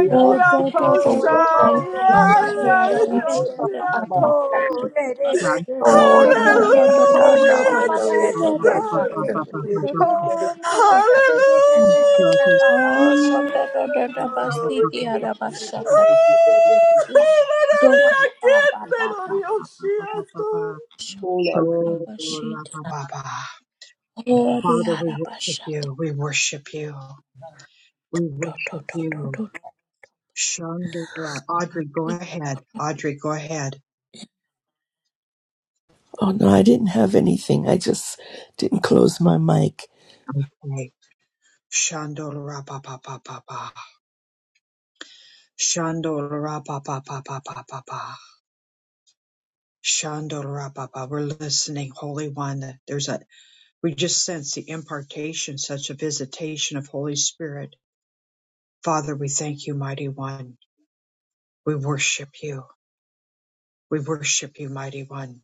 Speaker 5: O do
Speaker 12: you're
Speaker 5: do do do do Basiki
Speaker 1: Father,
Speaker 5: Arabas Basiki Arabas
Speaker 1: we
Speaker 12: I
Speaker 5: O
Speaker 3: Oh,
Speaker 5: do
Speaker 12: am
Speaker 5: do do do
Speaker 3: Oh,
Speaker 5: do do
Speaker 12: Hallelujah,
Speaker 5: do
Speaker 3: Shamba
Speaker 5: do
Speaker 3: da
Speaker 5: do
Speaker 3: da da
Speaker 5: do
Speaker 3: da
Speaker 12: Jesus.
Speaker 5: do
Speaker 3: da.
Speaker 5: do
Speaker 3: Oh, na
Speaker 5: do
Speaker 12: Hallelujah! <laughs>
Speaker 3: na
Speaker 5: do
Speaker 3: da da
Speaker 10: yeah,
Speaker 3: da da da da da, Papa.
Speaker 5: O Shanda da da da
Speaker 3: Oh, da
Speaker 5: Basiki
Speaker 3: da
Speaker 5: Arabas
Speaker 3: da da
Speaker 5: Shanda
Speaker 3: da da da.
Speaker 5: Do
Speaker 3: Oh, Papa, Papa, Papa.
Speaker 12: Oh,
Speaker 5: Shanda
Speaker 10: Mola,
Speaker 5: Bashid O the Arabas
Speaker 1: worship
Speaker 5: Santa
Speaker 1: you. We worship you. We
Speaker 5: do Do
Speaker 1: worship
Speaker 5: do do
Speaker 1: you.
Speaker 5: do do
Speaker 1: Shandora. Audrey, go ahead. Audrey, go ahead.
Speaker 9: no, I didn't have anything. I just didn't close my mic.
Speaker 1: Okay. Shandora pa pa pa pa pa. Shandora pa pa pa pa pa pa pa. Shandora pa pa. We're listening, Holy One. There's a We just sense the impartation, such a visitation of Holy Spirit. Father, we thank you, Mighty One. We worship you. We worship you, Mighty One.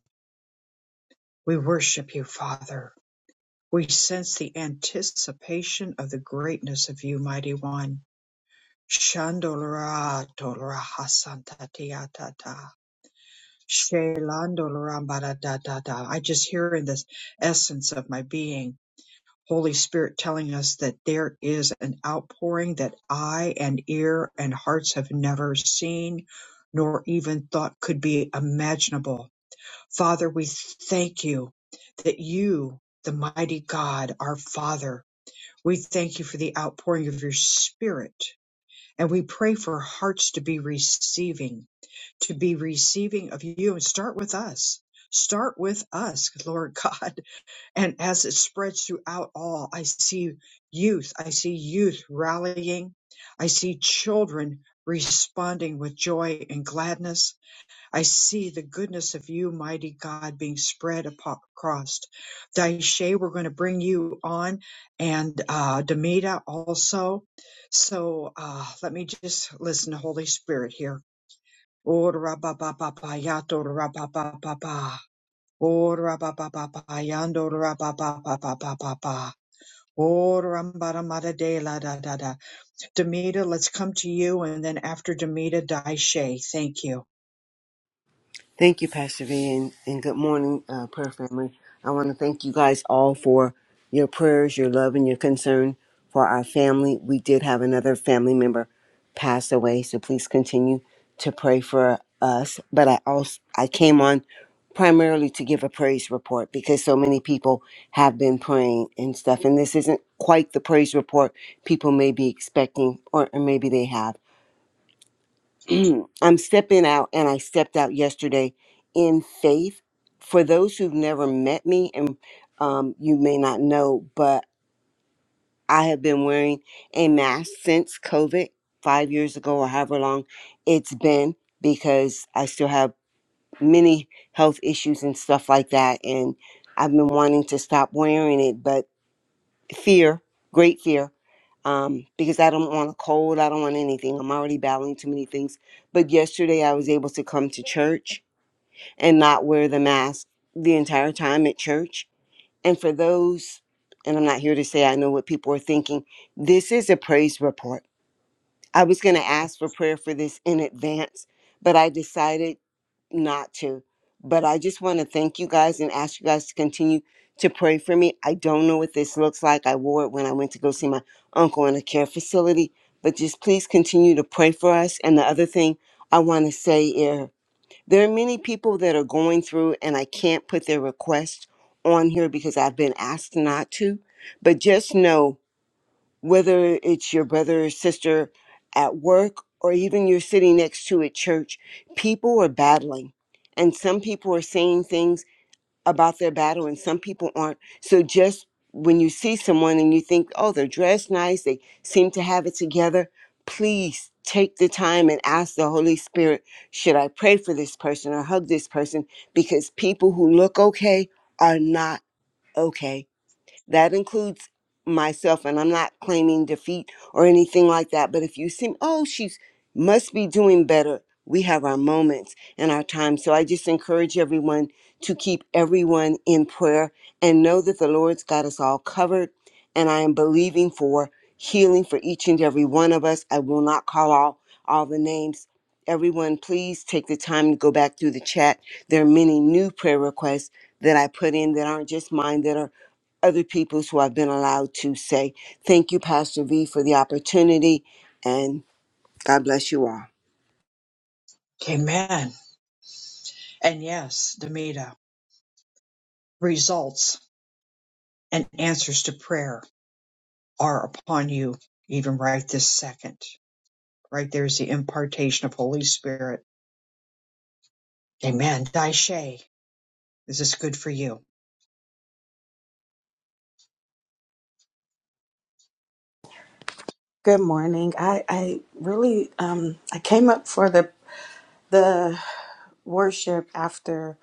Speaker 1: We worship you, Father. We sense the anticipation of the greatness of you, Mighty One. Shandolra tolra hasantatiatata. Shelandolra baradadada. I just hear in this essence of my being Holy Spirit telling us that there is an outpouring that eye and ear and hearts have never seen nor even thought could be imaginable. Father, we thank you that you, the mighty God, our Father, we thank you for the outpouring of your Spirit. And we pray for hearts to be receiving, to be receiving of you. And start with us. Start with us, Lord <laughs> God and as it spreads throughout all, I see youth. I see youth rallying. I see children responding with joy and gladness. I see the goodness of you, mighty God, being spread apo- across. Daishe, we're going to bring you on and uh, Demita also. So uh, let me just listen to Holy Spirit here. Oh, ra-ba-ba-ba-ba, ya, do, ra-ba-ba-ba-ba. Ora ba ba ba ba yando ra ba ba da da de la da da da. Demita, let's come to you, and then after Demita, Daishe. Thank you.
Speaker 13: Thank you, Pastor V, and, and good morning, uh, prayer family. I want to thank you guys all for your prayers, your love, and your concern for our family. We did have another family member pass away, so please continue to pray for us. But I also I came on primarily to give a praise report because so many people have been praying and stuff, and this isn't quite the praise report people may be expecting, or, or maybe they have. I'm stepping out, and I stepped out yesterday in faith. For those who've never met me, and um, you may not know, but I have been wearing a mask since COVID, five years ago, or however long it's been, because I still have many health issues and stuff like that. And I've been wanting to stop wearing it, but fear, great fear. Um, because I don't want a cold, I don't want anything. I'm already battling too many things. But yesterday I was able to come to church and not wear the mask the entire time at church. And for those, and I'm not here to say I know what people are thinking, this is a praise report. I was going to ask for prayer for this in advance, but I decided not to. But I just want to thank you guys and ask you guys to continue to pray for me. I don't know what this looks like. I wore it when I went to go see my uncle in a care facility, but just please continue to pray for us. And the other thing I want to say is, there are many people that are going through, and I can't put their request on here because I've been asked not to. But just know whether it's your brother or sister at work or even you're sitting next to at church, people are battling. And some people are saying things about their battle and some people aren't so just when you see someone and you think oh they're dressed nice they seem to have it together please take the time and ask the holy spirit should i pray for this person or hug this person because people who look okay are not okay that includes myself, and I'm not claiming defeat or anything like that. But if you seem, oh, she's must be doing better, we have our moments and our time. So I just encourage everyone to keep everyone in prayer and know that the Lord's got us all covered. And I am believing for healing for each and every one of us. I will not call all all the names. Everyone, please take the time to go back through the chat. There are many new prayer requests that I put in that aren't just mine that are other people who I've been allowed to say. Thank you, Pastor V, for the opportunity, and God bless you all.
Speaker 1: Amen. And yes, Demita, results and answers to prayer are upon you, even right this second. Right there's the impartation of Holy Spirit. Amen. Daishe, is this good for you?
Speaker 12: Good morning. I, I really um I came up for the the worship after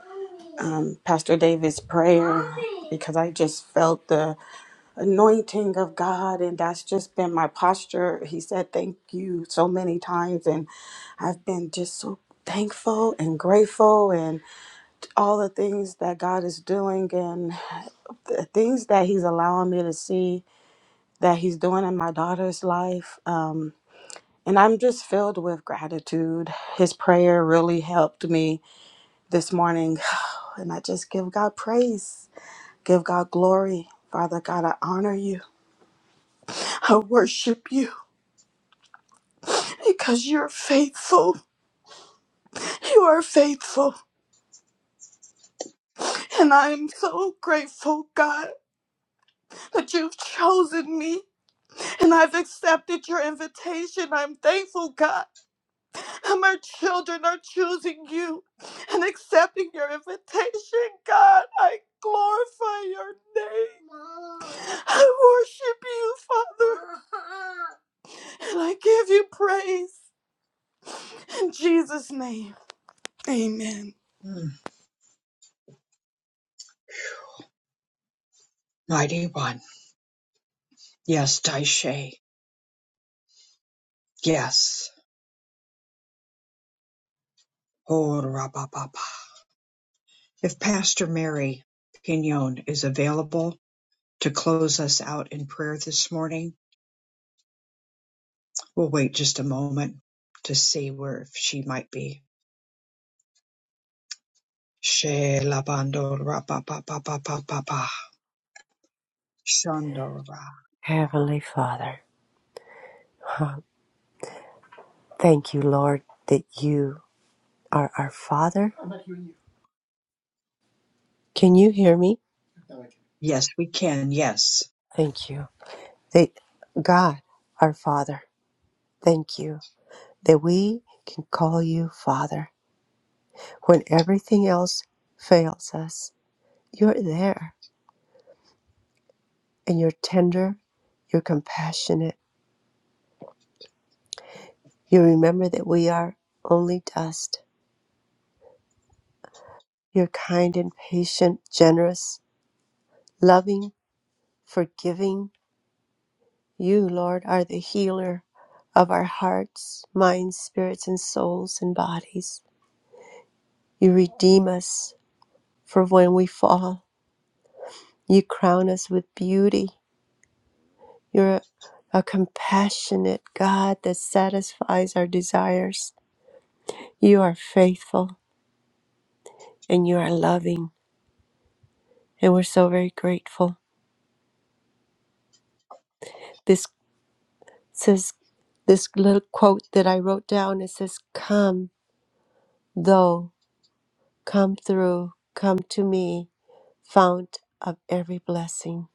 Speaker 12: um Pastor David's prayer because I just felt the anointing of God and that's just been my posture. He said thank you so many times and I've been just so thankful and grateful and. all the things that God is doing and the things that He's allowing me to see that He's doing in my daughter's life. Um, and I'm just filled with gratitude. His prayer really helped me this morning. <sighs> And I just give God praise, give God glory. Father God, I honor you. I worship you because you're faithful. You are faithful. And I am so grateful, God, that you've chosen me. And I've accepted your invitation. I'm thankful, God. And my children are choosing you and accepting your invitation, God. I glorify your name. I worship you, Father. And I give you praise. In Jesus' name, amen.
Speaker 1: Mm, mighty one. Yes, Daishe. Yes. Oh, ra-ba-ba-ba. If Pastor Mary Pignon is available to close us out in prayer this morning, we'll wait just a moment to see where if she might be. She labando ra-ba-ba-ba-ba-ba-ba-ba. Shondo
Speaker 14: Heavenly Father, <laughs> huh, thank you, Lord, that you are our Father. Can you hear me?
Speaker 1: Yes, we can. Yes.
Speaker 14: Thank you. That God, our Father, thank you that we can call you Father. When everything else fails us, you're there and you're tender, you're compassionate. You remember that we are only dust. You're kind and patient, generous, loving, forgiving, You, Lord, are the healer of our hearts, minds, spirits, and souls and bodies. You redeem us for when we fall. You crown us with beauty. You're a, a compassionate God that satisfies our desires. You are faithful and you are loving, and we're so very grateful. This says this little quote that I wrote down. It says, "Come, though, come through, come to me." fount of every blessing.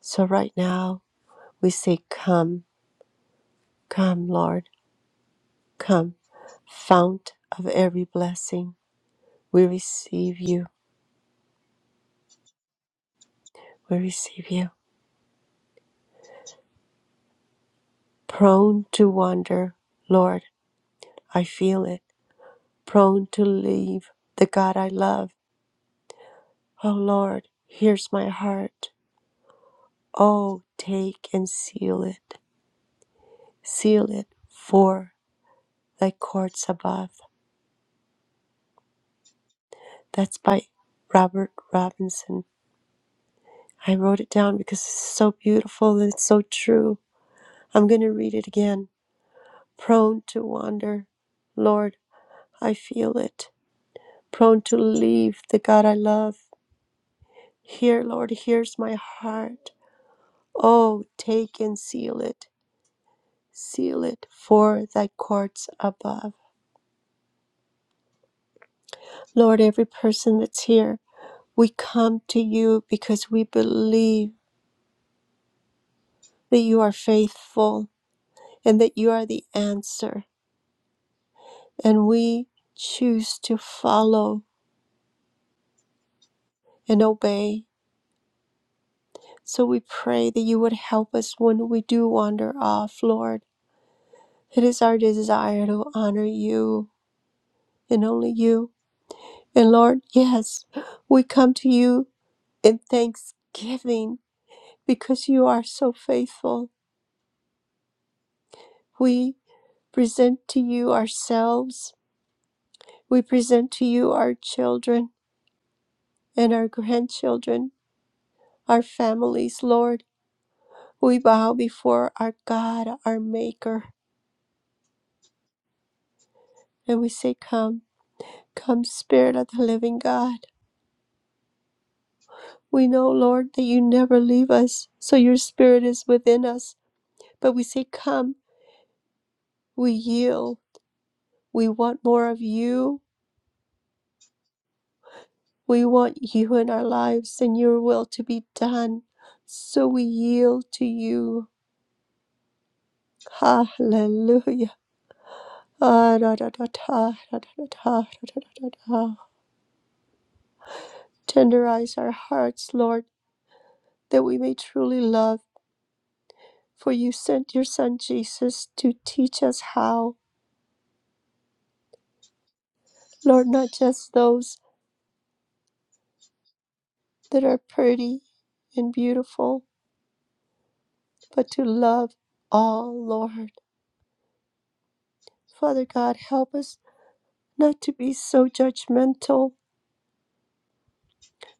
Speaker 14: So right now we say, Come, come, Lord, come, fount of every blessing. We receive you, we receive you. Prone to wander, Lord, I feel it. Prone to leave the God I love. Oh Lord, here's my heart. Oh, take and seal it. Seal it for thy courts above. That's by Robert Robinson. I wrote it down because it's so beautiful and it's so true. I'm going to read it again. Prone to wander, Lord, I feel it. Prone to leave the God I love. Here, Lord, here's my heart. Oh, take and seal it. Seal it for thy courts above. Lord, every person that's here, we come to you because we believe that you are faithful and that you are the answer. and we choose to follow and obey. So we pray that you would help us when we do wander off, Lord. It is our desire to honor you and only you. And Lord, yes, we come to you in thanksgiving because you are so faithful. We present to you ourselves, we present to you our children and our grandchildren, our families, Lord. We bow before our God, our Maker, and we say, Come, come, Spirit of the living God. We know, Lord, that you never leave us, so your Spirit is within us. But we say, Come, we yield. We want more of you. We want you in our lives and your will to be done. So we yield to you. Hallelujah. Ah, da, da, da, da, da, da, da, da, da, da, da, Tenderize our hearts, Lord that we may truly love. For you sent your Son Jesus to teach us how, Lord, not just those that are pretty and beautiful, but to love all, Lord. Father God, help us not to be so judgmental.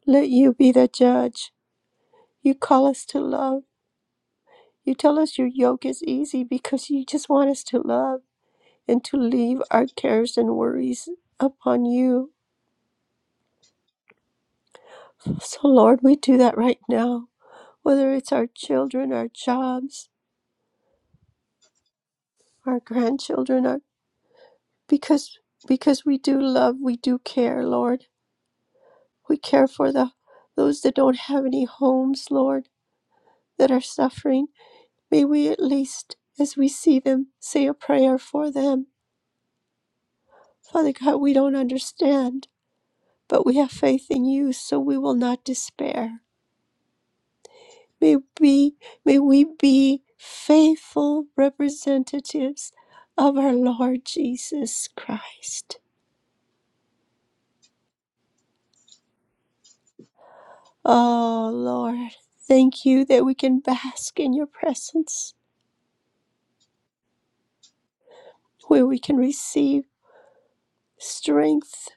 Speaker 14: Let you be the judge. You call us to love. You tell us your yoke is easy because you just want us to love and to leave our cares and worries upon you. So, Lord, we do that right now, whether it's our children, our jobs, our grandchildren, our, because because we do love, we do care, Lord. We care for the those that don't have any homes, Lord, that are suffering. May we at least, as we see them, say a prayer for them. Father God, we don't understand, but we have faith in you, so we will not despair. May we, may we be faithful representatives of our Lord Jesus Christ. Oh, Lord, thank you that we can bask in your presence, where we can receive strength,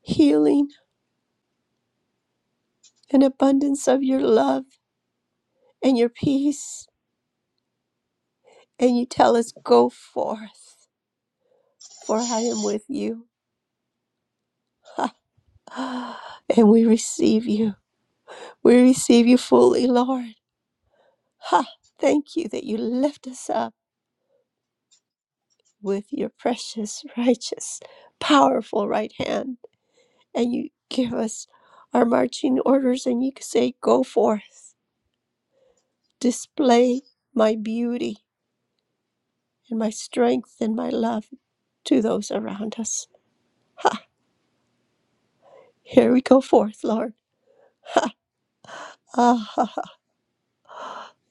Speaker 14: healing, and abundance of your love and your peace. And you tell us, Go forth, for I am with you. <laughs> and we receive you. We receive you fully, Lord. Ha! Thank you that you lift us up with your precious, <laughs> righteous, powerful right hand, and you give us our marching orders, and you say, Go forth, display my beauty and my strength and my love to those around us. Here we go forth, Lord. Ah, <laughs> ha, ha.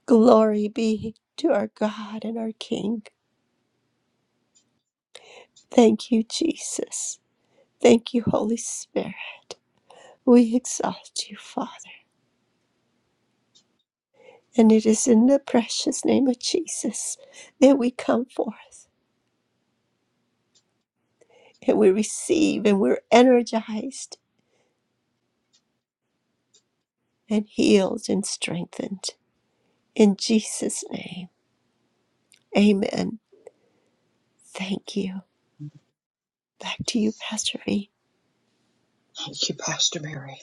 Speaker 14: glory be to our God and our King. Thank you, Jesus. Thank you, Holy Spirit. We exalt you, Father. And it is in the precious name of Jesus that we come forth and we receive and we're energized and healed and strengthened. In Jesus' name, amen. Thank you. Back to you, Pastor V.
Speaker 1: Thank you, Pastor Mary.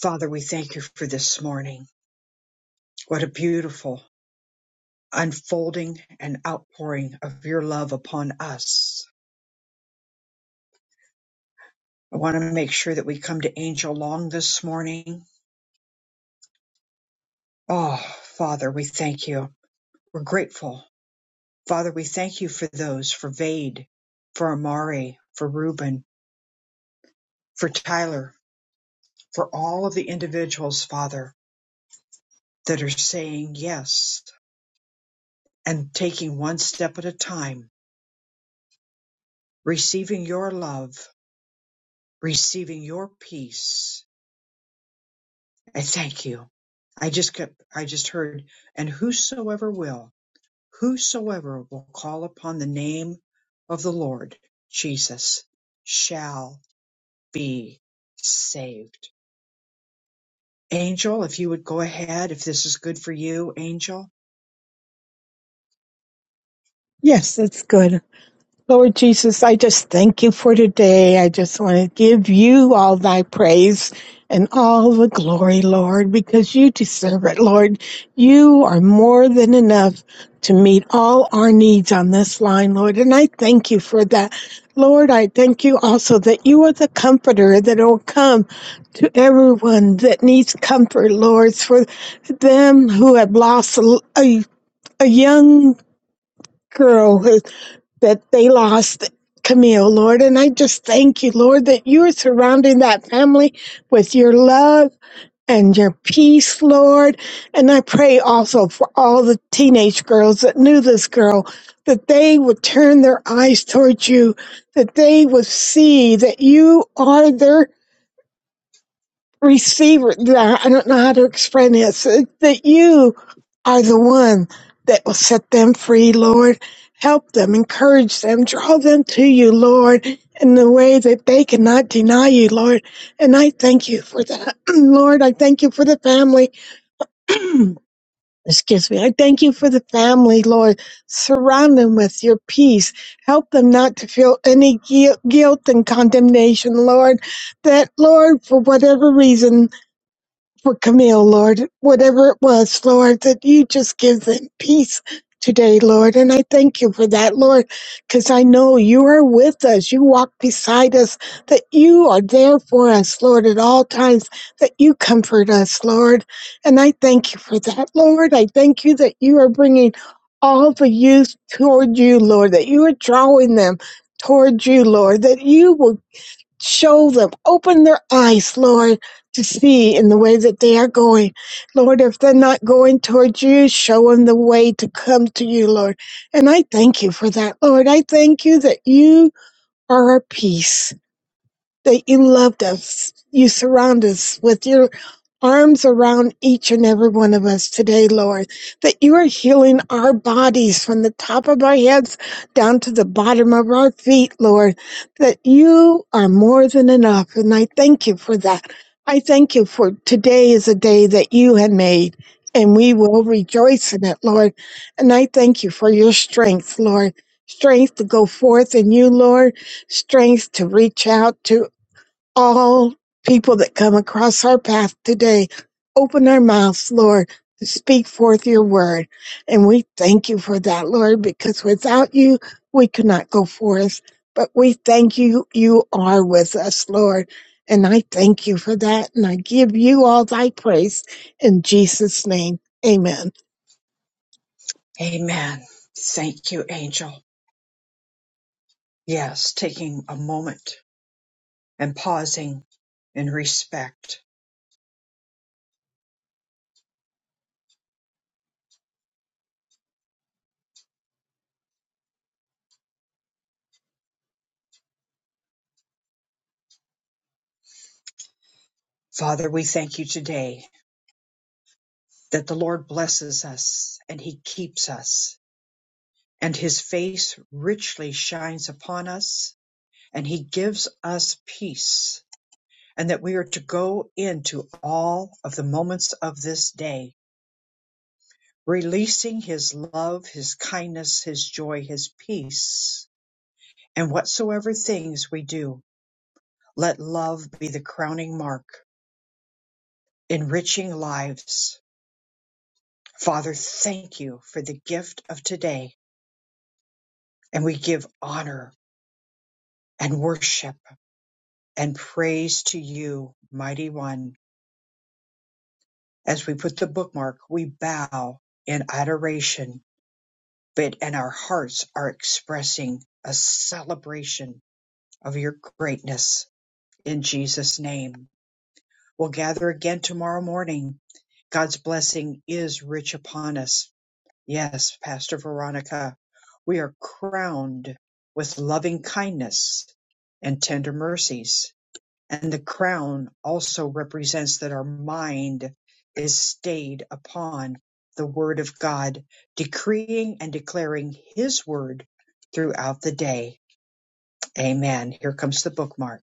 Speaker 1: Father, we thank you for this morning. What a beautiful unfolding and outpouring of your love upon us. I want to make sure that we come to Angel Long this morning. Oh, Father, we thank you. We're grateful. Father, we thank you for those, for Vade, for Amari, for Reuben, for Tyler, for all of the individuals, Father, that are saying yes and taking one step at a time, receiving your love, receiving your peace. I thank you. I just kept, I just heard, and whosoever will. Whosoever will call upon the name of the Lord Jesus shall be saved. Angel, if you would go ahead, if this is good for you, Angel.
Speaker 15: Yes, that's good. Lord Jesus, I just thank you for today. I just want to give you all thy praise and all the glory, Lord, because you deserve it, Lord. You are more than enough to meet all our needs on this line, Lord. And I thank you for that. Lord, I thank you also that you are the comforter that will come to everyone that needs comfort, Lord, for them who have lost a, a, a young girl that they lost Camille, Lord. And I just thank you, Lord, that you are surrounding that family with your love and your peace, Lord. And I pray also for all the teenage girls that knew this girl, that they would turn their eyes towards you, that they would see that you are their receiver. I don't know how to explain this. uh, That you are the one that will set them free, Lord. Help them, encourage them, draw them to you, Lord, in the way that they cannot deny you, Lord. And I thank you for that, <clears throat> Lord. I thank you for the family. <clears throat> Excuse me. I thank you for the family, Lord. Surround them with your peace. Help them not to feel any guil- guilt and condemnation, Lord. That, Lord, for whatever reason, for Camille, Lord, whatever it was, Lord, that you just give them peace today, Lord. And I thank you for that, Lord, because I know you are with us. You walk beside us, that you are there for us, Lord, at all times, that you comfort us, Lord. And I thank you for that, Lord. I thank you that you are bringing all the youth toward you, Lord, that you are drawing them toward you, Lord, that you will show them, open their eyes, Lord, to see in the way that they are going. Lord, if they're not going towards you, show them the way to come to you, Lord. And I thank you for that, Lord. I thank you that you are our peace that you loved us. You surround us with your arms around each and every one of us today, Lord, that you are healing our bodies from the top of our heads down to the bottom of our feet, Lord, that you are more than enough. And I thank you for that. I thank you for today is a day that you had made. And we will rejoice in it, Lord. And I thank you for your strength, Lord. Strength to go forth in you, Lord. Strength to reach out to all people that come across our path today. Open their mouths, Lord, to speak forth your word. And we thank you for that, Lord, because without you, we could not go forth. But we thank you, you are with us, Lord. And I thank you for that. And I give you all thy praise in Jesus' name. Amen.
Speaker 1: Amen. Thank you, Angel. Yes, taking a moment and pausing in respect. Father, we thank you today that the Lord blesses us and he keeps us and his face richly shines upon us and he gives us peace and that we are to go into all of the moments of this day, releasing His love, His kindness, His joy, His peace. And whatsoever things we do, let love be the crowning mark, enriching lives. Father, thank you for the gift of today, and we give honor and worship and praise to you, mighty one. As we put the bookmark, we bow in adoration but and our hearts are expressing a celebration of your greatness in Jesus name. We'll gather again tomorrow morning. God's blessing is rich upon us. Yes, Pastor Veronica, we are crowned with loving kindness and tender mercies and the crown also represents that our mind is stayed upon the word of God, decreeing and declaring his word throughout the day. Amen. Here comes the bookmark.